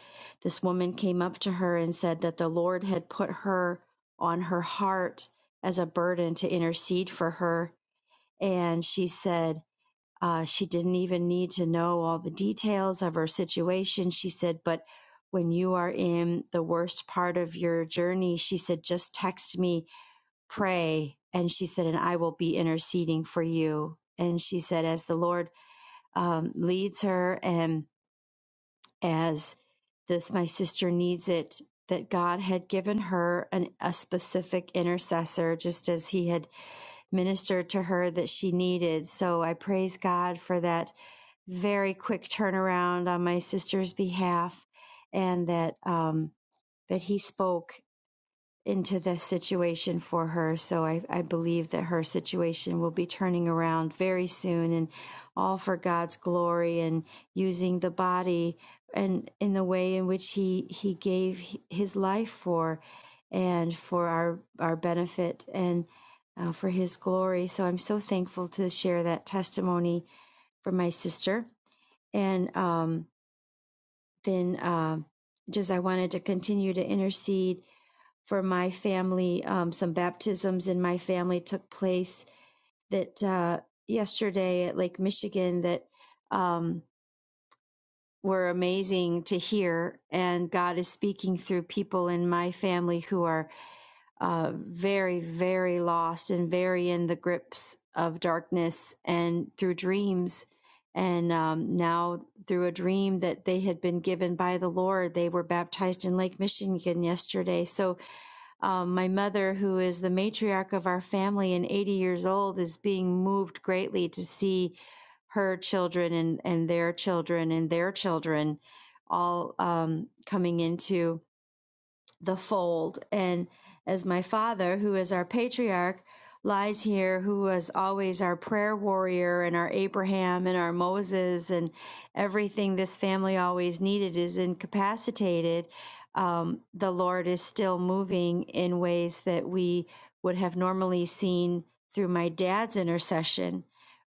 this woman came up to her and said that the Lord had put her on her heart as a burden to intercede for her. And she said, uh, she didn't even need to know all the details of her situation. She said, but when you are in the worst part of your journey, she said, just text me, pray. And she said, and I will be interceding for you. And she said, as the Lord um, leads her and as this, my sister needs it, that God had given her an, a specific intercessor, just as he had ministered to her that she needed. So I praise God for that very quick turnaround on my sister's behalf and that um, that he spoke into this situation for her. So I, I believe that her situation will be turning around very soon and all for God's glory and using the body and in the way in which he he gave his life for and for our our benefit and uh, for his glory. So I'm so thankful to share that testimony for my sister and um, then uh, just I wanted to continue to intercede for my family. Um, some baptisms in my family took place that uh, yesterday at Lake Michigan that um, were amazing to hear, and God is speaking through people in my family who are uh, very, very lost and very in the grips of darkness and through dreams. And um, now, through a dream that they had been given by the Lord, they were baptized in Lake Michigan yesterday. So, um, my mother, who is the matriarch of our family and 80 years old, is being moved greatly to see her children and, and their children and their children all um, coming into the fold. And as my father, who is our patriarch, lies here, who was always our prayer warrior and our Abraham and our Moses and everything this family always needed, is incapacitated. Um, the Lord is still moving in ways that we would have normally seen through my dad's intercession,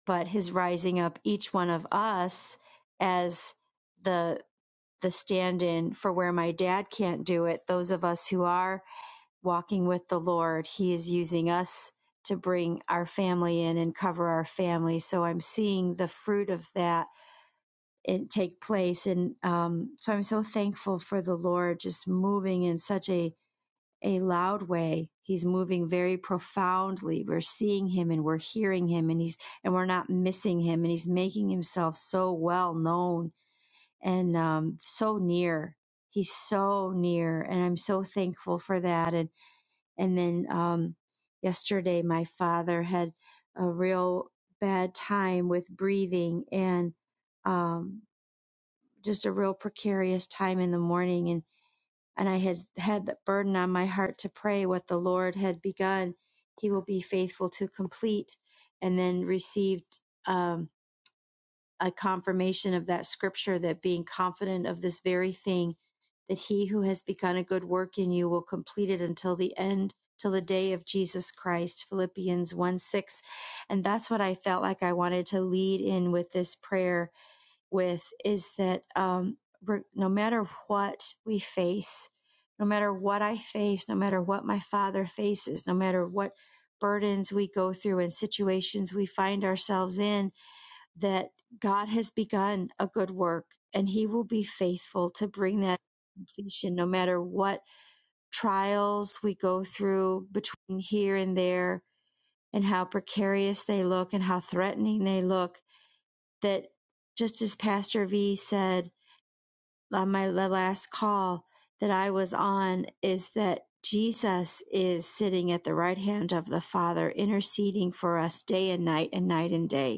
but his rising up each one of us as the the stand in for where my dad can't do it. Those of us who are walking with the Lord, He is using us to bring our family in and cover our family. So I'm seeing the fruit of that it take place. And um, so I'm so thankful for the Lord just moving in such a, a loud way. He's moving very profoundly. We're seeing him and we're hearing him and he's and we're not missing him and he's making himself so well known and um, so near. He's so near, and I'm so thankful for that. And and then um, yesterday, my father had a real bad time with breathing and um, just a real precarious time in the morning. And and I had had the burden on my heart to pray what the Lord had begun. He will be faithful to complete, and then received. Um, a confirmation of that scripture that being confident of this very thing, that he who has begun a good work in you will complete it until the end, till the day of Jesus Christ, Philippians 1 6. And that's what I felt like I wanted to lead in with this prayer with is that um, re- no matter what we face, no matter what I face, no matter what my father faces, no matter what burdens we go through and situations we find ourselves in, that God has begun a good work and he will be faithful to bring that completion no matter what trials we go through between here and there and how precarious they look and how threatening they look that just as pastor v said on my last call that i was on is that jesus is sitting at the right hand of the father interceding for us day and night and night and day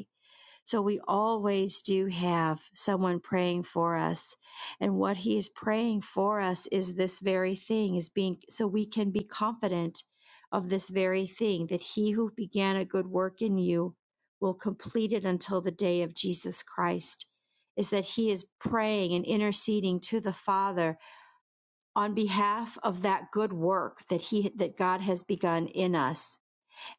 so we always do have someone praying for us. And what he is praying for us is this very thing is being so we can be confident of this very thing that he who began a good work in you will complete it until the day of Jesus Christ. Is that he is praying and interceding to the Father on behalf of that good work that he that God has begun in us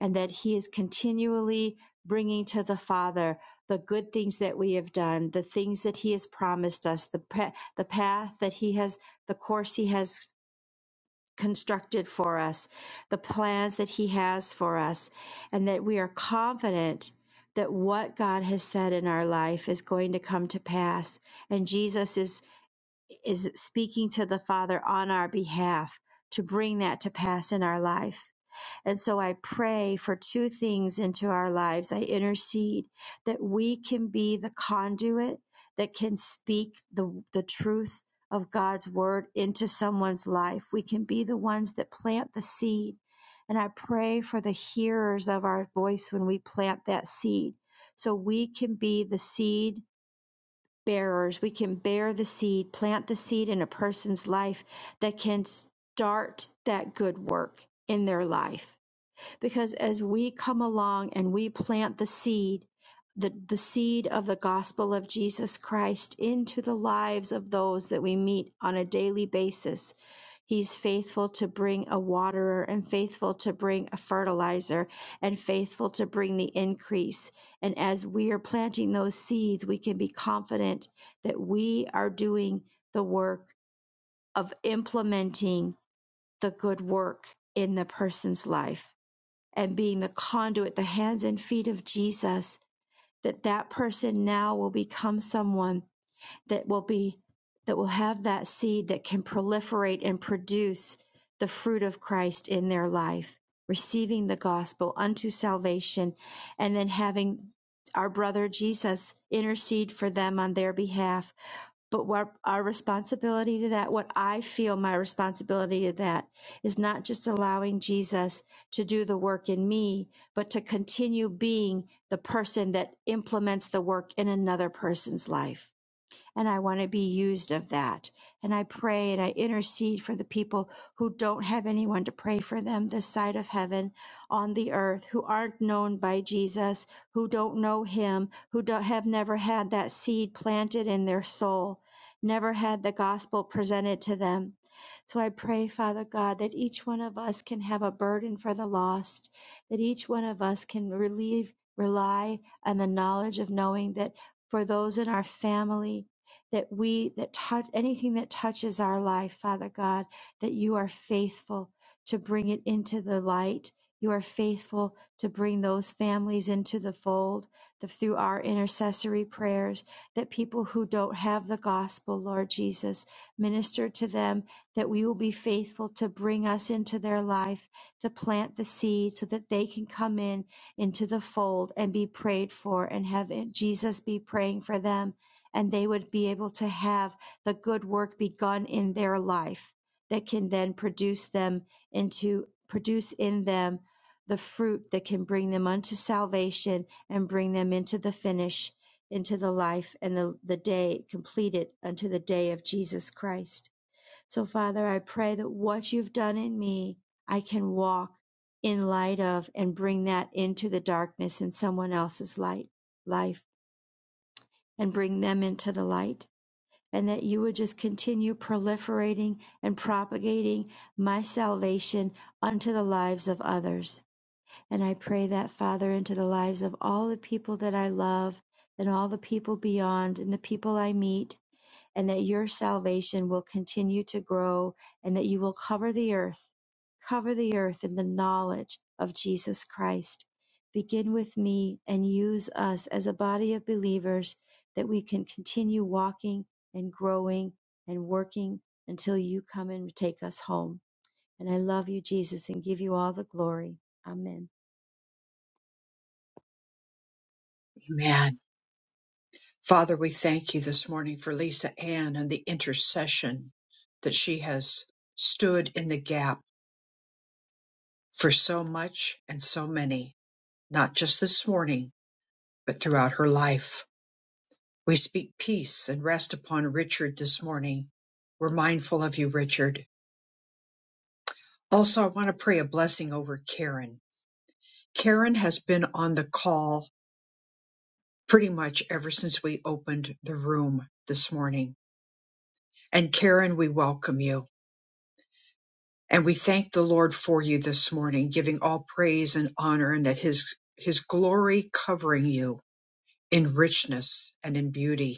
and that He is continually bringing to the Father the good things that we have done, the things that He has promised us, the pa- the path that He has, the course He has constructed for us, the plans that He has for us, and that we are confident that what God has said in our life is going to come to pass, and Jesus is is speaking to the Father on our behalf to bring that to pass in our life. And so I pray for two things into our lives. I intercede that we can be the conduit that can speak the, the truth of God's word into someone's life. We can be the ones that plant the seed. And I pray for the hearers of our voice when we plant that seed. So we can be the seed bearers. We can bear the seed, plant the seed in a person's life that can start that good work in their life. Because as we come along and we plant the seed, the, the seed of the gospel of Jesus Christ into the lives of those that we meet on a daily basis, He's faithful to bring a waterer and faithful to bring a fertilizer and faithful to bring the increase. And as we are planting those seeds, we can be confident that we are doing the work of implementing the good work in the person's life and being the conduit, the hands and feet of Jesus, that that person now will become someone that will be, that will have that seed that can proliferate and produce the fruit of Christ in their life, receiving the gospel unto salvation, and then having our brother Jesus intercede for them on their behalf but what our responsibility to that, what I feel my responsibility to that is not just allowing Jesus to do the work in me, but to continue being the person that implements the work in another person's life and I want to be used of that. And I pray and I intercede for the people who don't have anyone to pray for them this side of heaven on the earth, who aren't known by Jesus, who don't know him, who don't, have never had that seed planted in their soul, never had the gospel presented to them. So I pray, Father God, that each one of us can have a burden for the lost, that each one of us can relieve, rely on the knowledge of knowing that for those in our family, that we, that touch, anything that touches our life, Father God, that you are faithful to bring it into the light. You are faithful to bring those families into the fold the, through our intercessory prayers, that people who don't have the gospel, Lord Jesus, minister to them, that we will be faithful to bring us into their life, to plant the seed so that they can come in into the fold and be prayed for and have Jesus be praying for them and they would be able to have the good work begun in their life that can then produce them into produce in them the fruit that can bring them unto salvation and bring them into the finish into the life and the, the day completed unto the day of Jesus Christ. So Father, I pray that what you've done in me, I can walk in light of and bring that into the darkness in someone else's light life and bring them into the light and that you would just continue proliferating and propagating my salvation unto the lives of others. And I pray that, Father, into the lives of all the people that I love and all the people beyond and the people I meet and that your salvation will continue to grow and that you will cover the earth, cover the earth in the knowledge of Jesus Christ. Begin with me and use us as a body of believers that we can continue walking and growing and working until you come and take us home. And I love you, Jesus, and give you all the glory. Amen. Amen. Father, we thank you this morning for Lisa Ann and the intercession that she has stood in the gap for so much and so many. not just this morning, but throughout her life. We speak peace and rest upon Richard this morning. We're mindful of you, Richard. Also, I want to pray a blessing over Karen. Karen has been on the call pretty much ever since we opened the room this morning. And Karen, we welcome you. And we thank the Lord for you this morning, giving all praise and honor and that his, his glory covering you in richness and in beauty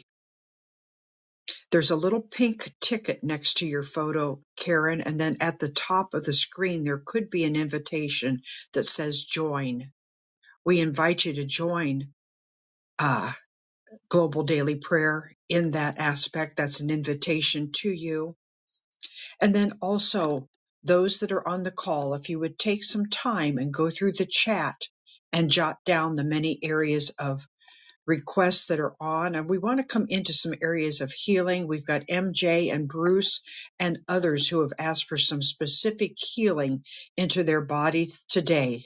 There's a little pink ticket next to your photo, Karen, and then at the top of the screen there could be an invitation that says join. We invite you to join uh, Global Daily Prayer in that aspect. That's an invitation to you. And then also those that are on the call, if you would take some time and go through the chat and jot down the many areas of requests that are on, and we want to come into some areas of healing. We've got MJ and Bruce and others who have asked for some specific healing into their body today.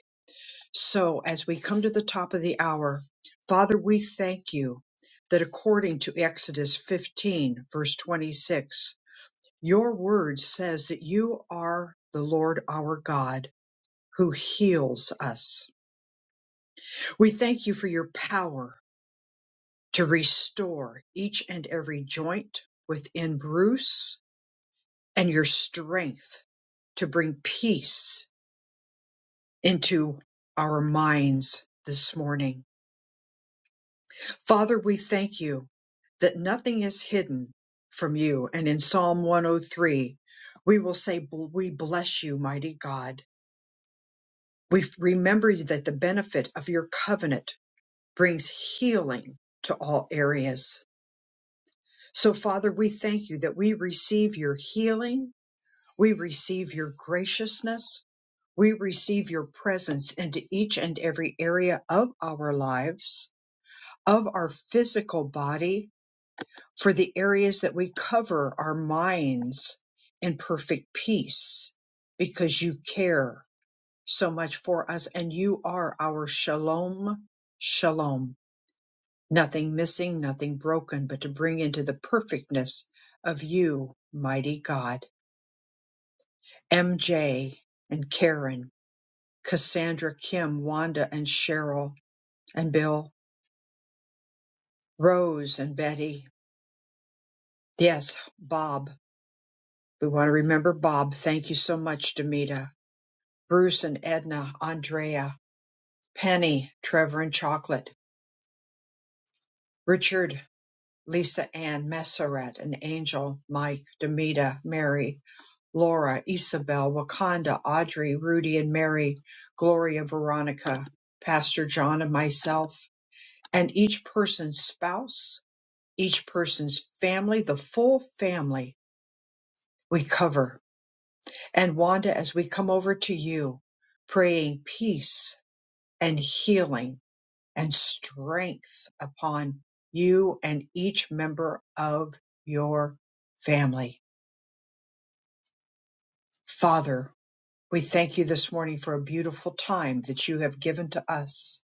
So, as we come to the top of the hour, Father, we thank you that according to Exodus 15, verse 26, your word says that you are the Lord our God who heals us. We thank you for your power to restore each and every joint within Bruce and your strength to bring peace into our minds this morning. Father, we thank you that nothing is hidden from you. And in Psalm 103, we will say, We bless you, mighty God. We remember that the benefit of your covenant brings healing to all areas. So, Father, we thank you that we receive your healing We receive your graciousness. We receive your presence into each and every area of our lives, of our physical body, for the areas that we cover our minds in perfect peace, because you care so much for us and you are our shalom, shalom. Nothing missing, nothing broken, but to bring into the perfectness of you, mighty God. MJ and Karen Cassandra, Kim, Wanda, and Cheryl, and Bill, Rose, and Betty. Yes, Bob. We want to remember Bob. Thank you so much, Demita. Bruce and Edna, Andrea, Penny, Trevor, and Chocolate, Richard, Lisa Ann, Messeret, and Angel, Mike, Demita, Mary, Laura, Isabel, Wakanda, Audrey, Rudy, and Mary, Gloria, Veronica, Pastor John, and myself, and each person's spouse each person's family, the full family we cover. And Wanda, as we come over to you, praying peace and healing and strength upon you and each member of your family. Father, we thank you this morning for a beautiful time that you have given to us.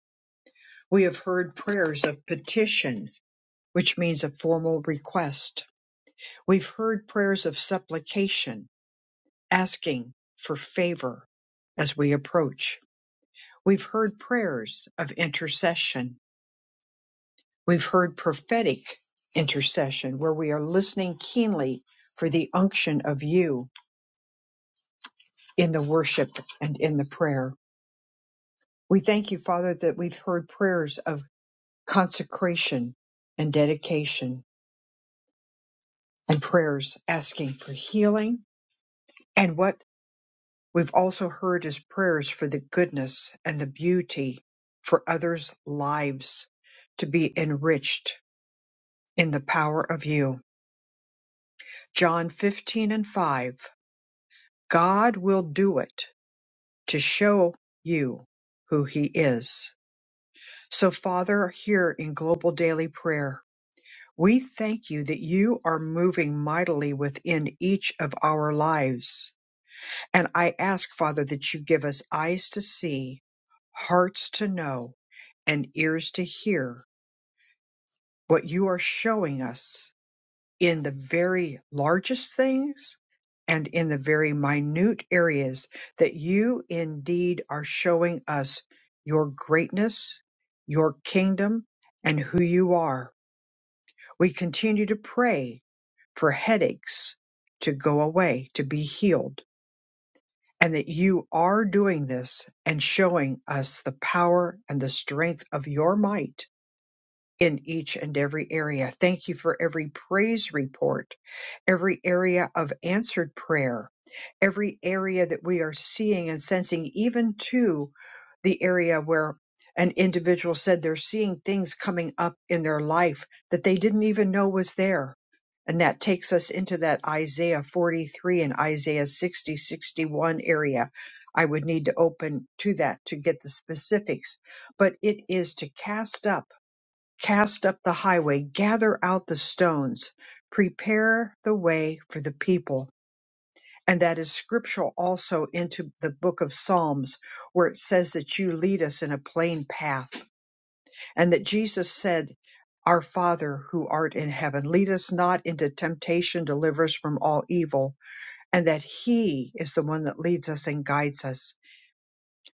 We have heard prayers of petition, which means a formal request. We've heard prayers of supplication, asking for favor as we approach. We've heard prayers of intercession. We've heard prophetic intercession where we are listening keenly for the unction of you in the worship and in the prayer. We thank you, Father, that we've heard prayers of consecration and dedication and prayers asking for healing and what We've also heard his prayers for the goodness and the beauty for others' lives to be enriched in the power of you. John 15 and 5. God will do it to show you who he is. So, Father, here in Global Daily Prayer, we thank you that you are moving mightily within each of our lives And I ask, Father, that you give us eyes to see, hearts to know, and ears to hear what you are showing us in the very largest things and in the very minute areas that you indeed are showing us your greatness, your kingdom, and who you are. We continue to pray for headaches to go away, to be healed and that you are doing this and showing us the power and the strength of your might in each and every area. Thank you for every praise report, every area of answered prayer, every area that we are seeing and sensing, even to the area where an individual said they're seeing things coming up in their life that they didn't even know was there. And that takes us into that Isaiah 43 and Isaiah 60, 61 area. I would need to open to that to get the specifics, but it is to cast up cast up the highway, gather out the stones, prepare the way for the people. And that is scriptural also into the book of Psalms, where it says that you lead us in a plain path. And that Jesus said, Our Father who art in heaven, lead us not into temptation, deliver us from all evil. And that He is the one that leads us and guides us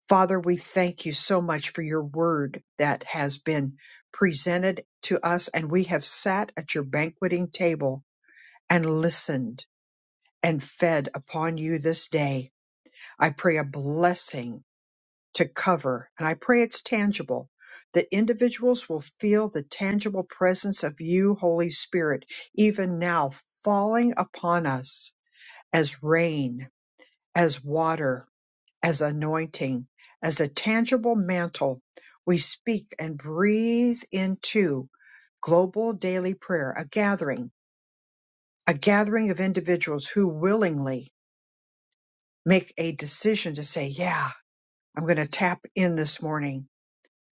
Father, we thank you so much for your word that has been presented to us, and we have sat at your banqueting table and listened and fed upon you this day. I pray a blessing to cover, and I pray it's tangible. That individuals will feel the tangible presence of you, Holy Spirit, even now falling upon us as rain, as water, as anointing, as a tangible mantle we speak and breathe into global daily prayer, a gathering, a gathering of individuals who willingly make a decision to say, yeah, I'm going to tap in this morning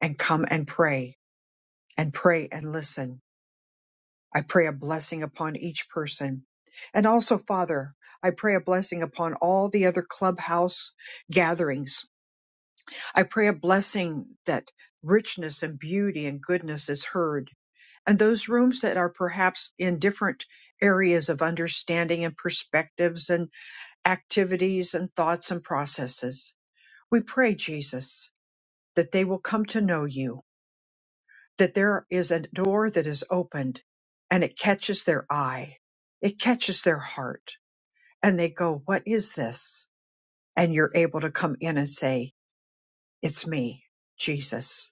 and come and pray and pray and listen. I pray a blessing upon each person. And also, Father, I pray a blessing upon all the other clubhouse gatherings I pray a blessing that richness and beauty and goodness is heard. And those rooms that are perhaps in different areas of understanding and perspectives and activities and thoughts and processes. We pray, Jesus, that they will come to know you, that there is a door that is opened and it catches their eye, it catches their heart, and they go, What is this? And you're able to come in and say, It's me, Jesus.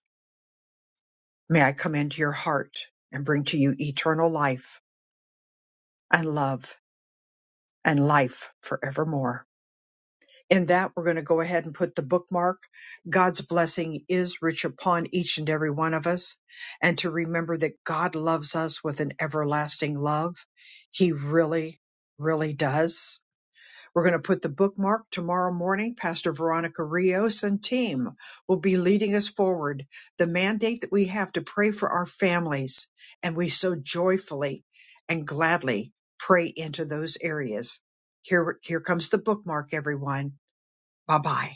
May I come into your heart and bring to you eternal life and love and life forevermore. In that, we're going to go ahead and put the bookmark. God's blessing is rich upon each and every one of us. And to remember that God loves us with an everlasting love. He really, really does. We're going to put the bookmark tomorrow morning. Pastor Veronica Rios and team will be leading us forward. The mandate that we have to pray for our families, and we so joyfully and gladly pray into those areas. Here, here comes the bookmark, everyone. Bye bye.